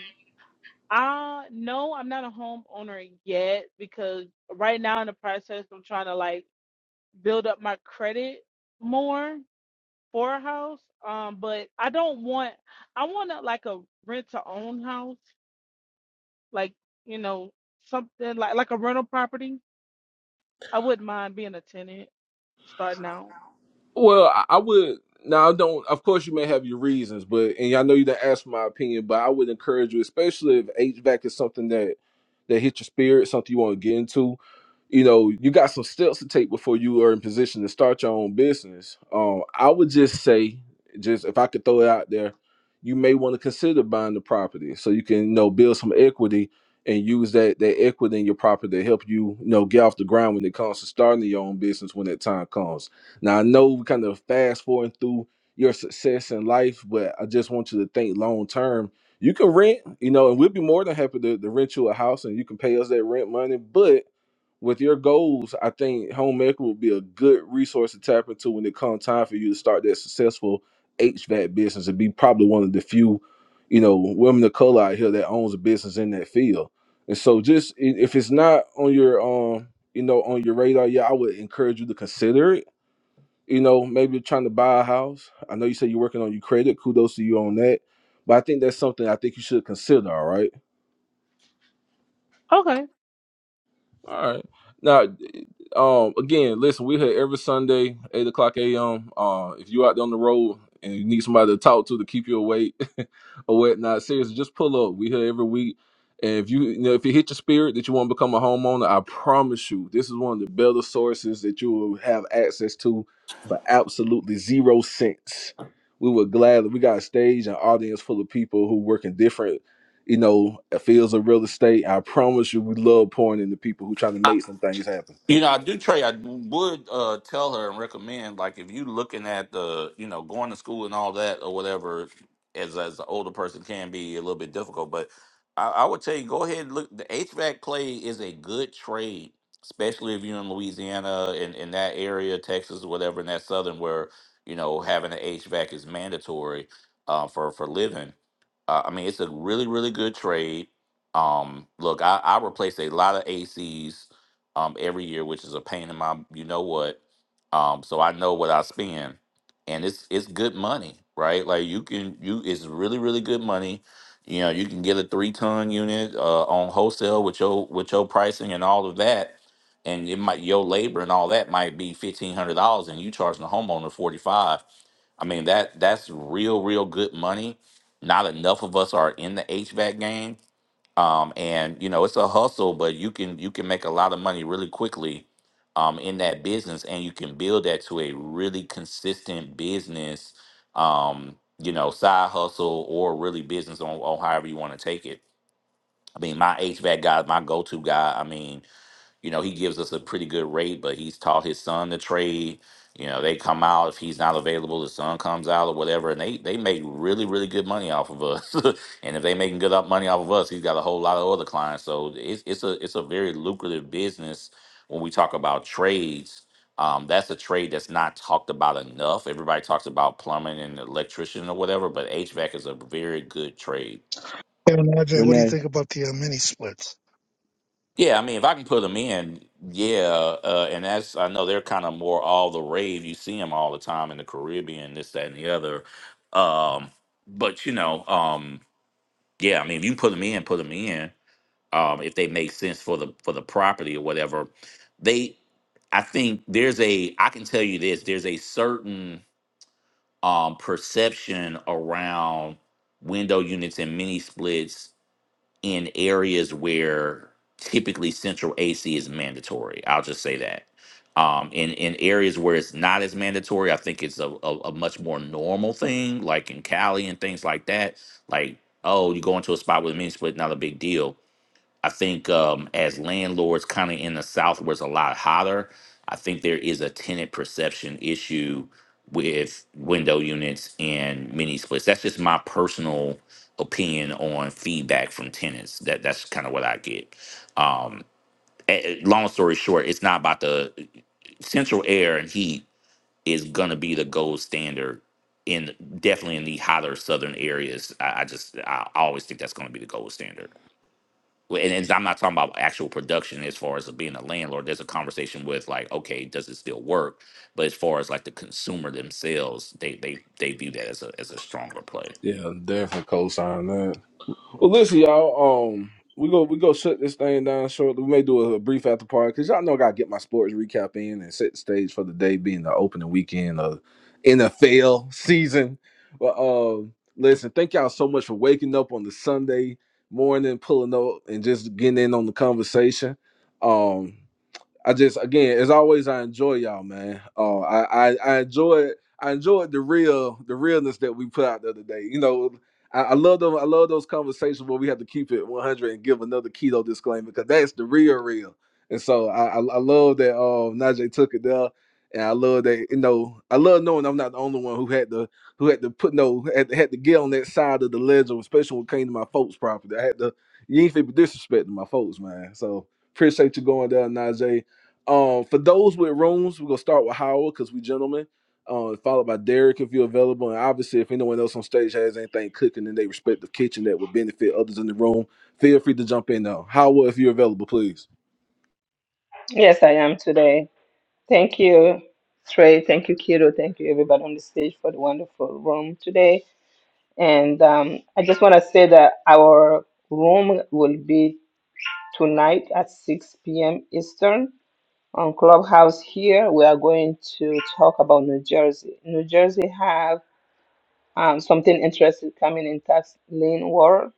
[SPEAKER 16] Uh no, I'm not a homeowner yet because right now in the process I'm trying to like build up my credit more for a house. Um, but I don't want I want to like a rent to own house, like you know something like like a rental property. I wouldn't mind being a tenant starting out.
[SPEAKER 3] Well, I, I would. Now, I don't. Of course, you may have your reasons, but and y'all know you didn't ask my opinion, but I would encourage you, especially if HVAC is something that that hit your spirit, something you want to get into. You know, you got some steps to take before you are in position to start your own business. Um, I would just say, just if I could throw it out there, you may want to consider buying the property so you can, you know, build some equity and use that that equity in your property to help you, you know, get off the ground when it comes to starting your own business when that time comes now I know we kind of fast forward through your success in life, but I just want you to think long term. You can rent, you know, and we'll be more than happy to, to rent you a house and you can pay us that rent money. But with your goals, I think Home Maker will be a good resource to tap into when it comes time for you to start that successful HVAC business and be probably one of the few, you know, women of color out here that owns a business in that field. And so just i- if it's not on your um, you know, on your radar, yeah, I would encourage you to consider it you know, maybe you're trying to buy a house. I know you said you're working on your credit. Kudos to you on that. But I think that's something I think you should consider, All right,
[SPEAKER 16] Okay.
[SPEAKER 3] All right. Now, um, again, listen, we're here every Sunday, eight o'clock a.m. Uh, if you out there on the road and you need somebody to talk to to keep you awake or whatnot, seriously, just pull up. We here every week, and if you, you know, if it hit your spirit that you want to become a homeowner, I promise you, this is one of the better sources that you will have access to for absolutely zero cents. We would gladly. We got a stage and audience full of people who work in different you know, fields of real estate. I promise you, we love pouring into people who trying to make some things happen.
[SPEAKER 13] You know, I do, Trey. I would uh, tell her and recommend, like, if you looking at the, you know, going to school and all that or whatever, as as an older person can be a little bit difficult. But I, I would tell you, go ahead. and Look, the HVAC play is a good trade, especially if you're in Louisiana and in that area, Texas, or whatever, in that southern where you know having an HVAC is mandatory uh, for for living. Uh, I mean, it's a really really good trade. Um, look, I, I replaced a lot of ACs um, every year, which is a pain in my you know what. Um, so I know what I spend, and it's it's good money, right? Like you can you it's really really good money. You know, you can get a three ton unit uh, on wholesale with your with your pricing and all of that, and it might your labor and all that might be fifteen hundred dollars, and you charging the homeowner forty five. I mean that that's real real good money. Not enough of us are in the HVAC game um, and you know it's a hustle but you can you can make a lot of money really quickly um, in that business and you can build that to a really consistent business um, you know side hustle or really business on, on however you want to take it i mean my hvac guy is my go-to guy i mean you know, he gives us a pretty good rate, but he's taught his son to trade. You know, they come out if he's not available, the son comes out or whatever, and they they make really really good money off of us. and if they making good up money off of us, he's got a whole lot of other clients. So it's it's a it's a very lucrative business when we talk about trades. Um, that's a trade that's not talked about enough. Everybody talks about plumbing and electrician or whatever, but HVAC is a very good trade
[SPEAKER 17] Kevin Andre, what do you
[SPEAKER 5] Renee,
[SPEAKER 17] think about the uh, mini splits?
[SPEAKER 13] Yeah, I mean, if I can put them in, yeah, uh, and that's I know they're kind of more all the rave. You see them all the time in the Caribbean, this, that, and the other. Um, but you know, um, yeah, I mean, if you put them in, put them in. Um, if they make sense for the for the property or whatever, they, I think there's a I can tell you this. There's a certain um perception around window units and mini splits in areas where typically central AC is mandatory. I'll just say that. Um, in in areas where it's not as mandatory, I think it's a, a, a much more normal thing, like in Cali and things like that. Like, oh, you go into a spot with a mini split, not a big deal I think um, as landlords, kind of in the South where it's a lot hotter, I think there is a tenant perception issue with window units and mini splits. That's just my personal opinion on feedback from tenants. That that's kind of what I get. Um, eh, eh, long story short, it's not about the central air and heat is gonna be the gold standard in definitely in the hotter southern areas. I, I just I I always think that's gonna be the gold standard. Well, and, and I'm not talking about actual production as far as being a landlord. There's a conversation with like, okay, does it still work? But as far as like the consumer themselves, they they they view that as a as a stronger play.
[SPEAKER 3] Yeah, definitely co-sign that. Well, listen, y'all. Um, we go we go shut this thing down shortly. We may do a, a brief after party because y'all know I gotta get my sports recap in and set the stage for the day being the opening weekend of NFL season. But um, listen, thank y'all so much for waking up on the Sunday morning, pulling up, and just getting in on the conversation. Um. I just again, as always, I enjoy y'all, man. Oh, I I, I enjoy I enjoyed the real the realness that we put out the other day. You know, I, I love them. I love those conversations where we have to keep it 100 and give another keto disclaimer because that's the real real. And so I I, I love that uh, Najee took it there. And I love that, you know, I love knowing I'm not the only one who had to who had to put no had to, had to get on that side of the ledge, especially when it came to my folks' property. I had to you ain't fit disrespecting my folks, man. So appreciate you going down, Najee. Um, for those with rooms, we're gonna start with Howard because we gentlemen. Uh, followed by Derek if you're available, and obviously if anyone else on stage has anything cooking in their respective kitchen that would benefit others in the room, feel free to jump in now. Howard, if you're available, please.
[SPEAKER 2] Yes, I am today. Thank you, Trey. Thank you, Kiro. Thank you, everybody on the stage for the wonderful room today. And um, I just want to say that our room will be tonight at 6 p.m. Eastern on Clubhouse here. We are going to talk about New Jersey. New Jersey have um, something interesting coming in tax lien world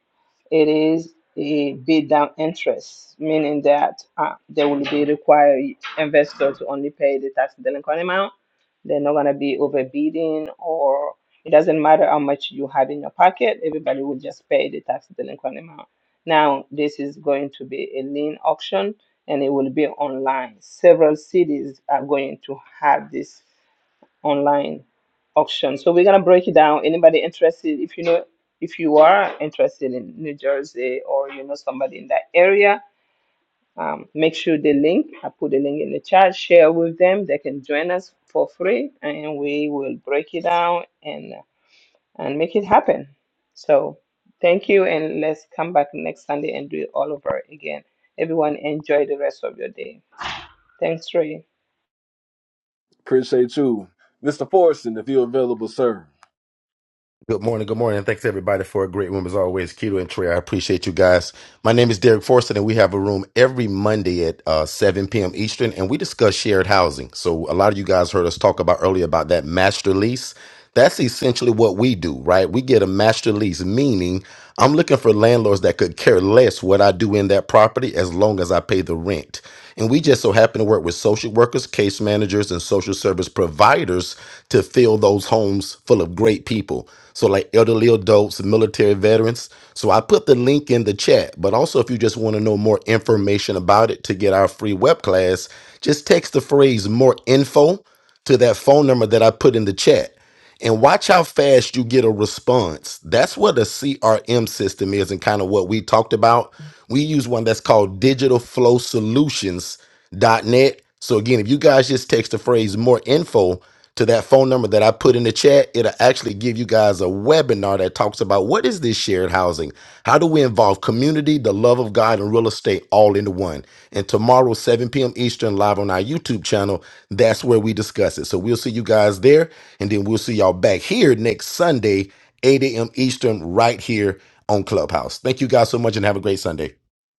[SPEAKER 2] it is a bid down interest, meaning that uh, they will be required investors to only pay the tax delinquent amount. They're not gonna be overbidding or it doesn't matter how much you have in your pocket, everybody will just pay the tax delinquent amount. Now, this is going to be a lien auction and it will be online. Several cities are going to have this online auction. So we're gonna break it down. Anybody interested? If you know, if you are interested in New Jersey or you know somebody in that area, um, make sure the link. I put the link in the chat. Share with them. They can join us for free, and we will break it down and and make it happen. So thank you, and let's come back next Sunday and do it all over again. Everyone, enjoy the rest of your day. Thanks, Ray.
[SPEAKER 3] Appreciate you, Mr. Forreston, if you're available, sir.
[SPEAKER 11] Good morning, good morning, and thanks everybody for a great room as always. Keto and Trey, I appreciate you guys. My name is Derek Forson, and we have a room every Monday at uh, 7 p.m. Eastern, and we discuss shared housing. So a lot of you guys heard us talk about earlier about that master lease. That's essentially what we do, right? We get a master lease, meaning I'm looking for landlords that could care less what I do in that property as long as I pay the rent. And we just so happen to work with social workers, case managers, and social service providers to fill those homes full of great people. So, like elderly adults, military veterans. So, I put the link in the chat. But also, if you just want to know more information about it to get our free web class, just text the phrase more info to that phone number that I put in the chat and watch how fast you get a response. That's what a CRM system is, and kind of what we talked about. We use one that's called Digital Flow solutions dot net. So again, if you guys just text the phrase more info to that phone number that I put in the chat, it'll actually give you guys a webinar that talks about what is this shared housing? How do we involve community, the love of God, and real estate all into one? And tomorrow, 7 p.m. Eastern, live on our YouTube channel, that's where we discuss it. So we'll see you guys there. And then we'll see y'all back here next Sunday, 8 a.m. Eastern, right here on Clubhouse. Thank you guys so much and have a great Sunday.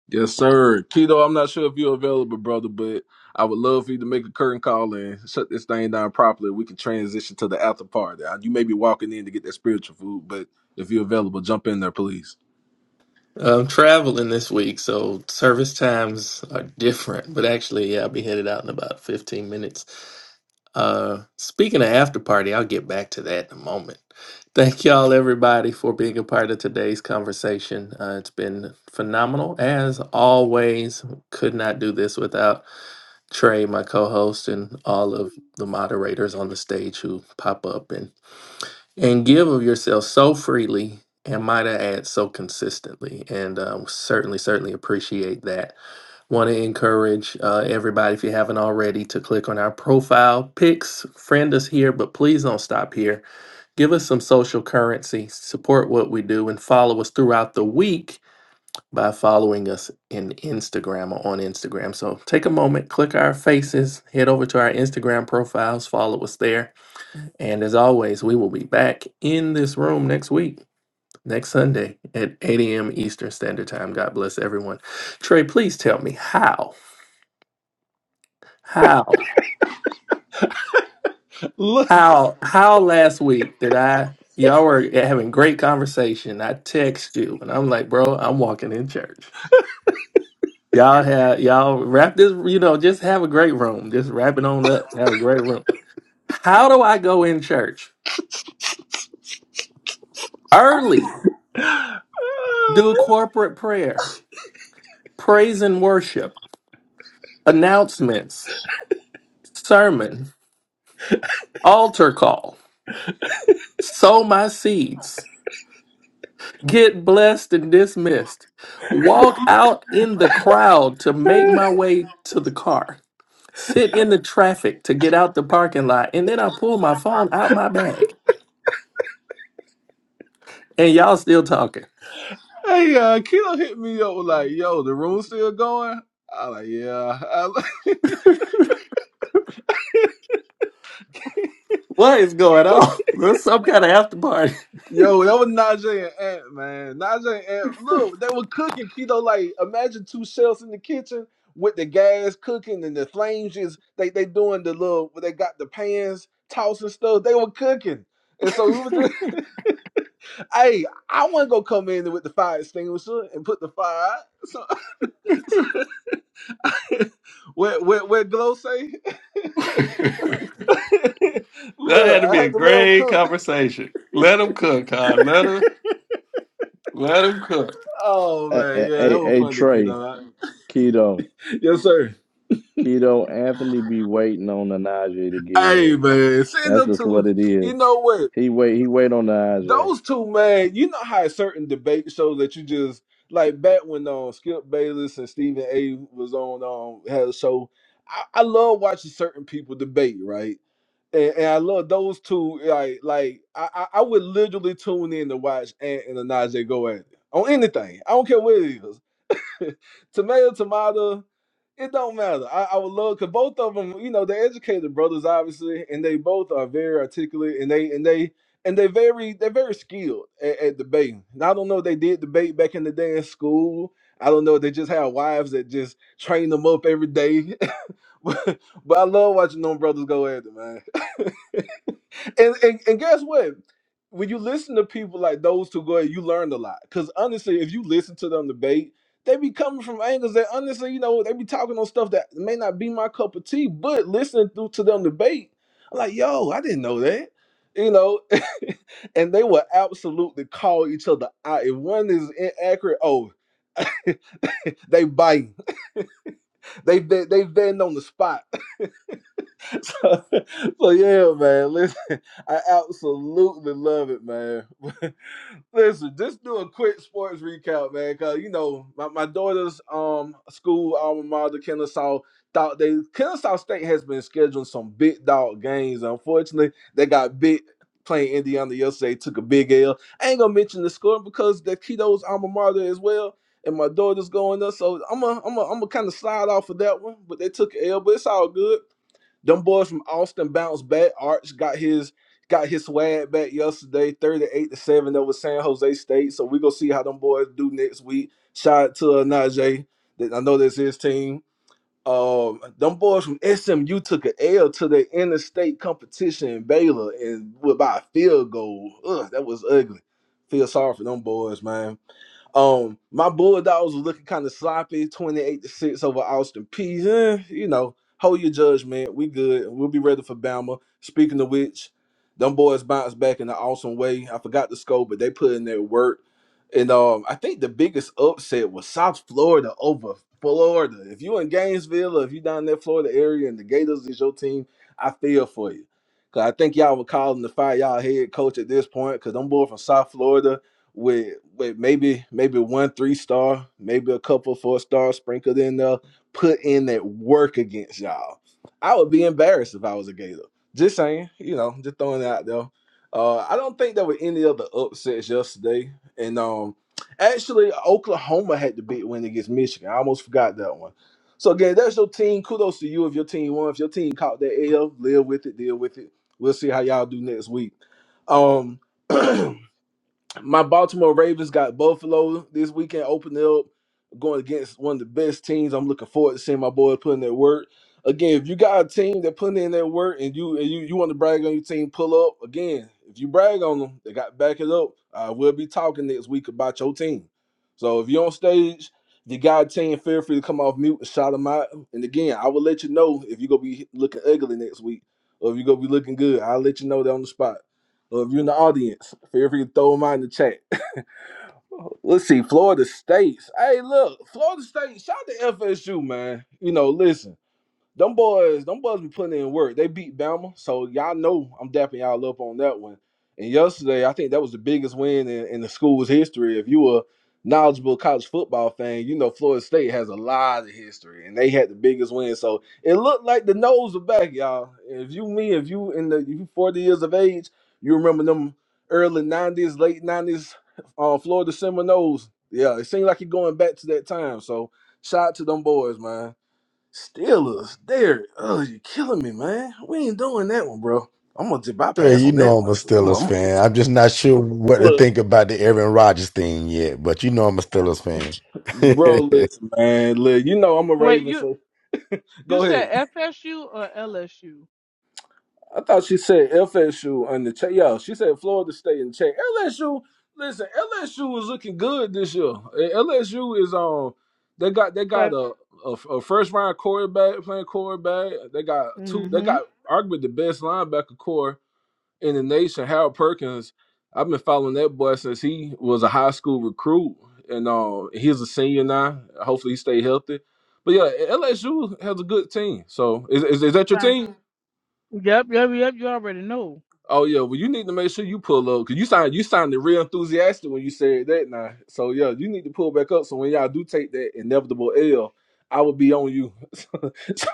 [SPEAKER 3] Yes, sir. Keto, I'm not sure if you're available, brother, but I would love for you to make a curtain call and shut this thing down properly. We can transition to the after party. You may be walking in to get that spiritual food, but if you're available, jump in there, please.
[SPEAKER 1] I'm traveling this week, so service times are different. But actually, yeah, I'll be headed out in about 15 minutes. Uh, speaking of after party, I'll get back to that in a moment. Thank y'all, everybody, for being a part of today's conversation. Uh, it's been phenomenal as always. Could not do this without Trey, my co-host, and all of the moderators on the stage who pop up and and give of yourself so freely, and might I add, so consistently. And uh, certainly, certainly appreciate that. Want to encourage uh, everybody, if you haven't already, to click on our profile pics, friend us here, but please don't stop here. Give us some social currency, support what we do, and follow us throughout the week by following us in Instagram or on Instagram. So take a moment, click our faces, head over to our Instagram profiles, follow us there. And as always, we will be back in this room next week, next Sunday at 8 a.m. Eastern Standard Time. God bless everyone. Trey, please tell me how. How? How how last week did I y'all were having great conversation. I text you and I'm like, bro, I'm walking in church. Y'all have y'all wrap this, you know, just have a great room. Just wrap it on up. Have a great room. How do I go in church? Early. Do corporate prayer, praise and worship, announcements, sermon, altar call, sow my seeds. get blessed and dismissed. Walk out in the crowd to make my way to the car. Sit in the traffic to get out the parking lot. And then I pull my phone out my bag. And y'all still talking.
[SPEAKER 3] Hey, uh, Kilo hit me up like, yo, the room's still going? I like, yeah. I,
[SPEAKER 1] What is going on? There's some kind of after party.
[SPEAKER 3] yo, that was Najee and Ant, man. Najee and Ant, look, they were cooking. Kilo, like, imagine two chefs in the kitchen with the gas cooking and the flames just, they, they doing the little, they got the pans tossing stuff. They were cooking. And so we were just, hey, I want to go come in with the fire extinguisher and put the fire out. So, where, where, where Glow say?
[SPEAKER 1] That had
[SPEAKER 3] look,
[SPEAKER 1] to
[SPEAKER 3] I
[SPEAKER 1] be
[SPEAKER 3] had
[SPEAKER 1] a
[SPEAKER 3] to let let 'em
[SPEAKER 1] great
[SPEAKER 3] cook.
[SPEAKER 1] conversation. Let them cook, huh? Let her, let them cook.
[SPEAKER 3] Oh
[SPEAKER 5] a
[SPEAKER 3] man,
[SPEAKER 5] a,
[SPEAKER 3] yeah, that
[SPEAKER 5] a,
[SPEAKER 3] was
[SPEAKER 5] a
[SPEAKER 3] fun, to kid
[SPEAKER 5] Trey,
[SPEAKER 3] Dakito.
[SPEAKER 5] Keto,
[SPEAKER 3] Yes, sir.
[SPEAKER 5] Keto, Anthony be waiting on Najee to get
[SPEAKER 3] Hey
[SPEAKER 5] here.
[SPEAKER 3] man, send
[SPEAKER 5] That's
[SPEAKER 3] them
[SPEAKER 5] just
[SPEAKER 3] two,
[SPEAKER 5] what it is.
[SPEAKER 3] you know what?
[SPEAKER 5] He wait. He wait on Najee.
[SPEAKER 3] Those two man, you know how certain debate shows that you just like back when um Skip Bayless and Stephen A was on um had a show. I, I love watching certain people debate, right? And, and I love those two. Like, like I, I I would literally tune in to watch Ant and Anaje go at it on anything. I don't care what it is. tomato, tomato, it don't matter. I, I would love because both of them, you know, they're educated brothers, obviously, and they both are very articulate, and they and they and they very they're very skilled at, at debating. And I don't know if they did debate back in the day in school. I don't know if they just had wives that just trained them up every day but I love watching them brothers go at it, man. and, and and guess what? When you listen to people like those two go, at it, you learn a lot. Because honestly, if you listen to them debate, they be coming from angles that honestly, you know, they be talking on stuff that may not be my cup of tea. But listening through to them debate, I'm like, yo, I didn't know that. You know, and they will absolutely call each other out. If one is inaccurate, oh, they bite. They they they vetting on the spot. so, so yeah, man. Listen, I absolutely love it, man. listen, just do a quick sports recap, man. Cause you know my, my daughter's um school alma mater, Kennesaw, thought they Kennesaw State has been scheduling some big dog games. Unfortunately, they got big playing Indiana yesterday. Took a big L. I ain't gonna mention the score because the kiddo's alma mater as well. And my daughter's going there, so I'm a, I'm a, I'm gonna kind of slide off of that one. But they took an L, but it's all good. Them boys from Austin bounced back. Arch got his got his swag back yesterday, 38 to 7. over San Jose State. So we gonna see how them boys do next week. Shout out to uh, Najee. That I know that's his team. Um, them boys from SMU took an L to the interstate competition in Baylor and with by a field goal. Ugh, that was ugly. Feel sorry for them boys, man. Um, my Bulldogs were looking kind of sloppy, 28 to 6 over Austin Peay. Eh, you know, hold your judgment. We good. We'll be ready for Bama. Speaking of which, them boys bounced back in an awesome way. I forgot the score, but they put in their work. And um, I think the biggest upset was South Florida over Florida. If you in Gainesville or if you down in that Florida area and the Gators is your team, I feel for you. Cause I think y'all were calling to fire y'all head coach at this point, cause them boy from South Florida with with maybe maybe one three star, maybe a couple four stars sprinkled in there, put in that work against y'all. I would be embarrassed if I was a Gator. Just saying, you know, just throwing it out there. Uh, I don't think there were any other upsets yesterday, and um, actually Oklahoma had the big win against Michigan. I almost forgot that one. So again, that's your team. Kudos to you if your team won. If your team caught that L, live with it, deal with it. We'll see how y'all do next week. Um. my Baltimore Ravens got Buffalo this weekend opening up, going against one of the best teams. I'm looking forward to seeing my boys putting their work. Again, if you got a team that putting in their work and you and you, you want to brag on your team, pull up. Again, if you brag on them, they got to back it up. Uh, we'll be talking next week about your team. So if you're on stage, if you got a team, feel free to come off mute and shout them out. And again, I will let you know if you're gonna be looking ugly next week or if you're gonna be looking good. I'll let you know that on the spot. Or if you're in the audience, feel free to throw them out in the chat. Let's see, Florida State's. Hey, look, Florida State, shout out to FSU, man. You know, listen them boys, them boys be putting in work. They beat Bama, so y'all know I'm dapping y'all up on that one. And yesterday, I think that was the biggest win in, in the school's history. If you a knowledgeable college football fan, you know Florida State has a lot of history, and they had the biggest win. So it looked like the nose was back, y'all. If you me, if you in the if you 40 years of age, you remember them early 90s, late 90s, uh, Florida Seminoles. Yeah, it seemed like you're going back to that time. So shout out to them boys, man. Steelers, there. Oh, you're killing me, man. We ain't doing that one, bro. I'm gonna just
[SPEAKER 11] Trey,
[SPEAKER 3] bypass
[SPEAKER 11] you
[SPEAKER 3] on that
[SPEAKER 11] know I'm
[SPEAKER 3] one.
[SPEAKER 11] a
[SPEAKER 3] I'm,
[SPEAKER 11] Steelers
[SPEAKER 3] I'm,
[SPEAKER 11] fan. I'm just not sure what to
[SPEAKER 3] look,
[SPEAKER 11] think about the Aaron Rodgers thing yet, but you know I'm a Steelers
[SPEAKER 3] bro,
[SPEAKER 11] fan.
[SPEAKER 3] listen, man. Look, you know I'm a
[SPEAKER 16] Wait,
[SPEAKER 3] Raven,
[SPEAKER 16] you
[SPEAKER 3] so
[SPEAKER 16] you
[SPEAKER 3] go ahead.
[SPEAKER 16] said FSU or LSU?
[SPEAKER 3] I thought she said FSU on the check. Yo, she said Florida State in the check. LSU, listen, LSU is looking good this year. Eh, LSU is on. They got they got
[SPEAKER 16] But
[SPEAKER 3] a, a, a first round quarterback playing quarterback. They got two. They
[SPEAKER 16] mm-hmm.
[SPEAKER 3] got arguably the best linebacker core in the nation, Harold Perkins, I've been following that boy since he was a high school recruit, and um, he's a senior now. Hopefully, he stay healthy. But yeah, LSU has a good team. So is is, is that your
[SPEAKER 16] Frank.
[SPEAKER 3] team?
[SPEAKER 16] Yep, yep, yep. You already know.
[SPEAKER 3] Oh yeah. Well, you need to make sure you pull up because you sound you sounded real enthusiastic when you said that now. So yeah, you need to pull back up. So when y'all do take that inevitable L. I will be on you, so, so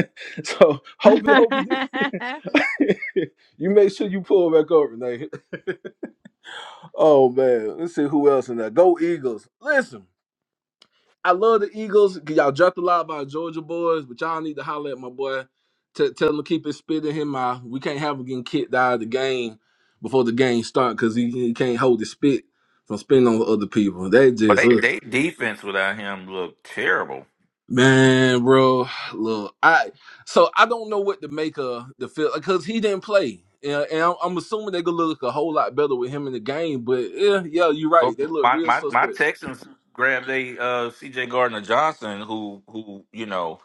[SPEAKER 3] so hopefully, hopefully you, you make sure you pull back up, Renee. Oh man, let's see who else in there. Go Eagles! Listen, I love the Eagles. Y'all jumped a lot about Georgia boys, but y'all need to holler at my boy. T- tell him to keep his spit in his mouth. We can't have him getting kicked out of the game before the game start because he, he can't hold his spit from spitting on other people. That
[SPEAKER 13] Well,
[SPEAKER 3] just
[SPEAKER 13] they
[SPEAKER 3] ugh.
[SPEAKER 13] they defense without him looked terrible.
[SPEAKER 3] man, bro. Look, I so I don't know what to make of the feel because he didn't play. Yeah, and I'm, I'm assuming they're gonna look a whole lot better with him in the game, but yeah, yeah, you're right.
[SPEAKER 13] Look,
[SPEAKER 3] They look
[SPEAKER 13] My
[SPEAKER 3] real
[SPEAKER 13] my my
[SPEAKER 3] suspect.
[SPEAKER 13] Texans grabbed a uh, C.J. Gardner Johnson, who who you know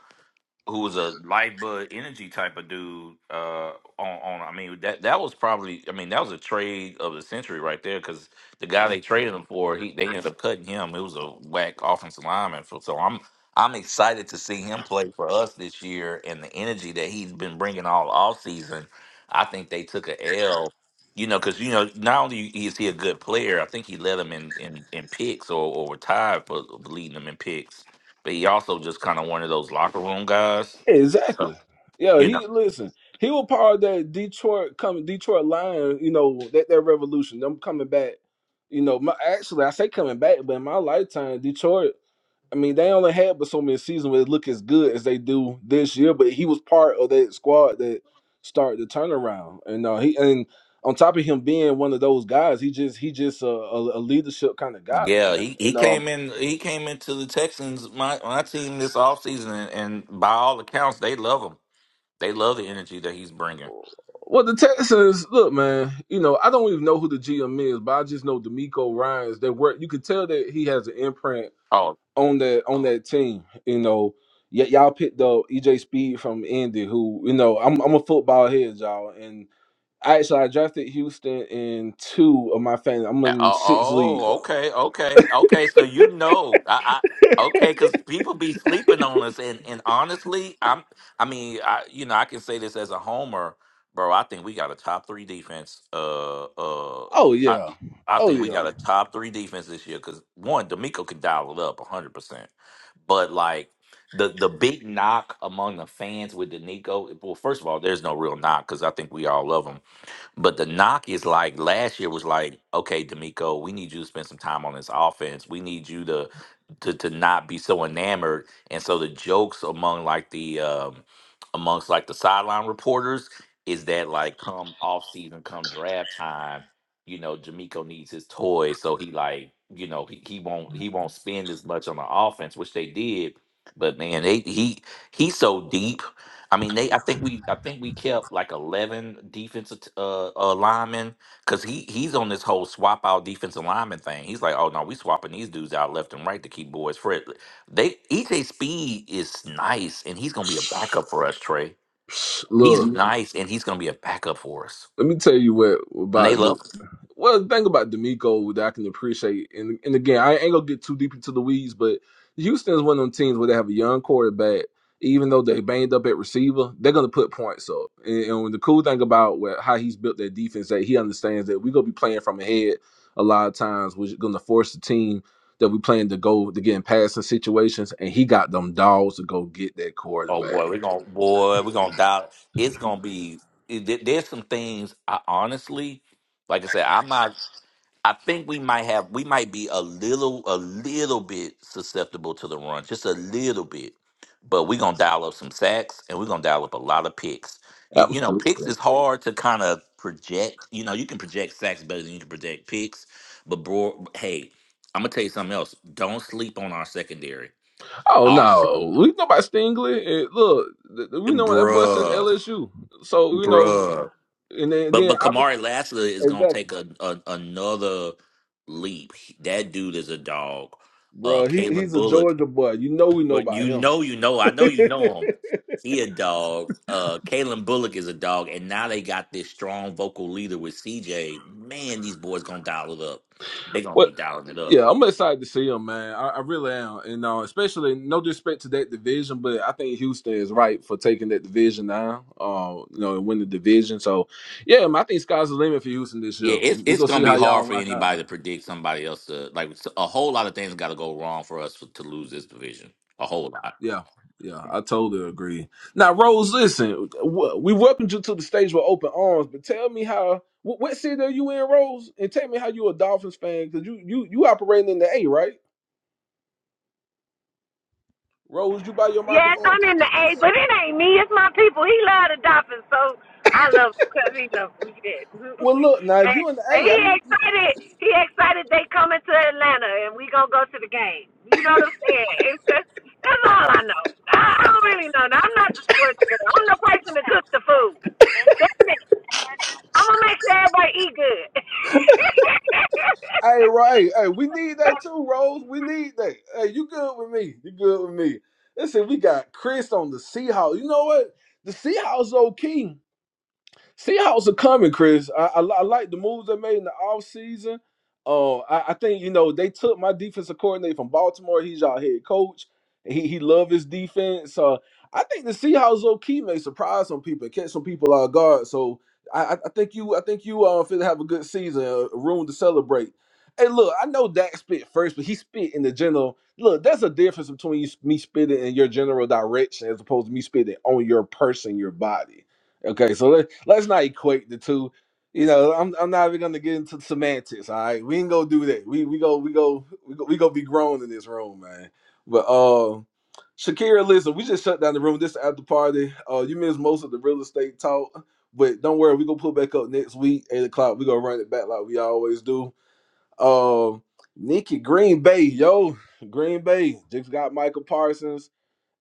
[SPEAKER 13] who was a light bud energy type of dude. Uh, on on I mean that that was probably I mean that was a trade of the century right there because the guy they traded him for he they ended up cutting him. It was a whack offensive lineman. So so I'm I'm excited to see him play for us this year and the energy that he's been bringing all off season. I think they took a L. You know, because you know, not only is he a good player, I think he led them in, in, in picks or, or were tied for leading them in picks but he also just kind of one of those locker room guys. So,
[SPEAKER 3] Exactly. Yeah,
[SPEAKER 13] you know,
[SPEAKER 3] he listen. He was part of that Detroit coming Detroit Lion, you know, that that revolution. Them coming back, you know. My, actually, I say coming back, but in my lifetime, Detroit. I mean, they only had but so many seasons where it look as good as they do this year. But he was part of that squad that started the turnaround, and uh, he and on top of him being one of those guys, he just he just a, a, a leadership kind of guy,
[SPEAKER 13] yeah,
[SPEAKER 3] man.
[SPEAKER 13] he, he
[SPEAKER 3] And um,
[SPEAKER 13] came in he came into the Texans my my team this offseason and, and by all accounts they love him. They love the energy that he's bringing.
[SPEAKER 3] Well, the text says, look, man, you know, I don't even know who the GM is, but I just know D'Amico Ryan's that work. You could tell that he has an imprint
[SPEAKER 13] Oh,
[SPEAKER 3] on that on that team. You know, y- y'all picked up EJ Speed from Indy, who you know, I'm I'm a football head, y'all, and I actually I drafted Houston in two of my fans. I'm
[SPEAKER 13] Uh,
[SPEAKER 3] in six leagues.
[SPEAKER 13] Oh, okay, okay, okay. So you know, I, I okay, because people be sleeping on us, and and honestly, I'm, I mean, I you know, I can say this as a homer, bro. I think we got a top three defense. Uh, uh,
[SPEAKER 3] Oh
[SPEAKER 13] I,
[SPEAKER 3] yeah,
[SPEAKER 13] I
[SPEAKER 3] oh
[SPEAKER 13] think we
[SPEAKER 3] yeah.
[SPEAKER 13] got a top three defense this year because one, D'Amico can dial it up hundred percent, but like. The, the big knock among the fans with D'Amico, well, first of all, there's no real knock because I think we all love him but the knock is like last year was like, okay, D'Amico, we need you to spend some time on this offense. We need you to to to not be so enamored. And so the jokes among like the um amongst like the sideline reporters is that like come off season, come draft time, you know, D'Amico needs his toys. So he like, you know, he, he won't he won't spend as much on the offense, which they did. But man, they, he he's so deep I mean, they. I think we. I think we kept like eleven defensive t- uh, uh linemen because he he's on this whole swap out defensive lineman thing. He's like, oh no, we swapping these dudes out left and right to keep boys fresh. They EJ Speed is nice, and he's gonna be a backup for us, Trey.
[SPEAKER 3] Psh,
[SPEAKER 13] He's Mhm.
[SPEAKER 3] Look,
[SPEAKER 13] nice, and he's gonna be a backup for us.
[SPEAKER 3] let me tell you what
[SPEAKER 13] And they
[SPEAKER 3] about the
[SPEAKER 13] love.
[SPEAKER 3] Well, the thing about D'Amico that I can appreciate, and and again, I ain't gonna get too deep into the weeds, but Houston is one of them teams where they have a young quarterback. Even though they banged up at receiver, they're gonna put points up. And, and the cool thing about where, how he's built that defense, that he understands that we're gonna be playing from ahead a lot of times, We're gonna force the team that we playing to go to get in passing situations, and he got them dogs to go get that
[SPEAKER 13] Oh
[SPEAKER 3] quarterback.
[SPEAKER 13] boy, we're gonna boy, we're gonna dial. It's gonna be. it- there- there's some things. I honestly, like I said, I'm not. I think we might have we might be a little a little bit susceptible to the run, just a little bit. But we're gonna dial up some sacks and we're gonna dial up a lot of picks. You you know,
[SPEAKER 3] Absolutely.
[SPEAKER 13] picks is hard to kind of project. You know, you can project sacks better than you can project picks. But bro, hey, I'm gonna tell you something else. Don't sleep on our secondary.
[SPEAKER 3] Oh
[SPEAKER 13] Our,
[SPEAKER 3] no, we know about Stingley. And look, th- th- we know what that boy since
[SPEAKER 13] bruh,
[SPEAKER 3] LSU. So you know,
[SPEAKER 13] bruh.
[SPEAKER 3] and then,
[SPEAKER 13] But
[SPEAKER 3] then
[SPEAKER 13] but
[SPEAKER 3] obviously,
[SPEAKER 13] Kamari Lassler is gonna
[SPEAKER 3] exactly,
[SPEAKER 13] take a, a another leap. That dude is a dog. Uh
[SPEAKER 3] bro. He
[SPEAKER 13] Kalen
[SPEAKER 3] he's a
[SPEAKER 13] Bullock.
[SPEAKER 3] Georgia boy. You know, we know
[SPEAKER 13] But
[SPEAKER 3] about
[SPEAKER 13] you
[SPEAKER 3] him.
[SPEAKER 13] know, you know, I know you know him. He a dog. Uh Kalen Bullock is a dog, and now they got this strong vocal leader with CJ. Man, these boys gonna dial it up. They're gonna
[SPEAKER 3] Well,
[SPEAKER 13] be dialing it up.
[SPEAKER 3] yeah, I'm excited to see him, man. I, I really am, and uh, especially no disrespect to that division, but I think Houston is right for taking that division now. Uh, you know, and win the division. So, yeah, man, I think sky's the limit for Houston this
[SPEAKER 13] Yeah,
[SPEAKER 3] year.
[SPEAKER 13] it's
[SPEAKER 3] We
[SPEAKER 13] it's
[SPEAKER 3] gonna see
[SPEAKER 13] gonna be
[SPEAKER 3] how y'all
[SPEAKER 13] hard for
[SPEAKER 3] rock out, man.
[SPEAKER 13] anybody to predict somebody else to like s- a whole lot of things gotta go wrong for us to lose this division. A whole lot.
[SPEAKER 3] Yeah, yeah, I totally agree. Now, Rose, listen, w- we welcomed you to the stage with open arms, but tell me how. wh- What city are you in, Rose? And tell me how you a Dolphins fan because you you you operating in the A, right? Rose, you buy your
[SPEAKER 7] Yes,
[SPEAKER 3] microphone.
[SPEAKER 7] I'm in the A, but it ain't me. It's my people. He love the Dolphins, so I love him because he love them. Yes.
[SPEAKER 3] Well, look now, if
[SPEAKER 7] and,
[SPEAKER 3] you in the
[SPEAKER 7] and
[SPEAKER 3] A,
[SPEAKER 7] he
[SPEAKER 3] I need.
[SPEAKER 7] excited. He excited they coming to Atlanta, and we gonna go to the game. You know what I'm saying? It's, that's that's all I know. I, I don't really know. Now, I'm not the sports girl. I'm the person that cooks the food. That's it. I'm gonna make sure everybody eat
[SPEAKER 3] Hey,
[SPEAKER 7] good.
[SPEAKER 3] right, hey, hey, we need that too, Rose. We need that. Hey, you good with me? You good with me? Listen, we got Chris on the Seahawks. You know what? The Seahawks, okay. Seahawks are coming, Chris. I, I, li- I like the moves they made in the offseason. Uh, I, I think, you know, they took my defensive coordinator from Baltimore. He's our head coach. He he love his defense. Uh, I think the Seahawks low key may surprise some people and catch some people off guard. So I, I I think you I think you uh fit to have a good season, a room to celebrate. Hey, look, I know Dak spit first, but he spit in the general. Look, there's a difference between you, me spitting in your general direction as opposed to me spitting on your person, your body Okay, so let, let's not equate the two. You know, I'm I'm not even gonna get into semantics. All right, we ain't gonna do that. We we go we go we go we gonna be grown in this room, man. But uh, Shakira, listen, we just shut down the room. This is after party. Uh, you missed most of the real estate talk, but don't worry, we gonna pull back up next week, eight o'clock. We gonna run it back like we always do. Um, Nikki Green Bay, yo, Green Bay just got Michael Parsons.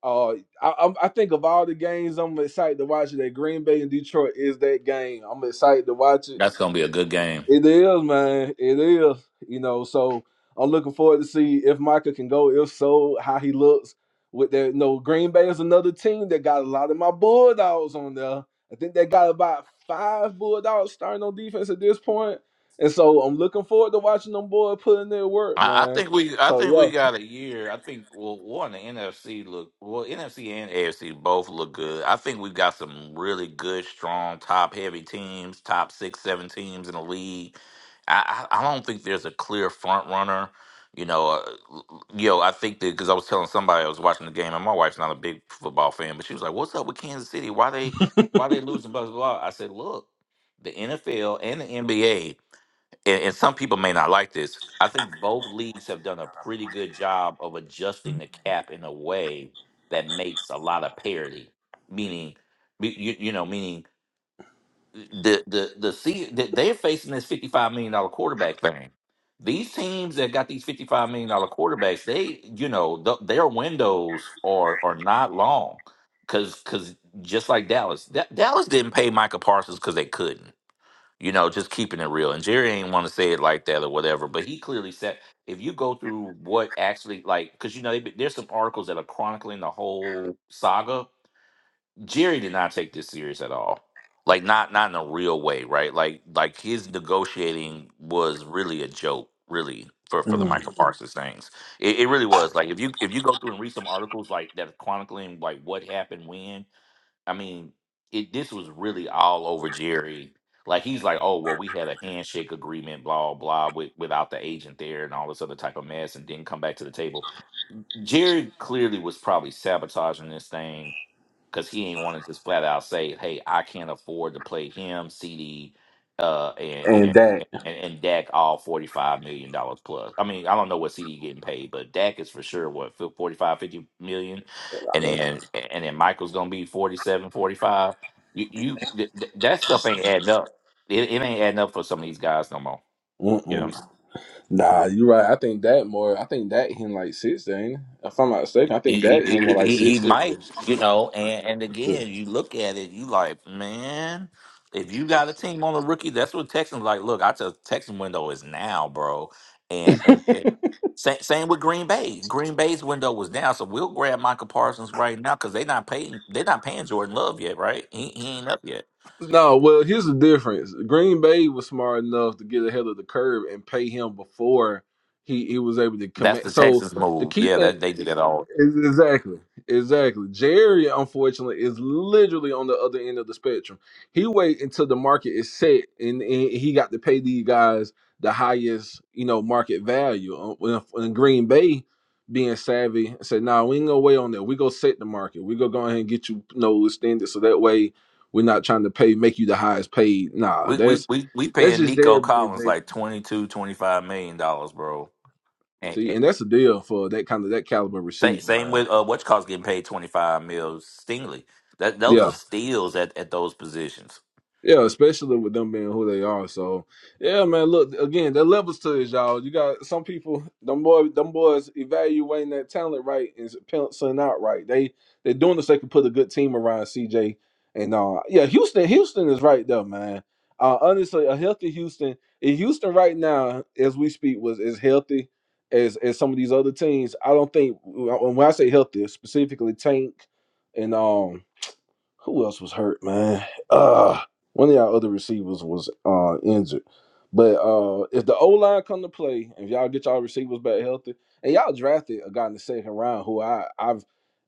[SPEAKER 3] Uh, I, I'm- I think of all the games I'm excited to watch that Green Bay and Detroit is that game. I'm excited to watch it.
[SPEAKER 13] That's gonna be a good game.
[SPEAKER 3] It is, man. It is. You know, so I'm looking forward to see if Micah can go. If so, how he looks with that. No, Green Bay is another team that got a lot of my Bulldogs on there. I think they got about five Bulldogs starting on defense at this point. And so I'm looking forward to watching them boy put in their work,
[SPEAKER 13] I, I
[SPEAKER 3] man.
[SPEAKER 13] think we I
[SPEAKER 3] So
[SPEAKER 13] think we
[SPEAKER 3] yeah.
[SPEAKER 13] got a year. I think well one the NFC look well NFC and AFC both look good. I think we've got some really good, strong, top heavy teams, top six, seven teams in the league. I, I I don't think there's a clear front runner. You know, uh, yo, I think that because I was telling somebody I was watching the game, and my wife's not a big football fan, but she was like, "What's up with Kansas City? Why they why they losing?" Blah blah. blah?" I said, "Look, the NFL and the NBA." and, and some people may not like this. I think both leagues have done a pretty good job of adjusting the cap in a way that makes a lot of parity. Meaning, me- you, you know, meaning the the the see that they're facing this fifty five million dollar quarterback thing. These teams that got these fifty five million dollar quarterbacks, they you know th- their windows are are not long because because just like Dallas, Da- Dallas didn't pay Micah Parsons because they couldn't you know, just keeping it real. And Jerry ain't want to say it like that or whatever, but he clearly said if you go through what actually like, because you know, they, there's some articles that are chronicling the whole saga. Jerry did not take this serious at all. Like not not in a real way, right? Like like his negotiating was really a joke, really, for for the
[SPEAKER 3] Mm,
[SPEAKER 13] Michael Mhm. Parsons things. It, it really was. Like if you if you go through and read some articles like that are chronicling like what happened when, I mean, it this was really all over Jerry. Like he's like, oh well, we had a handshake agreement, blah blah, with, without the agent there and all this other type of mess, and didn't come back to the table. Jerry clearly was probably sabotaging this thing because he ain't want to just flat out say, "Hey, I can't afford to play him, CD, uh, and
[SPEAKER 3] and
[SPEAKER 13] and
[SPEAKER 3] that.
[SPEAKER 13] and, and Dak all forty five million dollars plus." I mean, I don't know what CD getting paid, but Dak is for sure what fif- 45, fifty million, and then and then Michael's gonna be 47 45. You you th- th- that stuff ain't adding up. It, it ain't adding up for some of these guys no more.
[SPEAKER 3] Mm-mm.
[SPEAKER 13] Yeah.
[SPEAKER 3] Nah, you're right. I think that more. I think that him like six, ain't it? If I'm not mistaken, I
[SPEAKER 13] He,
[SPEAKER 3] think
[SPEAKER 13] he,
[SPEAKER 3] that him
[SPEAKER 13] he,
[SPEAKER 3] more like
[SPEAKER 13] he he
[SPEAKER 3] six.
[SPEAKER 13] might, you know, and, and again, you look at it, you like, man, if you got a team on a rookie, that's what Texans like. Look, I tell Texan window is now, bro. And, and it, same, same with Green Bay. Green Bay's window was now, so we'll grab Michael Parsons right now because they're not paying. They're not paying Jordan Love yet, right? He, he ain't up yet.
[SPEAKER 3] No, well, here's the difference. Green Bay was smart enough to get ahead of the curve and pay him before he, he was able to
[SPEAKER 13] That's
[SPEAKER 3] commit.
[SPEAKER 13] the
[SPEAKER 3] So
[SPEAKER 13] Texans
[SPEAKER 3] the
[SPEAKER 13] move.
[SPEAKER 3] key
[SPEAKER 13] Yeah,
[SPEAKER 3] thing.
[SPEAKER 13] that they do that all.
[SPEAKER 3] Ex- Exactly. Exactly. Jerry, unfortunately, is literally on the other end of the spectrum. He wait until the market is set, and, and he got to pay these guys the highest, you know, market value. Uh, when- when Green Bay being savvy and said, "Nah, we ain't gonna wait on that. We go set the market. We go go ahead and get you, you know, extended, so that way we're not trying to pay make you the highest paid." Nah,
[SPEAKER 13] We we
[SPEAKER 3] that's
[SPEAKER 13] we we
[SPEAKER 3] that's
[SPEAKER 13] paying
[SPEAKER 3] just Jerry
[SPEAKER 13] Nico
[SPEAKER 3] being
[SPEAKER 13] Collins
[SPEAKER 3] Jerry.
[SPEAKER 13] like twenty two twenty five million dollars, bro.
[SPEAKER 3] See, and that's a deal for that kind of that caliber
[SPEAKER 13] Same,
[SPEAKER 3] receiver,
[SPEAKER 13] same
[SPEAKER 3] man.
[SPEAKER 13] with uh, what cost getting paid twenty five mil. Stingley, that those
[SPEAKER 3] Yeah.
[SPEAKER 13] are steals at, at those positions.
[SPEAKER 3] Yeah, especially with them being who they are. So yeah, man. Look again, there levels to this, y'all. You got some people, them boy, them boys evaluating that talent right and penciling out right. They they doing this. They can put a good team around CJ and uh yeah, Houston. Houston is right there, man. Uh, honestly, a healthy Houston. In Houston right now, as we speak, was as healthy as as some of these other teams. I don't think when I say healthy, specifically Tank and um who else was hurt, man? Uh one of y'all other receivers was uh injured. But uh if the O line come to play, if y'all get y'all receivers back healthy, and y'all drafted a guy in the second round who I I've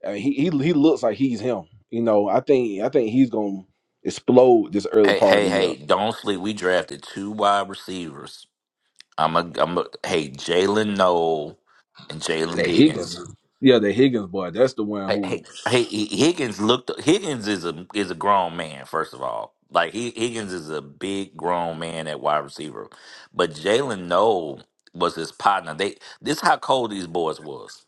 [SPEAKER 3] uh, he he he looks like he's him. You know, I think I think he's gonna explode this early
[SPEAKER 13] Hey,
[SPEAKER 3] part of
[SPEAKER 13] hey,
[SPEAKER 3] the year.
[SPEAKER 13] hey! Don't sleep. We drafted two wide receivers. I'm a, I'm a hey Jalen Noel and Jalen
[SPEAKER 3] That Higgins,
[SPEAKER 13] Higgins.
[SPEAKER 3] yeah, that Higgins boy, that's the one
[SPEAKER 13] Hey,
[SPEAKER 3] who.
[SPEAKER 13] hey, hey! H- Higgins looked. Higgins is a is a grown man. First of all, like he, Higgins is a big grown man at wide receiver, but Jalen Noel was his partner. They this how cold these boys was.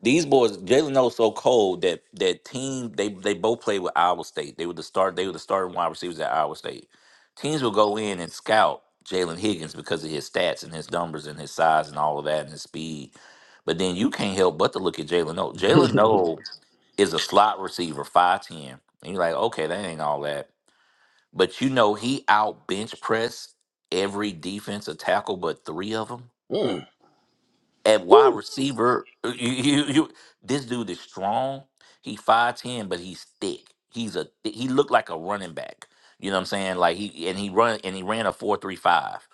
[SPEAKER 13] These boys, Jalen No's so cold that that team they they both played with Iowa State. They were the start. They were the starting wide receivers at Iowa State. Teams will go in and scout Jalen Higgins because of his stats and his numbers and his size and all of that and his speed. But then you can't help but to look at Jalen No. Jalen No is a slot receiver, five ten, and you're like, okay, that ain't all that. But you know he out bench press every defensive tackle but three of them
[SPEAKER 3] Mm,
[SPEAKER 13] at wide receiver. uh, You, you, you, this dude is strong. He five ten, but he's thick. He's a thi- he looked like a running back. You know what I'm saying? Like he and he run and he ran a four three five.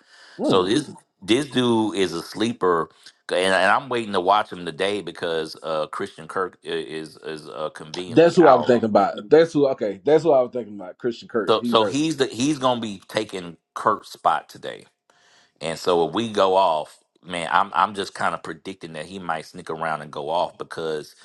[SPEAKER 13] So
[SPEAKER 3] mm.
[SPEAKER 13] this this dude is a sleeper, c- and, and I'm waiting to watch him today because uh, Christian Kirk i- is is uh,
[SPEAKER 3] That's
[SPEAKER 13] conveniently
[SPEAKER 3] who I was
[SPEAKER 13] out.
[SPEAKER 3] thinking about. That's who. Okay, that's who I was thinking about. Christian Kirk,
[SPEAKER 13] So
[SPEAKER 3] he's
[SPEAKER 13] so
[SPEAKER 3] hurt.
[SPEAKER 13] he's the he's gonna be taking Kirk's spot today. And so if we go off, man, I'm I'm just kind of predicting that he might sneak around and go off because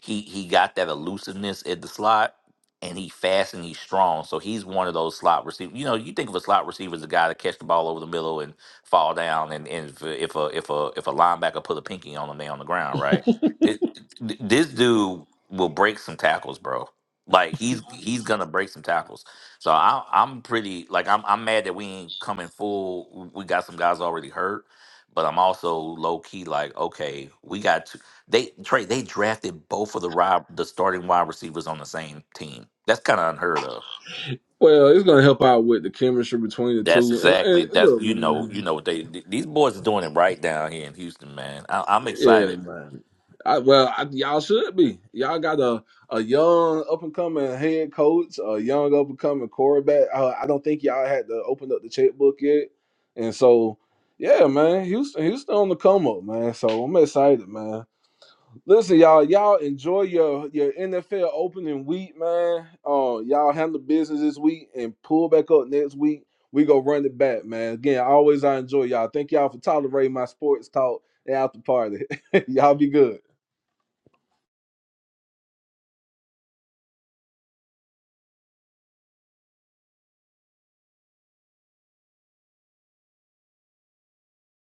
[SPEAKER 13] he he got that elusiveness at the slot and he fast and he's strong. So he's one of those slot receivers. You know, you think of a slot receiver as a guy that catch the ball over the middle and fall down and, and if, a- if a if a if a linebacker put a pinky on him, they on the ground, right? Th- th- This dude will break some tackles, bro. Like he's he's gonna break some tackles. So I, I'm pretty like I'm I'm mad that we ain't coming full. We got some guys already hurt, but I'm also low key like okay, we got to, they Trey they drafted both of the rob the starting wide receivers on the same team. That's kind of unheard of.
[SPEAKER 3] Well, it's gonna help out with the chemistry between the
[SPEAKER 13] That's
[SPEAKER 3] two. And,
[SPEAKER 13] exactly
[SPEAKER 3] and
[SPEAKER 13] that's
[SPEAKER 3] look,
[SPEAKER 13] you know you
[SPEAKER 3] man,
[SPEAKER 13] know what they th- these boys are doing it right down here in Houston, man. I, I'm
[SPEAKER 3] yeah,
[SPEAKER 13] excited.
[SPEAKER 3] man. I, well, I, y'all should be. Y'all got a a young up and coming head coach, a young up and coming quarterback. Uh, I don't think y'all had to open up the checkbook yet, and so yeah, man, Houston, Houston on the come up, man. So I'm excited, man. Listen, y'all, y'all enjoy your your NFL opening week, man. Uh, y'all handle business this week and pull back up next week. We go run it back, man. Again, always I enjoy y'all. Thank y'all for tolerating my sports talk and after party. y'all be good.